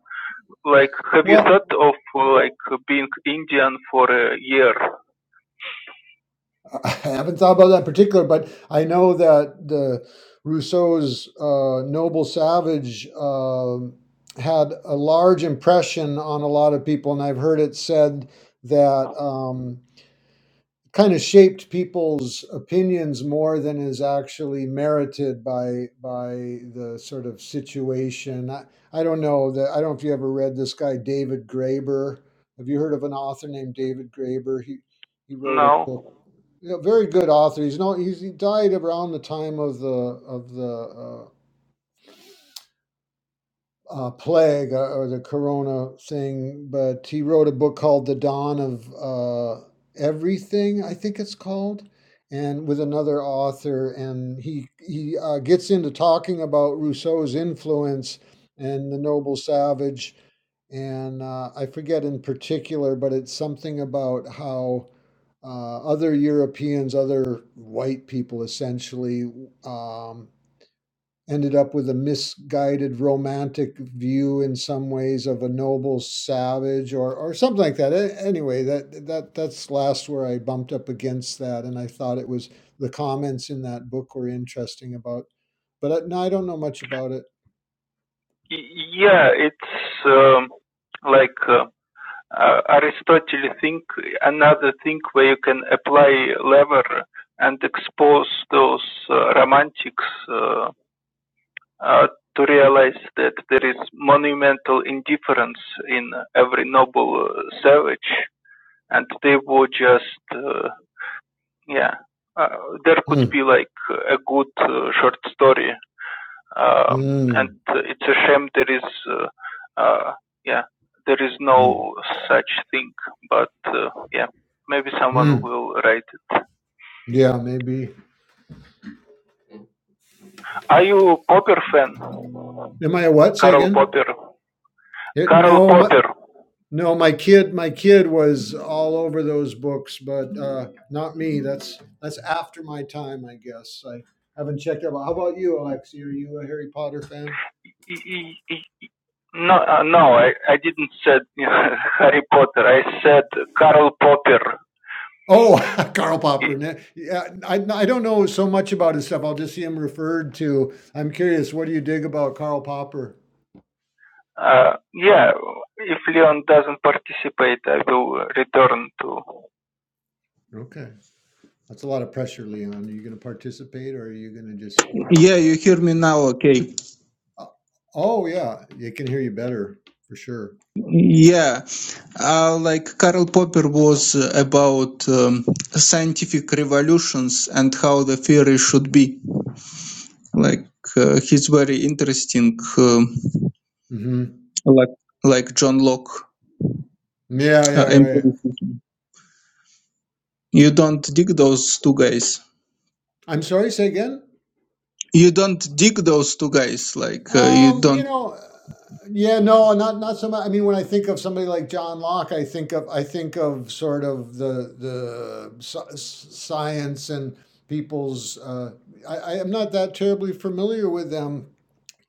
I: like, have you
J: Well.
I: thought of like being Indian for a year
J: I haven't thought about that in particular, but I know that the Rousseau's uh, Noble Savage um had a large impression on a lot of people, and I've heard it said that. Um, kind of shaped people's opinions more than is actually merited by by the sort of situation. I, I don't know that I don't know if you ever read this guy David Graeber. Have you heard of an author named David Graeber? He he wrote a
I: now?
J: book. You know, very good author. He's no he's he died around the time of the of the uh, uh, plague or, or the corona thing, but he wrote a book called The Dawn of uh, Everything, I think it's called, and with another author, and he he uh, gets into talking about Rousseau's influence and the noble savage, and uh, I forget in particular, but it's something about how uh, other Europeans, other white people essentially, um, ended up with a misguided romantic view in some ways of a noble savage or or something like that. A- Anyway, that that that's last where I bumped up against that, and I thought it was the comments in that book were interesting about, but I, no, I don't know much about it.
I: Y- yeah, it's um, like uh, uh, Aristotle think another thing where you can apply lever and expose those uh, romantics uh, uh, to realize that there is monumental indifference in every noble uh, savage, and they were just uh, yeah. uh, there could
J: Hmm.
I: be like a good uh, short story um, and
J: Mm.
I: it's a shame there is, uh, uh, yeah, there is
J: Mm.
I: no such thing. But uh, yeah, maybe someone
J: Mm.
I: will write it.
J: Yeah, maybe.
I: Are you a Popper fan?
J: Am I a what? Say
I: Karl
J: again.
I: Popper.
J: It,
I: Karl
J: no, my,
I: Popper.
J: No, my kid, my kid was all over those books, but uh, not me. That's that's after my time, I guess. I haven't checked out. How about you, Alexi? Are you a Harry Potter fan?
I: No, uh, no, I, I didn't said Harry Potter. I said Karl Popper.
J: Oh, Karl Popper. ne- Yeah, I, I don't know so much about his stuff. I'll just see him referred to. I'm curious. What do you dig about Karl Popper?
I: Uh, yeah, if Leon doesn't participate, I will return to.
J: Okay, that's a lot of pressure, Leon. Are you going to participate, or are you going to just
I: Yeah, you hear me
J: just?
I: now, okay?
J: Oh oh, yeah, you can hear you better for sure.
I: Yeah, uh, like Karl Popper was uh, about um, scientific revolutions and how the theory should be. Like uh, he's very interesting, um
J: hmm
I: like like John Locke.
J: Yeah, yeah,
I: Uh,
J: right.
I: empiricism. You don't dig those two guys.
J: I'm sorry, say again?
I: You don't dig those two guys. Like uh, you
J: Um, you
I: don't.
J: know, uh, yeah, no, not not so much. I mean, when I think of somebody like John Locke, I think of I think of sort of the the sci- s- science and people's. Uh, I, I am not that terribly familiar with them.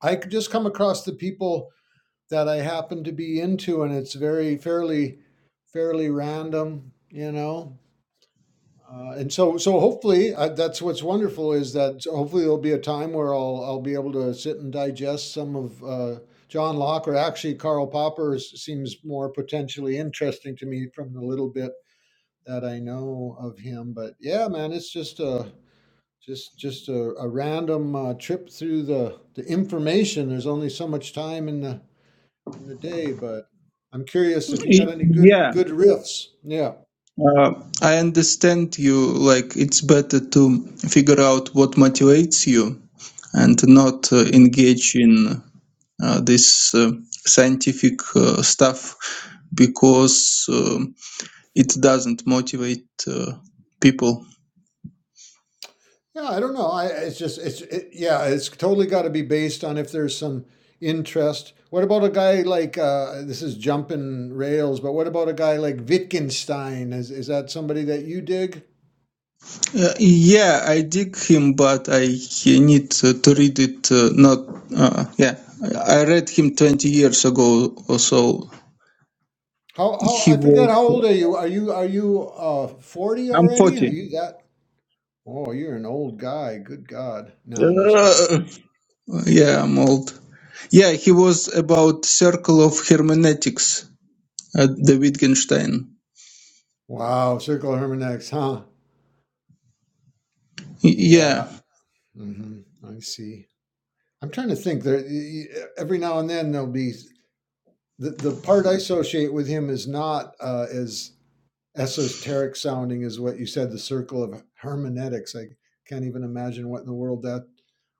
J: I could just come across the people that I happen to be into, and it's very fairly fairly random, you know. Uh, and so, so hopefully, uh, that's what's wonderful is that so hopefully there'll be a time where I'll I'll be able to sit and digest some of uh, John Locke or actually Karl Popper s- seems more potentially interesting to me from the little bit that I know of him. But yeah, man, it's just a just just a, a random uh, trip through the the information. There's only so much time in the in the day, but I'm curious if you got
I: Y-
J: any good
I: Yeah,
J: good riffs. Yeah.
I: uh, I understand you. Like it's better to figure out what motivates you and not uh,
J: Mm.
I: engage in uh, this uh, scientific uh, stuff because um it doesn't motivate uh, people.
J: Yeah, I don't know. I it's just it's it, yeah, it's totally got to be based on if there's some interest. What about a guy like uh, this is jumping rails, but what about a guy like Wittgenstein? Is is that somebody that you dig?
I: Uh, yeah, I dig him, but I need uh, to read it. Uh, not uh, yeah, I I read him twenty years ago or so.
J: How how
I: He
J: I forget
I: was.
J: how old are you? Are you are you uh 40
I: I'm
J: already? Are
I: forty.
J: you that? Oh, you're an old guy. Good God. No, I'm just kidding.
I: Uh, yeah, I'm old. Yeah, he was about circle of hermeneutics at the Wittgenstein.
J: Wow, circle hermeneutics, huh?
I: Y- Yeah,
J: Yeah. hmm I see. I'm trying to think. There, y- y- every now and then there'll be the the part I associate with him is not uh, as esoteric sounding as what you said. The circle of hermeneutics. I can't even imagine what in the world that.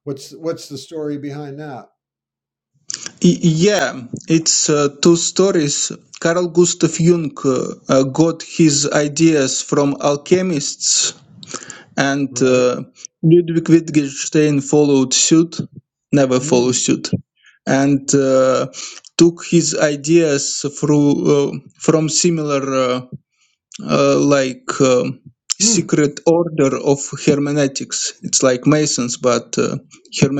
J: What's what's the story behind that?
I: Yeah, it's uh, two stories. Carl Gustav Jung uh, uh, got his ideas from alchemists, and
J: Right.
I: uh, Ludwig Wittgenstein followed suit, never followed
J: Hmm.
I: suit, and uh, took his ideas through uh, from similar uh, uh, like. um
J: Hmm.
I: secret order of hermeneutics it's like masons but uh,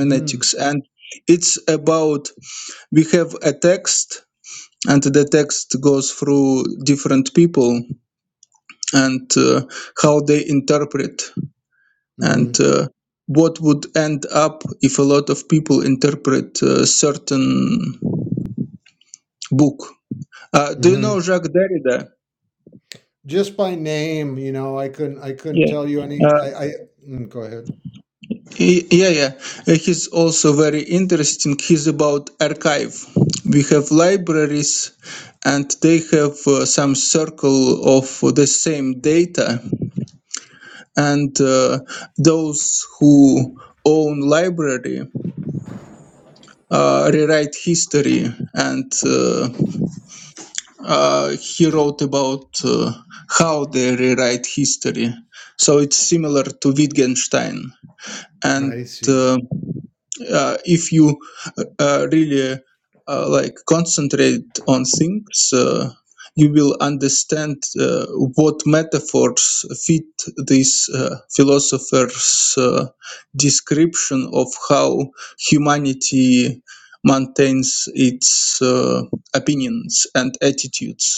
J: Hmm.
I: and it's about we have a text and the text goes through different people and uh, how they interpret
J: Hmm.
I: and uh, what would end up if a lot of people interpret a certain book. Uh, do you
J: Hmm.
I: know Jacques Derrida?
J: Just by name, you know, I couldn't. I couldn't
I: Yeah.
J: tell you any.
I: Uh,
J: I. I mm, go ahead.
I: he- yeah, yeah. Uh, He's also very interesting. He's about archive. We have libraries, and they have uh, some circle of the same data, and uh, those who own library uh, rewrite history and uh, uh, he wrote about uh, how they rewrite history so it's similar to wittgenstein and
J: I see.
I: uh, uh, if you uh, really uh, like concentrate on things uh, you will understand uh, what metaphors fit this uh, philosopher's uh, description of how humanity maintains its uh, opinions and attitudes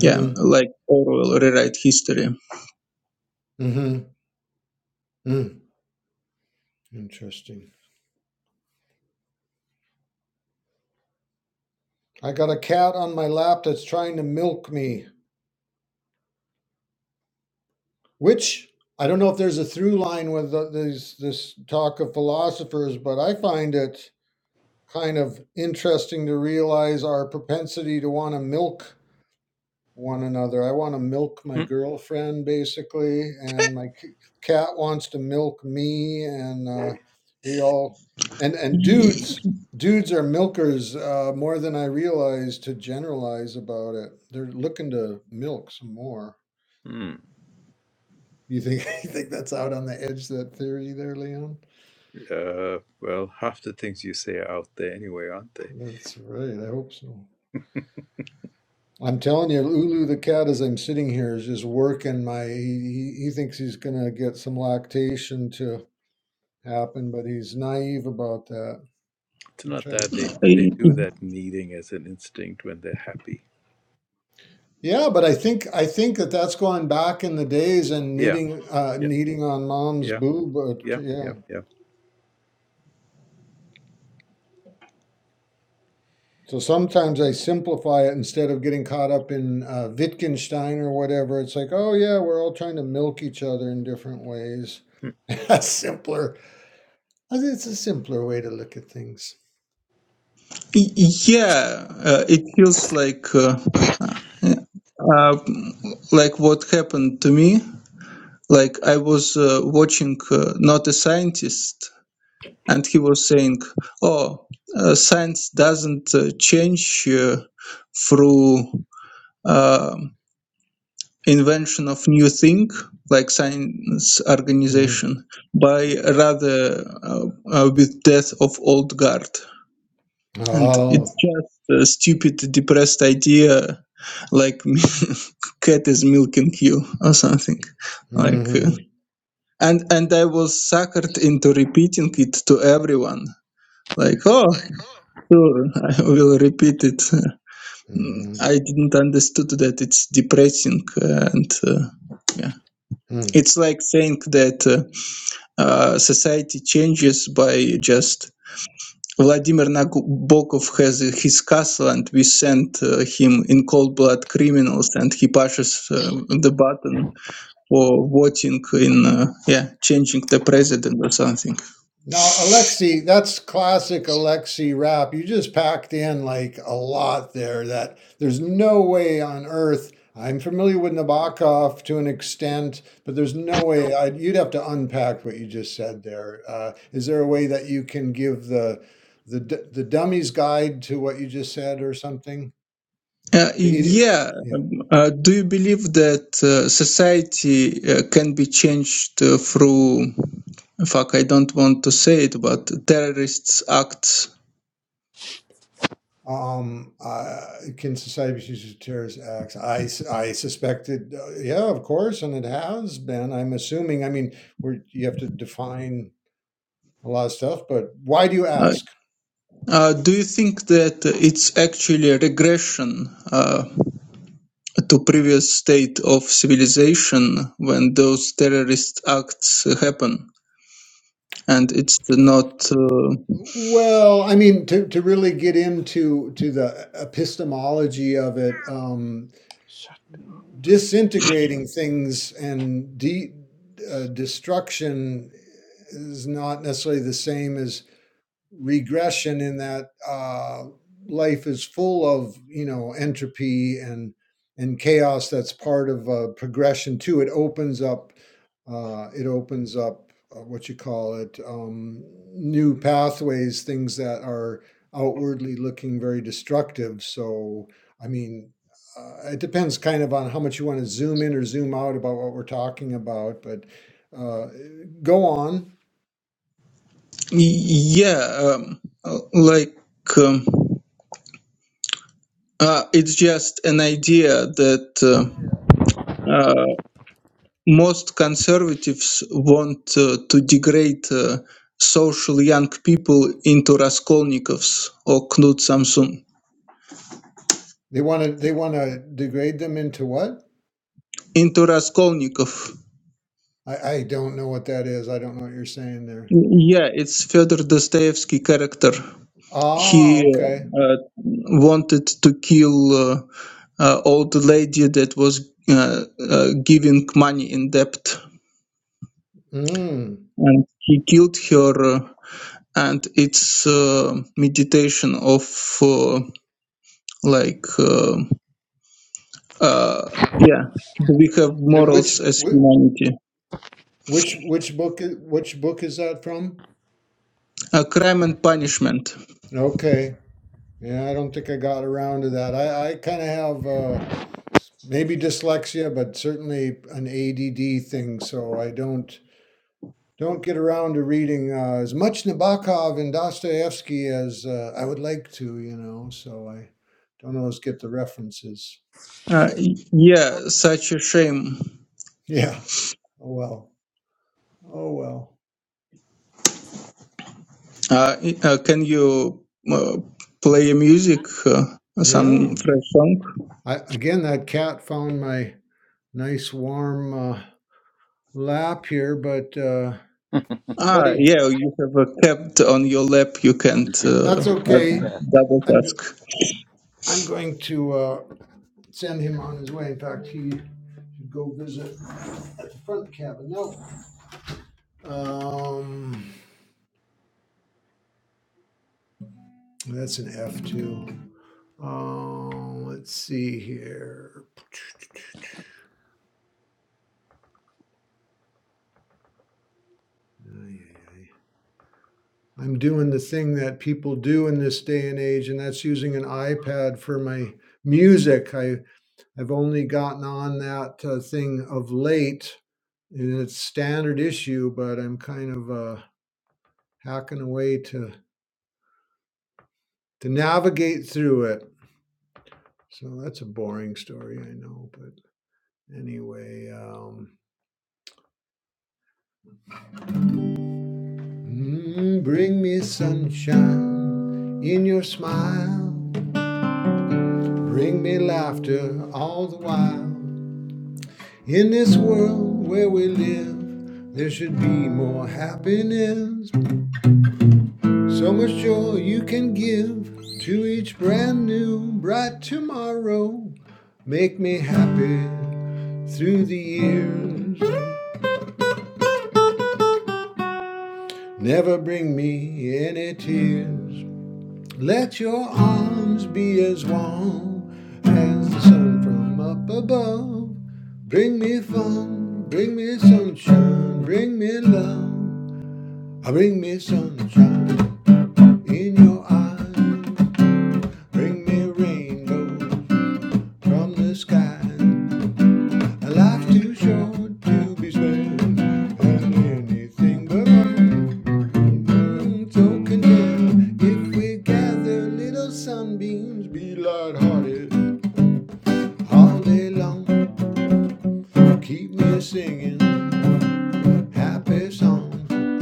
I: yeah, like Orwell rewrite history.
J: Hmm. Hmm. Interesting. I got a cat on my lap that's trying to milk me. Which I don't know if there's a through line with the, these, this talk of philosophers, but I find it kind of interesting to realize our propensity to want to milk one another. I want to milk my girlfriend, basically, and my cat wants to milk me, and uh, we all and and
I: Y-
J: dudes. Dudes are milkers uh, more than I realize to generalize about it. They're looking to milk some more.
A: Hmm.
J: You think you think that's out on the edge that theory there, Leon?
A: Uh, well, half the things you say are out there anyway, aren't they?
J: That's right. I hope so. I'm telling you, Ulu the cat, as I'm sitting here, is just working my. He, he thinks he's gonna get some lactation to happen, but he's naive about that.
A: It's
J: I
A: not
J: try to.
A: that they they
I: y-
A: do that kneading as an instinct when they're happy.
J: Yeah, but I think I think that that's going back in the days and
A: Yeah.
J: knitting, uh,
A: Yeah.
J: kneading on mom's
A: Yeah.
J: boob. Uh,
A: Yeah.
J: t- yeah,
A: Yeah. Yeah.
J: So sometimes I simplify it instead of getting caught up in uh, Wittgenstein or whatever. It's like, oh yeah, we're all trying to milk each other in different ways.
A: Hmm.
J: That's simpler. I think it's a simpler way to look at things.
I: y- Yeah, uh, it feels like uh, uh, uh, like what happened to me. Like I was uh, watching uh, not a scientist, and he was saying, "Oh, uh, science doesn't uh, change uh, through uh, invention of new thing like science
J: hmm
I: organization, by rather uh, uh, with death of old guard." And it's
J: Oh.
I: just a stupid, depressed idea, like cat is milking you or something, like. Uh,
J: hmm
I: and and I was suckered into repeating it to everyone. Like, oh, Sure, I will repeat it.
J: hmm
I: I didn't understood that it's depressing uh, and uh, yeah.
J: hmm
I: It's like saying that uh, uh, society changes by just Vladimir Nabokov has his castle and we send uh, him in cold blood criminals and he pushes uh, the button for voting in uh, yeah changing the president or something.
J: Now, Alexi, that's classic Alexi rap. You just packed in like a lot there that there's no way on earth. I'm familiar with Nabokov to an extent, but there's no way I'd, you'd have to unpack what you just said there. Uh, is there a way that you can give the the d- the dummy's guide to what you just said or something?
I: Uh,
J: The idiot,
I: yeah.
J: yeah.
I: um, Uh, do you believe that uh, society uh, can be changed uh, through? Fuck, I don't want to say it, but terrorists' acts.
J: Um, uh, can society be used as terrorist acts? I, s- I suspected, uh, yeah, of course, and it has been. I'm assuming. I mean, we're, you have to define a lot of stuff, but why do you
I: Uh,
J: ask?
I: uh, do you think that it's actually a regression uh, to previous state of civilization when those terrorist acts happen, and it's not? Uh,
J: Well, I mean, to, to really get into to the epistemology of it, um, disintegrating things and de- uh, destruction is not necessarily the same as regression in that uh, life is full of you know entropy and and chaos that's part of uh, progression too it opens up uh, it opens up uh, what you call it um, new pathways things that are outwardly looking very destructive so i mean uh, it depends kind of on how much you want to zoom in or zoom out about what we're talking about but uh, go on
I: y- yeah, um, like. Um, Uh, it's just an idea that uh, uh, most conservatives want uh, to degrade uh, social young people into Raskolnikovs or Knut Samsun.
J: They want to they want to degrade them into what?
I: Into Raskolnikov.
J: I, I don't know what that is. I don't know what you're saying there.
I: Yeah, it's Fyodor Dostoevsky character.
J: Ah,
I: He
J: okay.
I: uh, wanted to kill uh, uh, old lady that was uh, uh, giving money in debt,
J: Mm.
I: and he killed her. uh, and it's uh, meditation of uh, like uh, uh, yeah do we have
J: And
I: morals
J: which
I: as
J: which
I: humanity
J: which which book i- which book is that from?
I: uh, crime and punishment
J: Okay. Yeah, I don't think I got around to that. I I kind of have uh s- maybe dyslexia, but certainly an ADD thing, so I don't don't get around to reading uh, as much Nabokov and Dostoevsky as uh, I would like to, you know, so I don't always get the references.
I: uh, yeah such a shame
J: Yeah. Oh, well. Oh, well.
I: uh, uh, can you uh, play music uh, some
J: Yeah.
I: fresh song
J: I, again, that cat found my nice warm uh, lap here, but uh,
I: ah
J: buddy,
I: yeah you have a kept on your lap you can't uh,
J: that's
I: uh,
J: okay.
I: double
J: I'm, go-
I: task
J: I'm going to uh, send him on his way. In fact, he should go visit at the front cabin. No. Um, That's an F two. Um, let's see here. I'm doing the thing that people do in this day and age, and that's using an iPad for my music. I I've only gotten on that uh, thing of late, and it's standard issue, but I'm kind of uh, hacking away to to navigate through it. So that's a boring story, I know, but anyway. Um, Mm, bring me sunshine in your smile. Bring me laughter all the while. In this world where we live, there should be more happiness. So much joy you can give to each brand new bright tomorrow. Make me happy through the years. Never bring me any tears. Let your arms be as warm as the sun from up above. Bring me fun, bring me sunshine, bring me love. Ah, Bring me sunshine in your eyes. Bring me rainbows from the sky. A life too short to be spent on anything but love. So condemned if we gather little sunbeams, be lighthearted all day long. Keep me singing happy songs.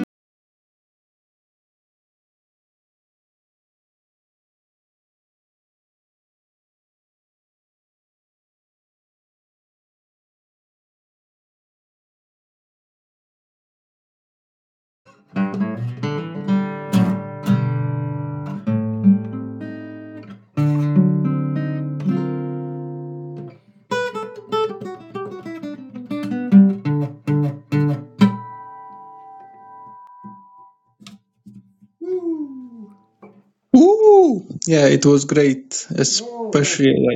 J: Woo!
I: Ooh, yeah it was great
J: Oh, thank
I: especially
J: you.
I: like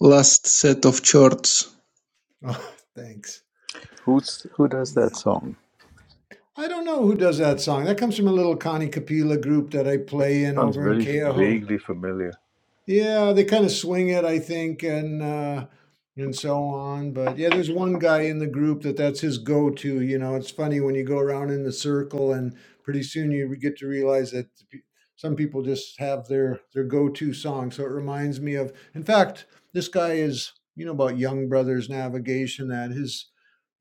I: last set of charts.
J: Oh, thanks.
A: Who's who does
J: Yeah.
A: that song?
J: I don't know who does that song. That comes from a little Connie Capilla group that I play in
A: Sounds
J: over in
A: very
J: Keoho.
A: vaguely familiar.
J: Yeah, they kinda swing it, I think, and, uh and so on, but, yeah, there's one guy in the group that that's his go-to, you know? It's funny when you go around in the circle, and pretty soon you get to realize that p some people just have their their go-to song, so it reminds me of in fact, this guy is you know about Young Brothers Navigation, that his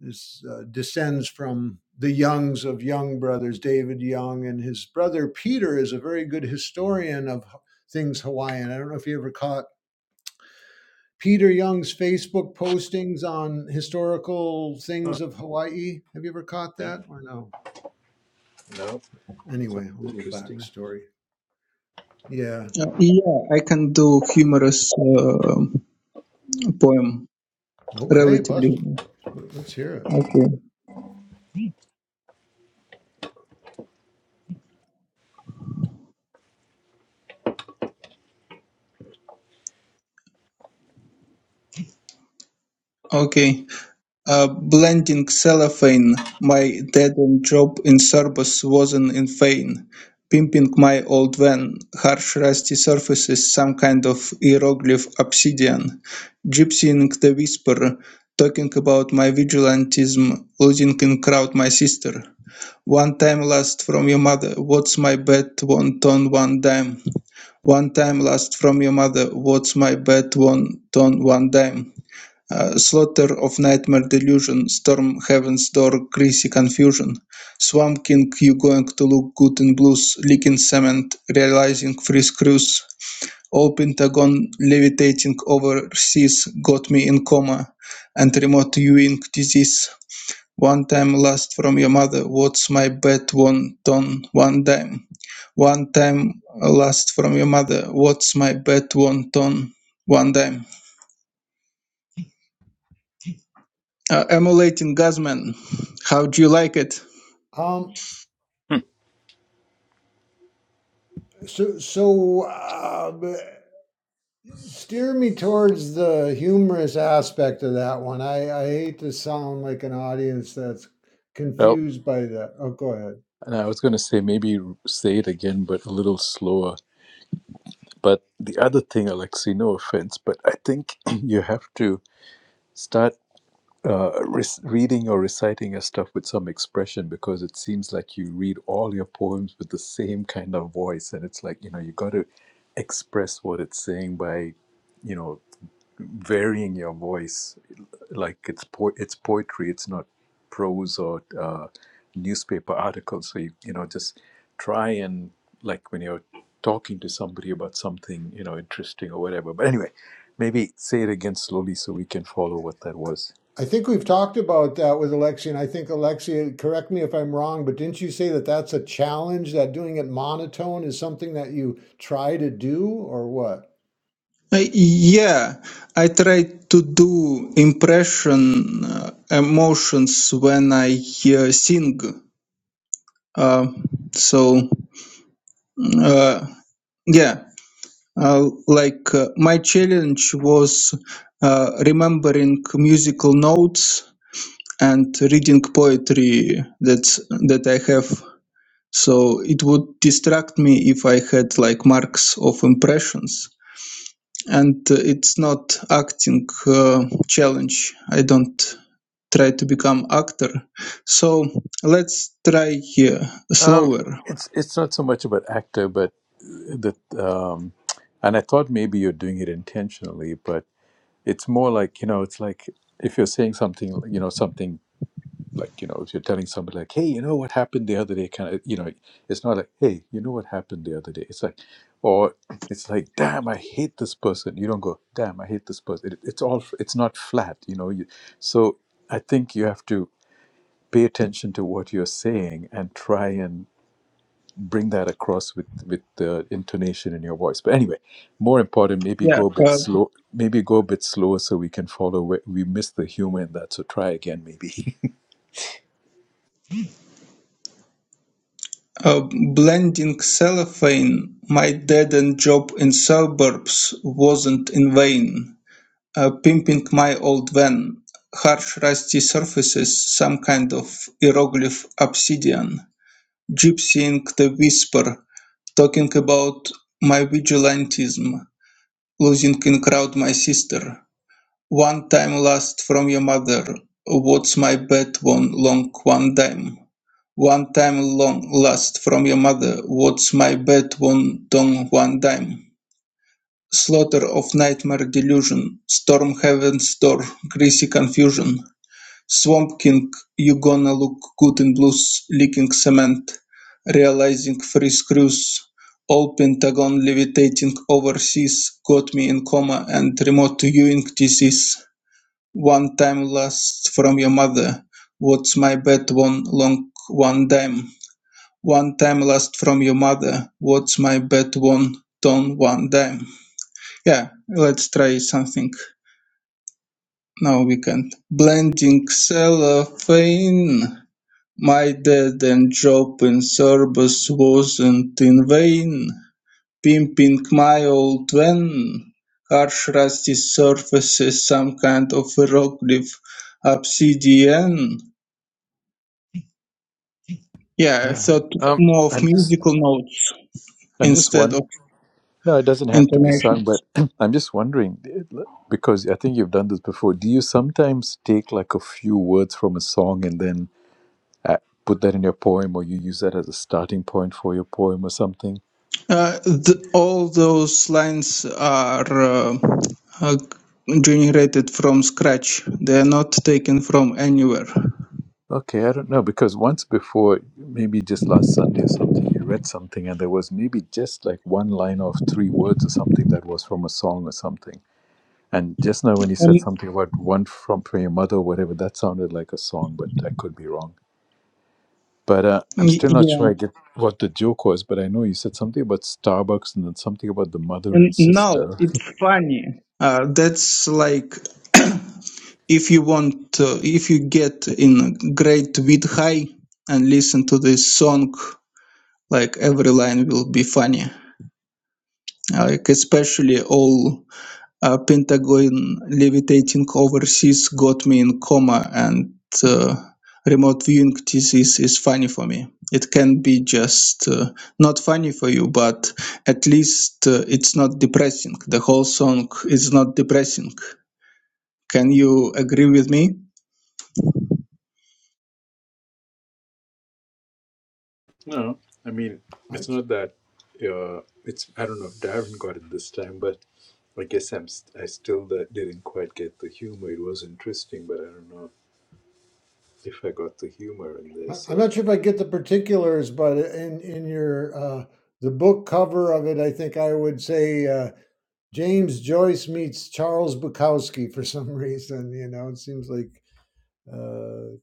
J: his, uh, descends from the Youngs of Young Brothers, David Young, and his brother Peter is a very good historian of things Hawaiian. I don't know if you ever caught Peter Young's Facebook postings on historical things of Hawaii. Have you ever caught
A: Think
J: that or no?
A: so.
J: Anyway, a little backstory. Yeah.
I: Uh, yeah, I can do humorous uh, poem
J: Okay, Buzz.
I: relatively.
J: Let's hear it.
I: Okay. Okay. Uh, blending cellophane, my dead end job in Sorbus wasn't in vain. Pimping my old van, harsh rusty surfaces, some kind of hieroglyph obsidian. Gypsying the whisper, talking about my vigilantism, losing in crowd my sister. One time last from your mother, what's my bet One ton, one dime? One time last from your mother, what's my bet One ton, one dime? Uh, slaughter of nightmare delusion, storm heaven's door, greasy confusion. Swamp King, you going to look good in blues, leaking cement, realizing free screws. All Pentagon levitating overseas got me in coma and remote viewing disease. One time last from your mother, what's my bet one ton one dime? One time last from your mother, what's my bet one ton one dime? Uh, emulating Guzman, how do you like it?
J: Um.
A: Hmm.
J: So so. Uh, steer me towards the humorous aspect of that one. I I hate to sound like an audience that's
A: Well,
J: confused by that. Oh, go ahead.
A: and I was going to say maybe say it again, but a little slower. But the other thing, Alexei, no offense, but I think you have to start uh, re- reading or reciting your stuff with some expression because it seems like you read all your poems with the same kind of voice. And it's like, you know, you got to express what it's saying by, you know, varying your voice like it's po- it's poetry it's not prose or uh, newspaper articles so you, you know just try and like when you're talking to somebody about something you know interesting or whatever but anyway maybe say it again slowly so we can follow what that was
J: I think we've talked about that with Alexia, and I think Alexia, correct me if I'm wrong, but didn't you say that that's a challenge? That doing it monotone is something that you try to do, or what?
I: Uh, yeah, I try to do impression uh, emotions when I uh, sing. Uh, so uh, yeah, Uh, like uh, my challenge was uh, remembering musical notes and reading poetry that's that I have. So it would distract me if I had like marks of impressions. And uh, it's not acting uh, challenge. I don't try to become actor. So let's try here
A: um
I: slower.
A: it's it's not so much about actor but uh, the um and i thought maybe you're doing it intentionally but it's more like you know it's like if you're saying something you know something like you know if you're telling somebody like hey you know what happened the other day kind of you know it's not like hey you know what happened the other day it's like or it's like damn i hate this person you don't go damn i hate this person it, it's all it's not flat you know you, so i think you have to pay attention to what you're saying and try and bring that across with with the intonation in your voice but anyway more important maybe
I: Yeah,
A: go a bit
I: uh,
A: slow maybe go a bit slower so we can follow where we missed the humor in that so try again maybe
I: Uh, Blending cellophane, my dead-end job in suburbs wasn't in vain. Uh, Pimping my old van, harsh rusty surfaces, some kind of hieroglyph obsidian. Gypsying the whisper, talking about my vigilantism, losing in crowd my sister. One time last from your mother, what's my bet? one long one dime? One time long last from your mother, what's my bet? one dong one dime? Slaughter of nightmare delusion, storm heaven's door, greasy confusion. Swamp King, you gonna look good in blues, leaking cement, realizing free screws. All Pentagon levitating overseas got me in coma and remote viewing disease. One time last from your mother, what's my bet one long one dime? One time last from your mother, what's my bet one ton one dime? Yeah, let's try something. Now we can. Blending cellophane, my dead and job in service wasn't in vain. Pimping my old van, harsh rusty surfaces, some kind of hieroglyph obsidian Yeah,
J: I,
I: so t-
A: Um,
I: more of
A: I just
I: musical notes
A: I'm just
I: instead
A: one.
I: of
A: No, it doesn't have to be sung,
I: intonation.
A: but I'm just wondering because I think you've done this before. Do you sometimes take like a few words from a song and then uh, put that in your poem, or you use that as a starting point for your poem or something?
I: Uh, the, all those lines are uh, uh, generated from scratch. They are not taken from anywhere. Um,
A: Okay, I don't know because once before, maybe just last Sunday or something, you read something and there was maybe just like one line of three words or something that was from a song or something. And just now when you said something about one from from your mother or whatever, that sounded like a song, but I could be wrong. But uh, I'm
I: y-
A: still not
I: yeah,
A: sure I get what the joke was, but I know you said something about Starbucks and then something about the mother and
I: and now
A: sister.
I: it's funny. Uh, that's like if you want, uh, if you get in great with high and listen to this song, like every line will be funny. Like especially all uh, Pentagon levitating overseas got me in coma, and uh, remote viewing disease is funny for me. It can be just uh, not funny for you, but at least uh, it's not depressing. The whole song is not depressing. Can you agree with me?
A: No, I mean, it's not that. Uh, it's I don't know if Darren got it this time, but I guess I'm st- I still that didn't quite get the humor. It was interesting, but I don't know if I got the humor in there.
J: I'm
A: So
J: not sure if I get the particulars, but in in your uh, the book cover of it, I think I would say uh, James Joyce meets Charles Bukowski for some reason. You know, it seems like uh,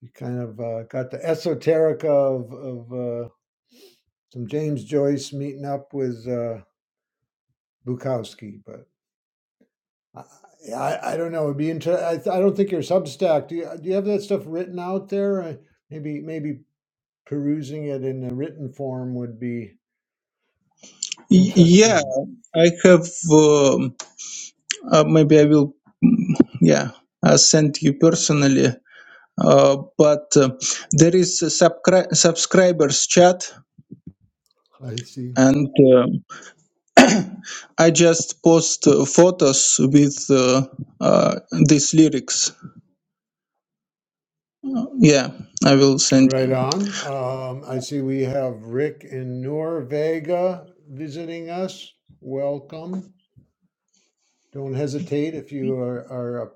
J: you kind of uh, got the esoterica of of uh, some James Joyce meeting up with uh, Bukowski, but I, I, I don't know. It'd be inter- I, th- I don't think your Substack. Do you, do you have that stuff written out there? Uh, maybe maybe perusing it in a written form would be
I: Y- Yeah,
J: interesting.
I: I have. um uh, maybe I will. mm, Yeah, uh, send you personally. Uh, but uh, there is a subcri- subscribers chat,
J: I see.
I: and uh, I just post uh, photos with uh, uh, these lyrics. Yeah, I will send
J: Right
I: you.
J: on. Um, I see we have Rick in Norvega visiting us. Welcome. Don't hesitate if you are, are uh,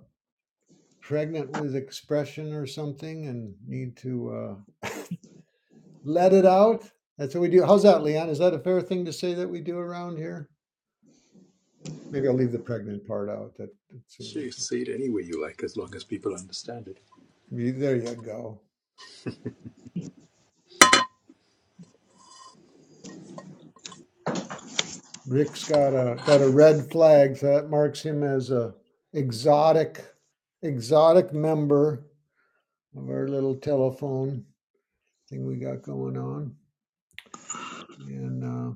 J: pregnant with expression or something and need to. uh, Let it out. That's what we do. How's that, Leon? Is that a fair thing to say that we do around here? Maybe I'll leave the pregnant part out. That it seems like
A: say
J: it's
A: say it any way you like, as long as people understand it.
J: there. You go. Rick's got a got a red flag, so that marks him as a exotic exotic member of our little telephone thing we got going on. And uh,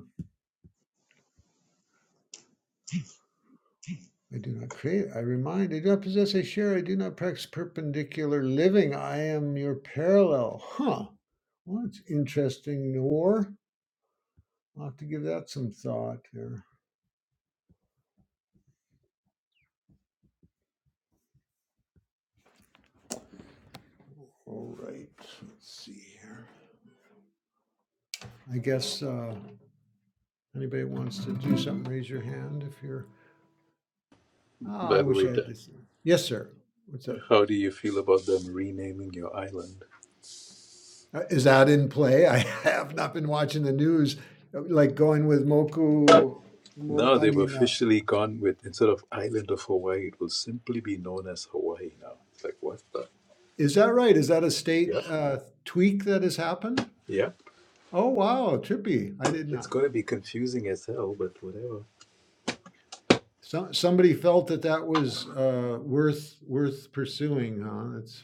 J: I do not create. I remind. I do not possess. I share. I do not practice perpendicular living. I am your parallel. Huh. Well, it's interesting, Noor. I'll have to give that some thought here. All right, let's see here. I guess uh, anybody wants to do something, raise your hand if you're. Oh, I
A: By the
J: wish I
A: way,
J: had
A: Da-
J: this. Yes, sir. What's up?
A: how do you feel about them renaming your island?
J: Uh, is that in play? I have not been watching the news. Uh, Like going with Moku. Mo,
A: Now
J: I
A: they've
J: mean, uh,
A: officially gone with instead of island of Hawaii, it will simply be known as Hawaii now. It's like what the?
J: is that right? Is that a
A: yeah.
J: state uh, tweak that has happened?
A: yep.
J: Oh wow, trippy! I did
A: It's
J: not.
A: going to be confusing as hell, but whatever.
J: Some somebody felt that that was uh, worth worth pursuing, huh? That's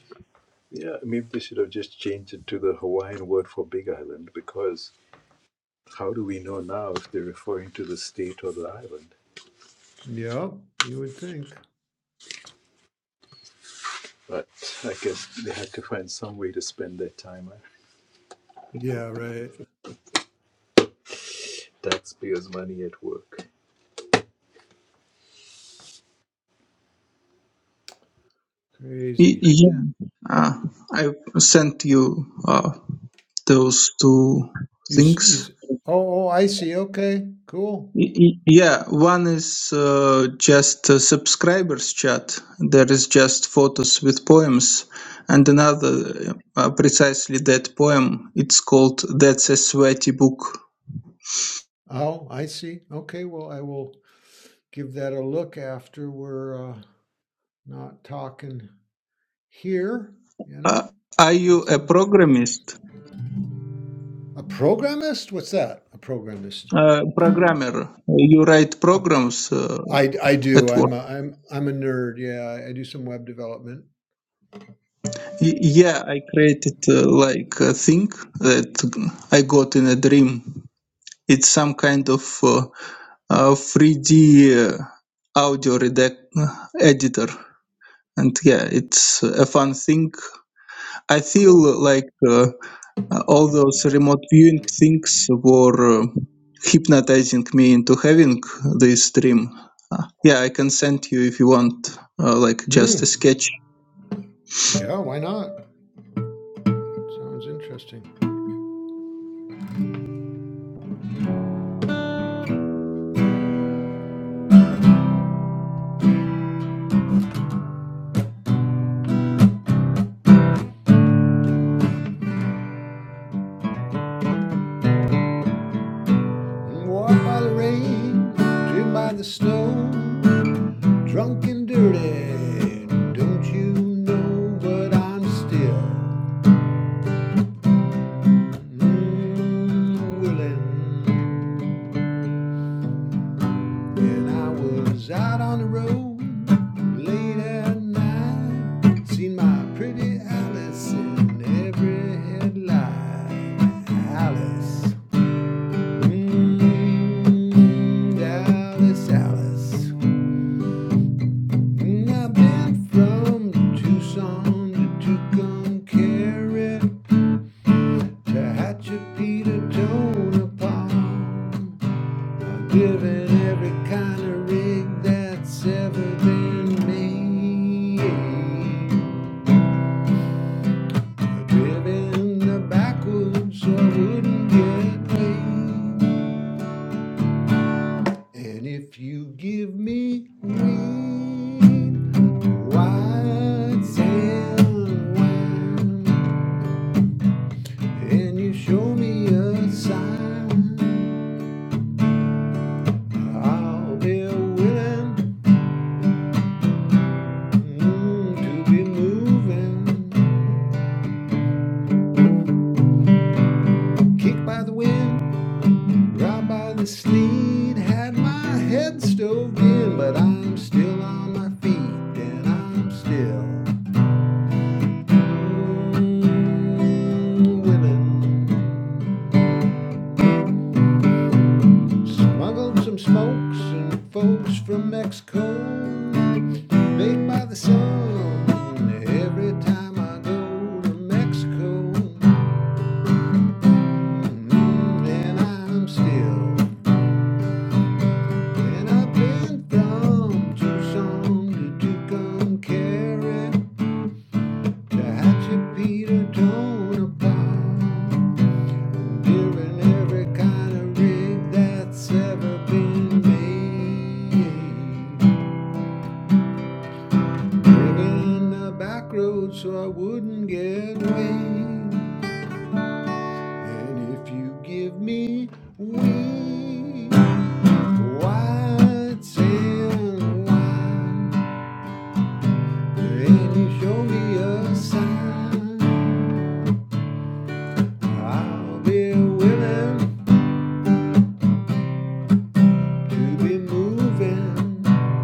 A: Yeah, maybe they should have just changed it to the Hawaiian word for Big Island because how do we know now if they're referring to the state or the island?
J: Yeah, you would think.
A: But I guess they had to find some way to spend their time, huh?
J: Yeah, right.
A: taxpayers' money at work.
I: Y-
J: Crazy.
I: yeah, uh, I sent you uh, those two
J: You, s- you,
I: things.
J: s- oh, oh, I see. Okay, cool.
I: Y- y- Yeah, one is uh, just a subscribers chat. There is just photos with poems, and another uh, precisely that poem. It's called "That's a Sweaty Book."
J: Oh, I see. Okay, well, I will give that a look after we're uh, not talking here, you
I: Uh,
J: know?
I: are you
J: That
I: a
J: sounds good.
I: programmist?
J: Thanks. A programmist? What's that? A programmist.
I: Uh, programmer? You write
J: A-
I: programs uh,
J: I, I do.
I: at work?
J: I'm a, I'm I'm a nerd. Yeah, I, I do some web development.
I: Y- yeah, I created uh, like a thing that I got in a dream. It's some kind of uh, uh, 3D uh, audio redact uh, editor, and yeah, it's a fun thing. I feel
J: Cool.
I: like uh, all those remote viewing things were uh, hypnotizing me into having this dream. Uh, yeah, I can send you if you want, uh, like just a
J: Hmm.
I: sketch.
J: Yeah, why not? Sounds interesting. and by the rain, driven by the snow, drunk and dirty. Don't you know? But I'm still mm, willing. When I was out on the road late at night, seen my pretty Alice in every headlight. Alice, mm, Alice, Alice. Mm, I've been from Tucson to Tucumcari to Hatchapeta, Tonopah. I have driven every kind of rig that's ever been made. I have driven the backwoods so I wouldn't get laid. And if you give me green, white sand wine, and you show me a sign, I'll be willing mm, to be moving. Kicked by the wind, robbed by the sleet, had my head stove in, but I'm still on my feet, and I'm still. Mm, women smuggled some smokes and folks from Mexico, baked by the sun. Every time I go to Mexico, Mm, and I'm still, and I've been from Tucson to Tucumcari to Hatshepsut, Tonopah. Hearing every kind of rig that's ever been made. Living the back road so I wouldn't get weighed. And if you give me weed, white sand wine, and you show me a sign, I'll be willing to be moving.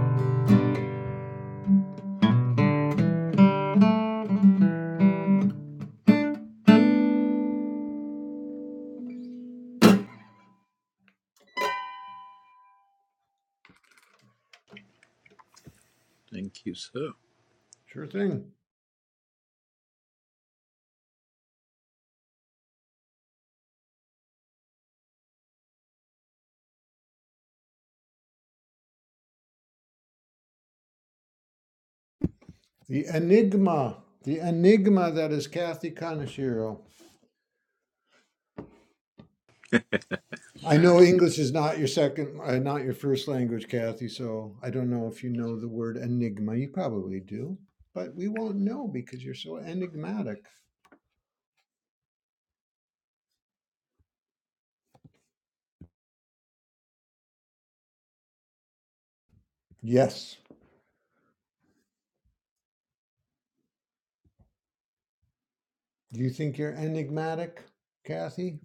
A: Thank you, sir.
J: Sure thing. The enigma, the enigma that is Kathy Kaneshiro. I know English is not your second, uh, not your first language, Kathy. So I don't know if you know the word enigma. You probably do, but we won't know because you're so enigmatic. Yes. Do you think you're enigmatic, Kathy?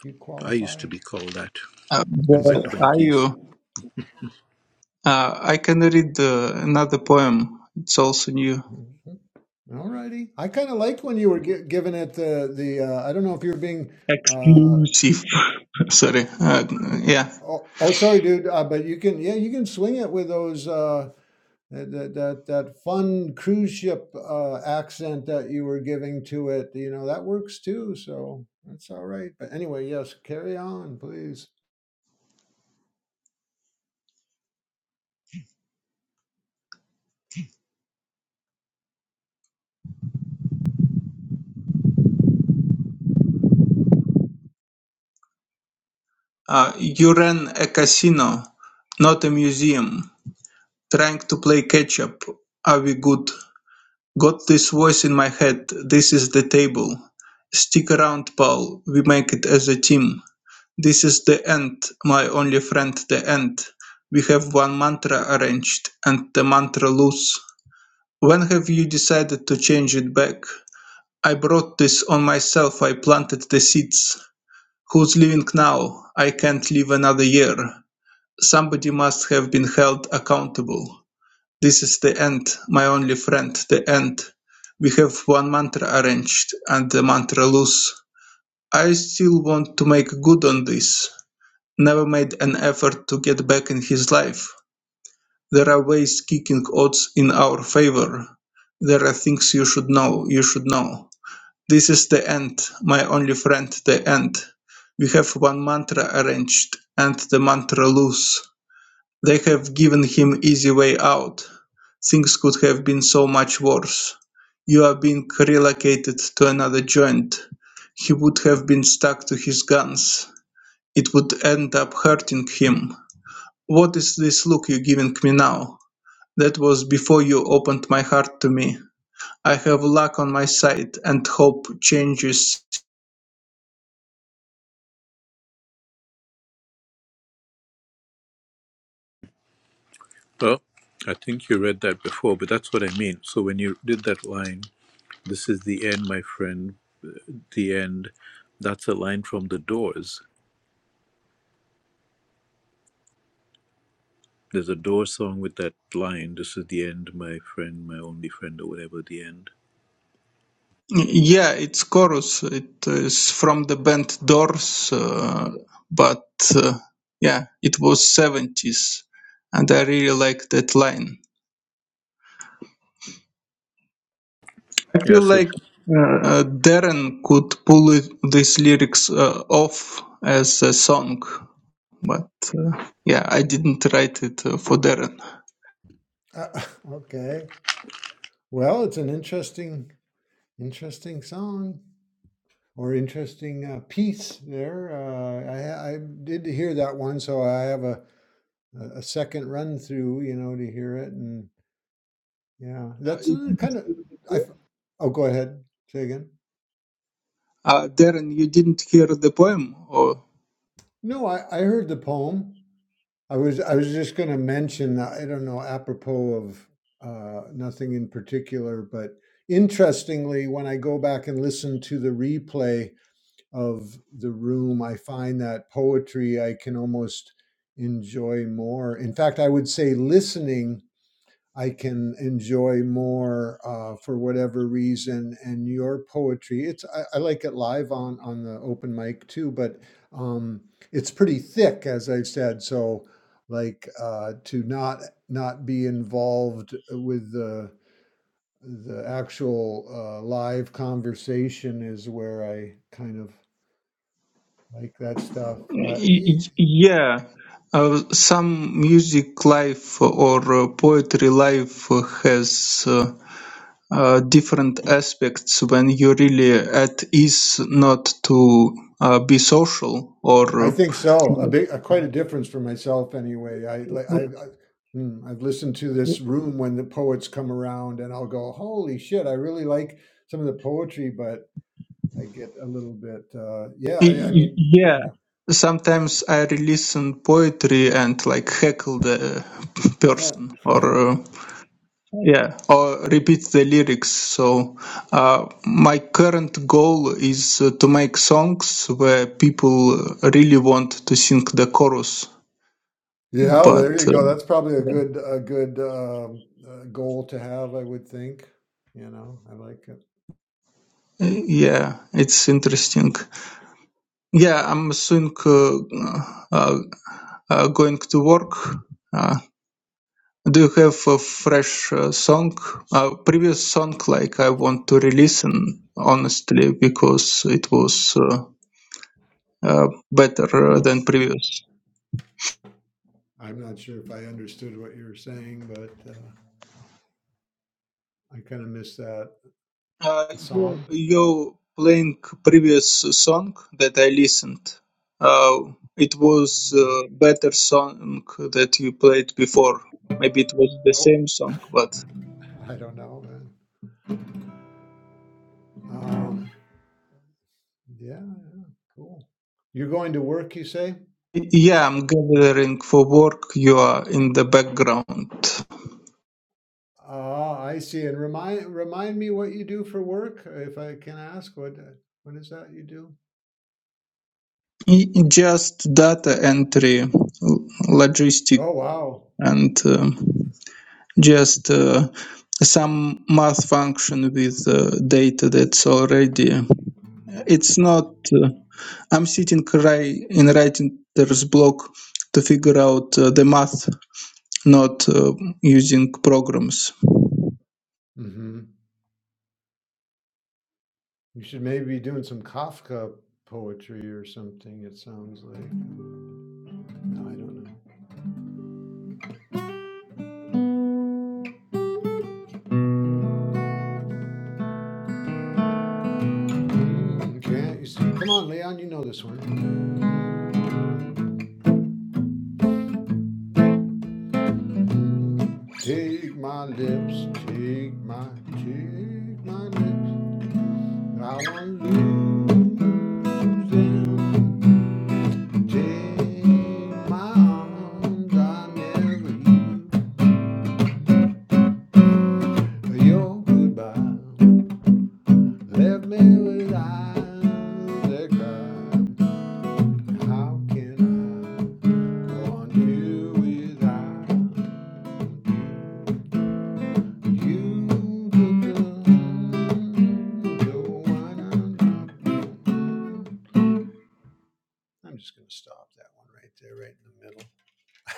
J: Do you qualify?
I: Uh,
J: Is that
I: well,
J: right?
I: I, uh, uh, I can read uh, another poem. It's also new.
J: Mhm. All righty. I kind of liked when you were gi- giving it the the. Uh, I don't know if you were being. uh,
I: Exclusive. Sorry. Uh,
J: Mm,
I: yeah.
J: Oh, oh, sorry, dude. Uh, but you can, yeah, you can swing it with those uh, that that that that fun cruise ship uh, accent that you were giving to it. You know that works too, so that's all right. But anyway, yes, carry on, please.
I: Uh, you ran a casino, not a museum. Trying to play catch up. Are we good? Got this voice in my head. This is the table. Stick around, Paul. We make it as a team. This is the end, my only friend, the end. We have one mantra arranged and the mantra loose. When have you decided to change it back? I brought this on myself. I planted the seeds. Who's leaving now? I can't live another year. Somebody must have been held accountable. This is the end, my only friend, the end. We have one mantra arranged and the mantra loose. I still want to make good on this. Never made an effort to get back in his life. There are ways kicking odds in our favor. There are things you should know, you should know. This is the end, my only friend, the end. We have one mantra arranged, and the mantra loose. They have given him easy way out. Things could have been so much worse. You are being relocated to another joint. He would have been stuck to his guns. It would end up hurting him. What is this look you're giving me now? That was before you opened my heart to me. I have luck on my side, and hope changes
A: Well, I think you read that before, but that's what I mean. So when you did that line, This is the end, my friend. The end. That's a line from The Doors. There's a Doors song with that line. This is the end, my friend, my only friend, or whatever. The end.
I: Yeah, it's chorus. It is from the band Doors, uh, but uh, yeah, it was 70s, and I really like that line. I
A: Yeah.
I: feel
A: So
I: like uh, uh, Darren could pull it, these lyrics uh, off as a song, but uh, yeah, I didn't write it uh, for Darren.
J: Uh, okay. Well, it's an interesting, interesting song or interesting uh, piece there. Uh, I I did hear that one, so I have a a a second run through, you know, to hear it and Yeah,
I: Uh,
J: that's
I: you
J: uh,
I: didn't
J: kind of.
I: hear the
J: I
I: poem?
J: f- oh, go ahead. Say again.
I: Uh, Darren, you didn't hear the poem, or?
J: No, I, I heard the poem. I was I was just going to mention. I don't know, apropos of uh, nothing in particular, but interestingly, when I go back and listen to the replay of the room, I find that poetry I can almost enjoy more. In fact, I would say listening I can enjoy more uh, for whatever reason. And your poetry, it's I, I like it live on on the open mic too, but um, it's pretty thick, as I've said. So, like uh, to not not be involved with the the actual uh, live conversation is where I kind of like that stuff. Uh,
I: Y-
J: y-
I: y- Yeah, uh, some music life or uh, poetry life has uh, uh, different aspects when you're really at ease not to uh, be social or.
J: I think so. A
I: uh,
J: big, a, quite a difference for myself, anyway. I, li- I, I hmm, I've listened to this room when the poets come around, and I'll go, "Holy shit! I really like some of the poetry," but I get a little bit, uh, yeah.
I: y-
J: I, I mean,
I: yeah,
J: yeah.
I: sometimes I listen poetry and like heckle the person or. uh, Yeah, or repeat the lyrics. So, uh, my current goal is uh, to make songs where people really want to sing the chorus.
J: yeah. There
I: But
J: you
I: uh,
J: go. That's probably a
I: yeah,
J: good, a good um, uh, goal to have. I would think. You know, I like it.
I: Yeah, it's interesting. Yeah, I'm soon uh, uh, uh, going to work. Uh, do you have a fresh uh, song? Uh, previous song, like I want to release, and honestly, because it was uh, uh, better uh, than previous.
J: I'm not sure if I understood what you were saying, but uh, I kind of miss that.
I: Uh,
J: The
I: you,
J: song,
I: you playing previous song that I listened. Uh, it was
J: right?
I: uh better song that you played before. Maybe it was the
J: Oh.
I: same song, but
J: I don't know, man. Um, yeah, yeah, cool. You're going to work, you say?
I: Y- yeah, I'm
J: What?
I: gathering for work. You are in the background.
J: Ah, I see. And remind remind me what you do for work, if I can ask. What what is that you do?
I: Y- Just data entry, l- logistic,
J: Oh, wow.
I: and um, just uh, some math function with uh, data that's already. It's not. uh, I'm sitting right in writer's block to figure out uh, the math, not uh, using programs.
J: Mm-hmm. You should maybe be doing some Kafka poetry or something. It sounds like. No, I don't know. Can't you see? Come on, Leon. You know this one. Take my lips, take my, take my lips. I'm losing. Take my arms, I never knew your goodbye left me with eyes that cry. How can I want you without you? Looking so I'm just gonna stop that one right there, right in the middle.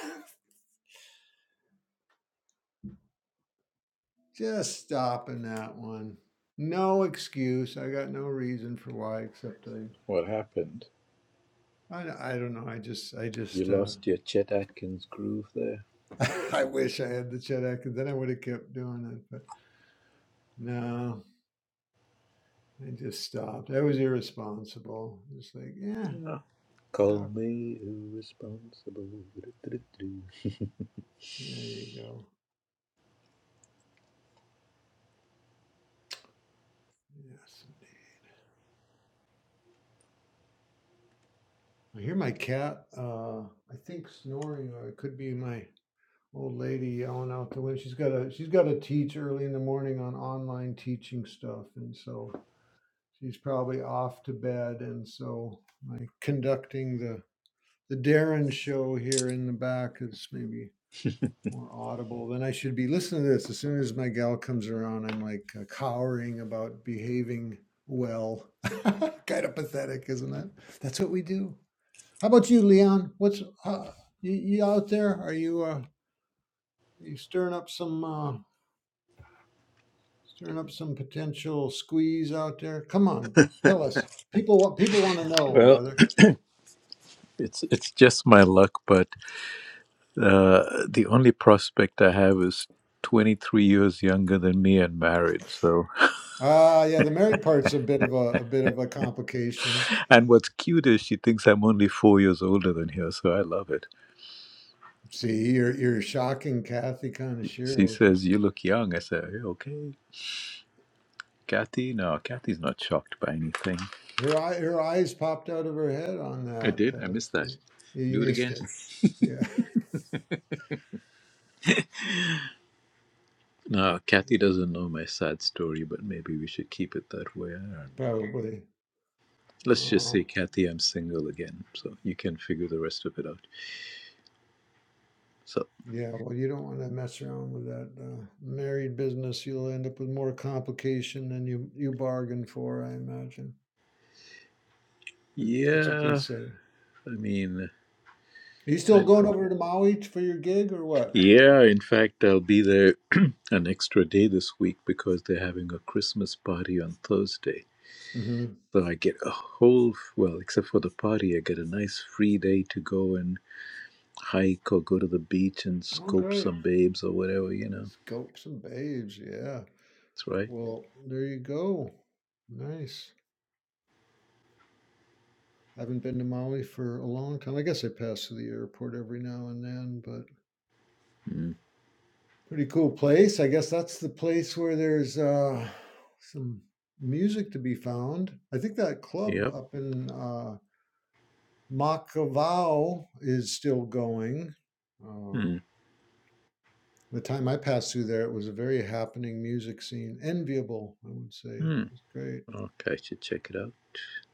J: Just stopping that one. No excuse. I got no reason for why, except I,
A: what happened?
J: I, I don't know. I just, I
A: You
J: just, uh,
A: lost your Chet Atkins groove there.
J: I wish I had the Chet Atkins. Then I would have kept doing it, but no, I just stopped. I was irresponsible. Just like, yeah,
A: Yeah. Call
J: stop.
A: me irresponsible.
J: There you go. Yes. I hear my cat, uh, I think snoring, or it could be my old lady yelling out the window. She's got a, she's got to teach early in the morning on online teaching stuff. And so she's probably off to bed and so my conducting the the Darren show here in the back is maybe more audible Then I should be listening to this as soon as my gal comes around I'm like uh, cowering about behaving well kind of pathetic isn't it that's what we do how about you Leon what's uh, you, you out there are you uh you stirring up some uh stirring up some potential squeeze out there come on tell us people want people want to know
A: Well,
J: brother
A: it's it's just my luck, but uh, the only prospect I have is 23 years younger than me and married. So
J: Ah, yeah, the married part's a bit of a a bit of a complication.
A: And what's cute is she thinks I'm only four years older than her, so I love it.
J: See, you're you're shocking Kathy
A: She
J: Conashiro. She's
A: says, You look young. I say, "Hey, Okay. Kathy? No, Kathy's not shocked by anything.
J: her eye her eyes popped out of her head on
A: I
J: that.
A: did? I
J: Uh,
A: missed
J: st-
A: that.
J: yeah, you
A: Do it
J: missed
A: again?
J: it. Yeah,
A: No, Kathy doesn't know my sad story, but maybe we should keep it that way. I don't know.
J: probably.
A: Let's just
J: Um,
A: say, Kathy, I'm single again, so you can figure the rest of it out. So,
J: yeah, well, you don't want to mess around with that uh, married business. You'll end up with more complication than you you bargained for, I imagine. That, that's what they
A: yeah,
J: say.
A: I mean,
J: Are you still
A: I
J: going over to Maui t- for your gig or what?
A: Yeah, in fact, I'll be there an extra day this week because they're having a Christmas party on Thursday.
J: Mm-hmm.
A: So I get a whole, well, except for the party, I get a nice free day to go and hike or go to the beach and
J: Oh,
A: scope
J: great.
A: some babes or whatever, you know.
J: Scope and babes, yeah.
A: That's right.
J: Well, there you go. Nice. I Haven't been to Maui for a long time. I guess I pass through the airport every now and then, but
A: Mm.
J: pretty cool place. I guess that's the place where there's uh, some music to be found. I think that club
A: Yep.
J: up in uh, Makavao is still going. Uh,
A: Mm.
J: the time I passed through there, it was a very happening music scene, enviable, I would say. It
A: Mm.
J: was great.
A: Okay, I should check it out.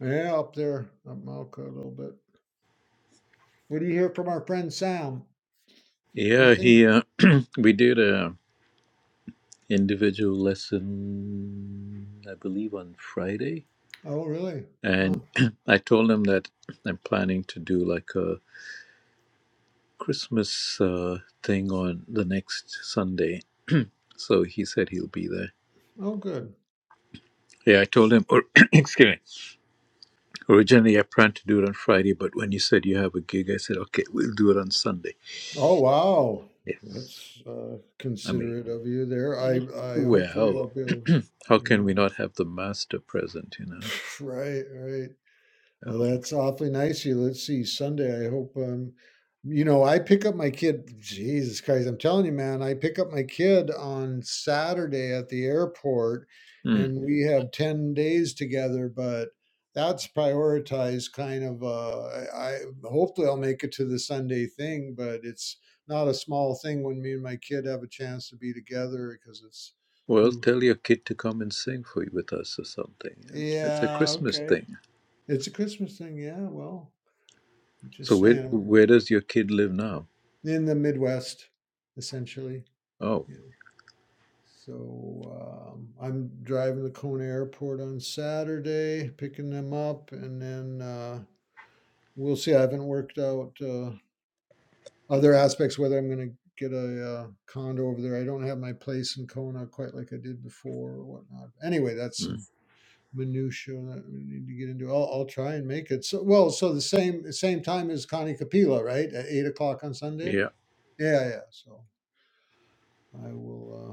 J: Yeah, up there, up Malco a little bit. What do you hear from our friend Sam?
A: Yeah,
J: Anything?
A: he, uh, we did a individual lesson, I believe, on Friday
J: Oh, really?
A: and
J: Oh,
A: I told him that I'm planning to do like a Christmas uh, thing on the next Sunday. So he said he'll be there.
J: oh, good.
A: Yeah, I told him. Or, excuse me. Originally, I planned to do it on Friday, but when you said you have a gig, I said, okay, we'll do it on Sunday.
J: Oh, wow.
A: Yes.
J: That's uh,
A: I mean,
J: considerate of you there. I, I hopefully
A: well,
J: I'll be able- to
A: how
J: be
A: can we
J: around.
A: not have the master present, you know?
J: Right, right. Well,
A: Oh.
J: that's awfully nice of you. Let's see, Sunday, I hope, um, you know, I pick up my kid. Jesus Christ, I'm telling you, man, I pick up my kid on Saturday at the airport
A: Hmm.
J: and we have 10 days together, but that's prioritized kind of, uh, I, I hopefully I'll make it to the Sunday thing, but it's not a small thing when me and my kid have a chance to be together because it's
A: Well,
J: too,
A: tell your kid to come and sing for you with us or something. you know? It's a
J: yeah,
A: Christmas
J: okay.
A: thing.
J: It's a Christmas thing. Yeah, well, I'm
A: So
J: just
A: where
J: saying.
A: where does your kid live now?
J: in the Midwest, essentially.
A: Oh,
J: Yeah. So um, I'm driving to Kona Airport on Saturday, picking them up, and then uh, we'll see. I haven't worked out uh, other aspects whether I'm going to get a uh, condo over there. I don't have my place in Kona quite like I did before or whatnot. Anyway, that's
A: hmm,
J: some minutia that we need to get into. I'll, I'll try and make it. So well, so the same same time as Connie Capilla, right? At eight o'clock on Sunday.
A: yeah.
J: Yeah, yeah. So I will. uh,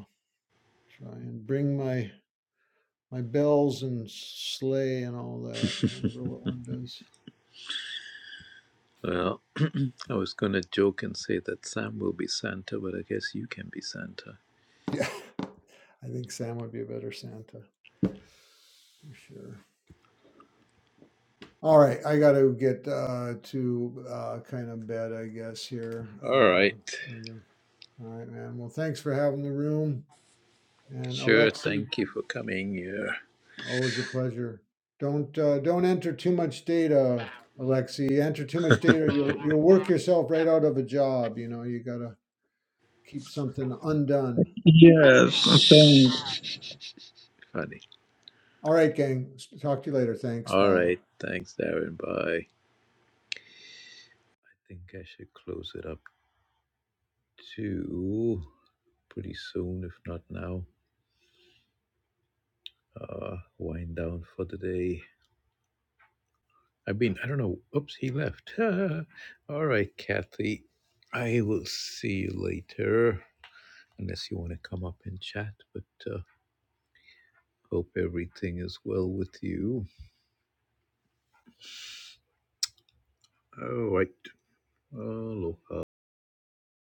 J: Try and bring my my bells and sleigh and all that, whatever what one does.
A: Well, I was gonna joke and say that Sam will be Santa, but I guess you can be Santa.
J: Yeah, I think Sam would be a better Santa for sure. All right, I got to get uh, to uh, kind of bed, I guess here.
A: All
J: Uh,
A: right.
J: and, uh, all right, man. Well, thanks for having the room. And
A: Sure.
J: Alexi,
A: Thank you
J: d-
A: for coming here.
J: always a pleasure. Don't uh, don't enter too much data, Alexi. Enter too much data, you'll you'll work yourself right out of a job. You know, you gotta keep something undone.
I: Yeah, thanks.
A: Funny.
J: All right, gang. Talk to you later. Thanks.
A: All
J: Bye.
A: right. Thanks, Darren. Bye. I think I should close it up too. Pretty soon, if not now. Uh, wind down for the day. I mean, I don't know. Oops, he left. All right, Kathy. I will see you later, unless you want to come up and chat. But uh, hope everything is well with you. All right. Aloha.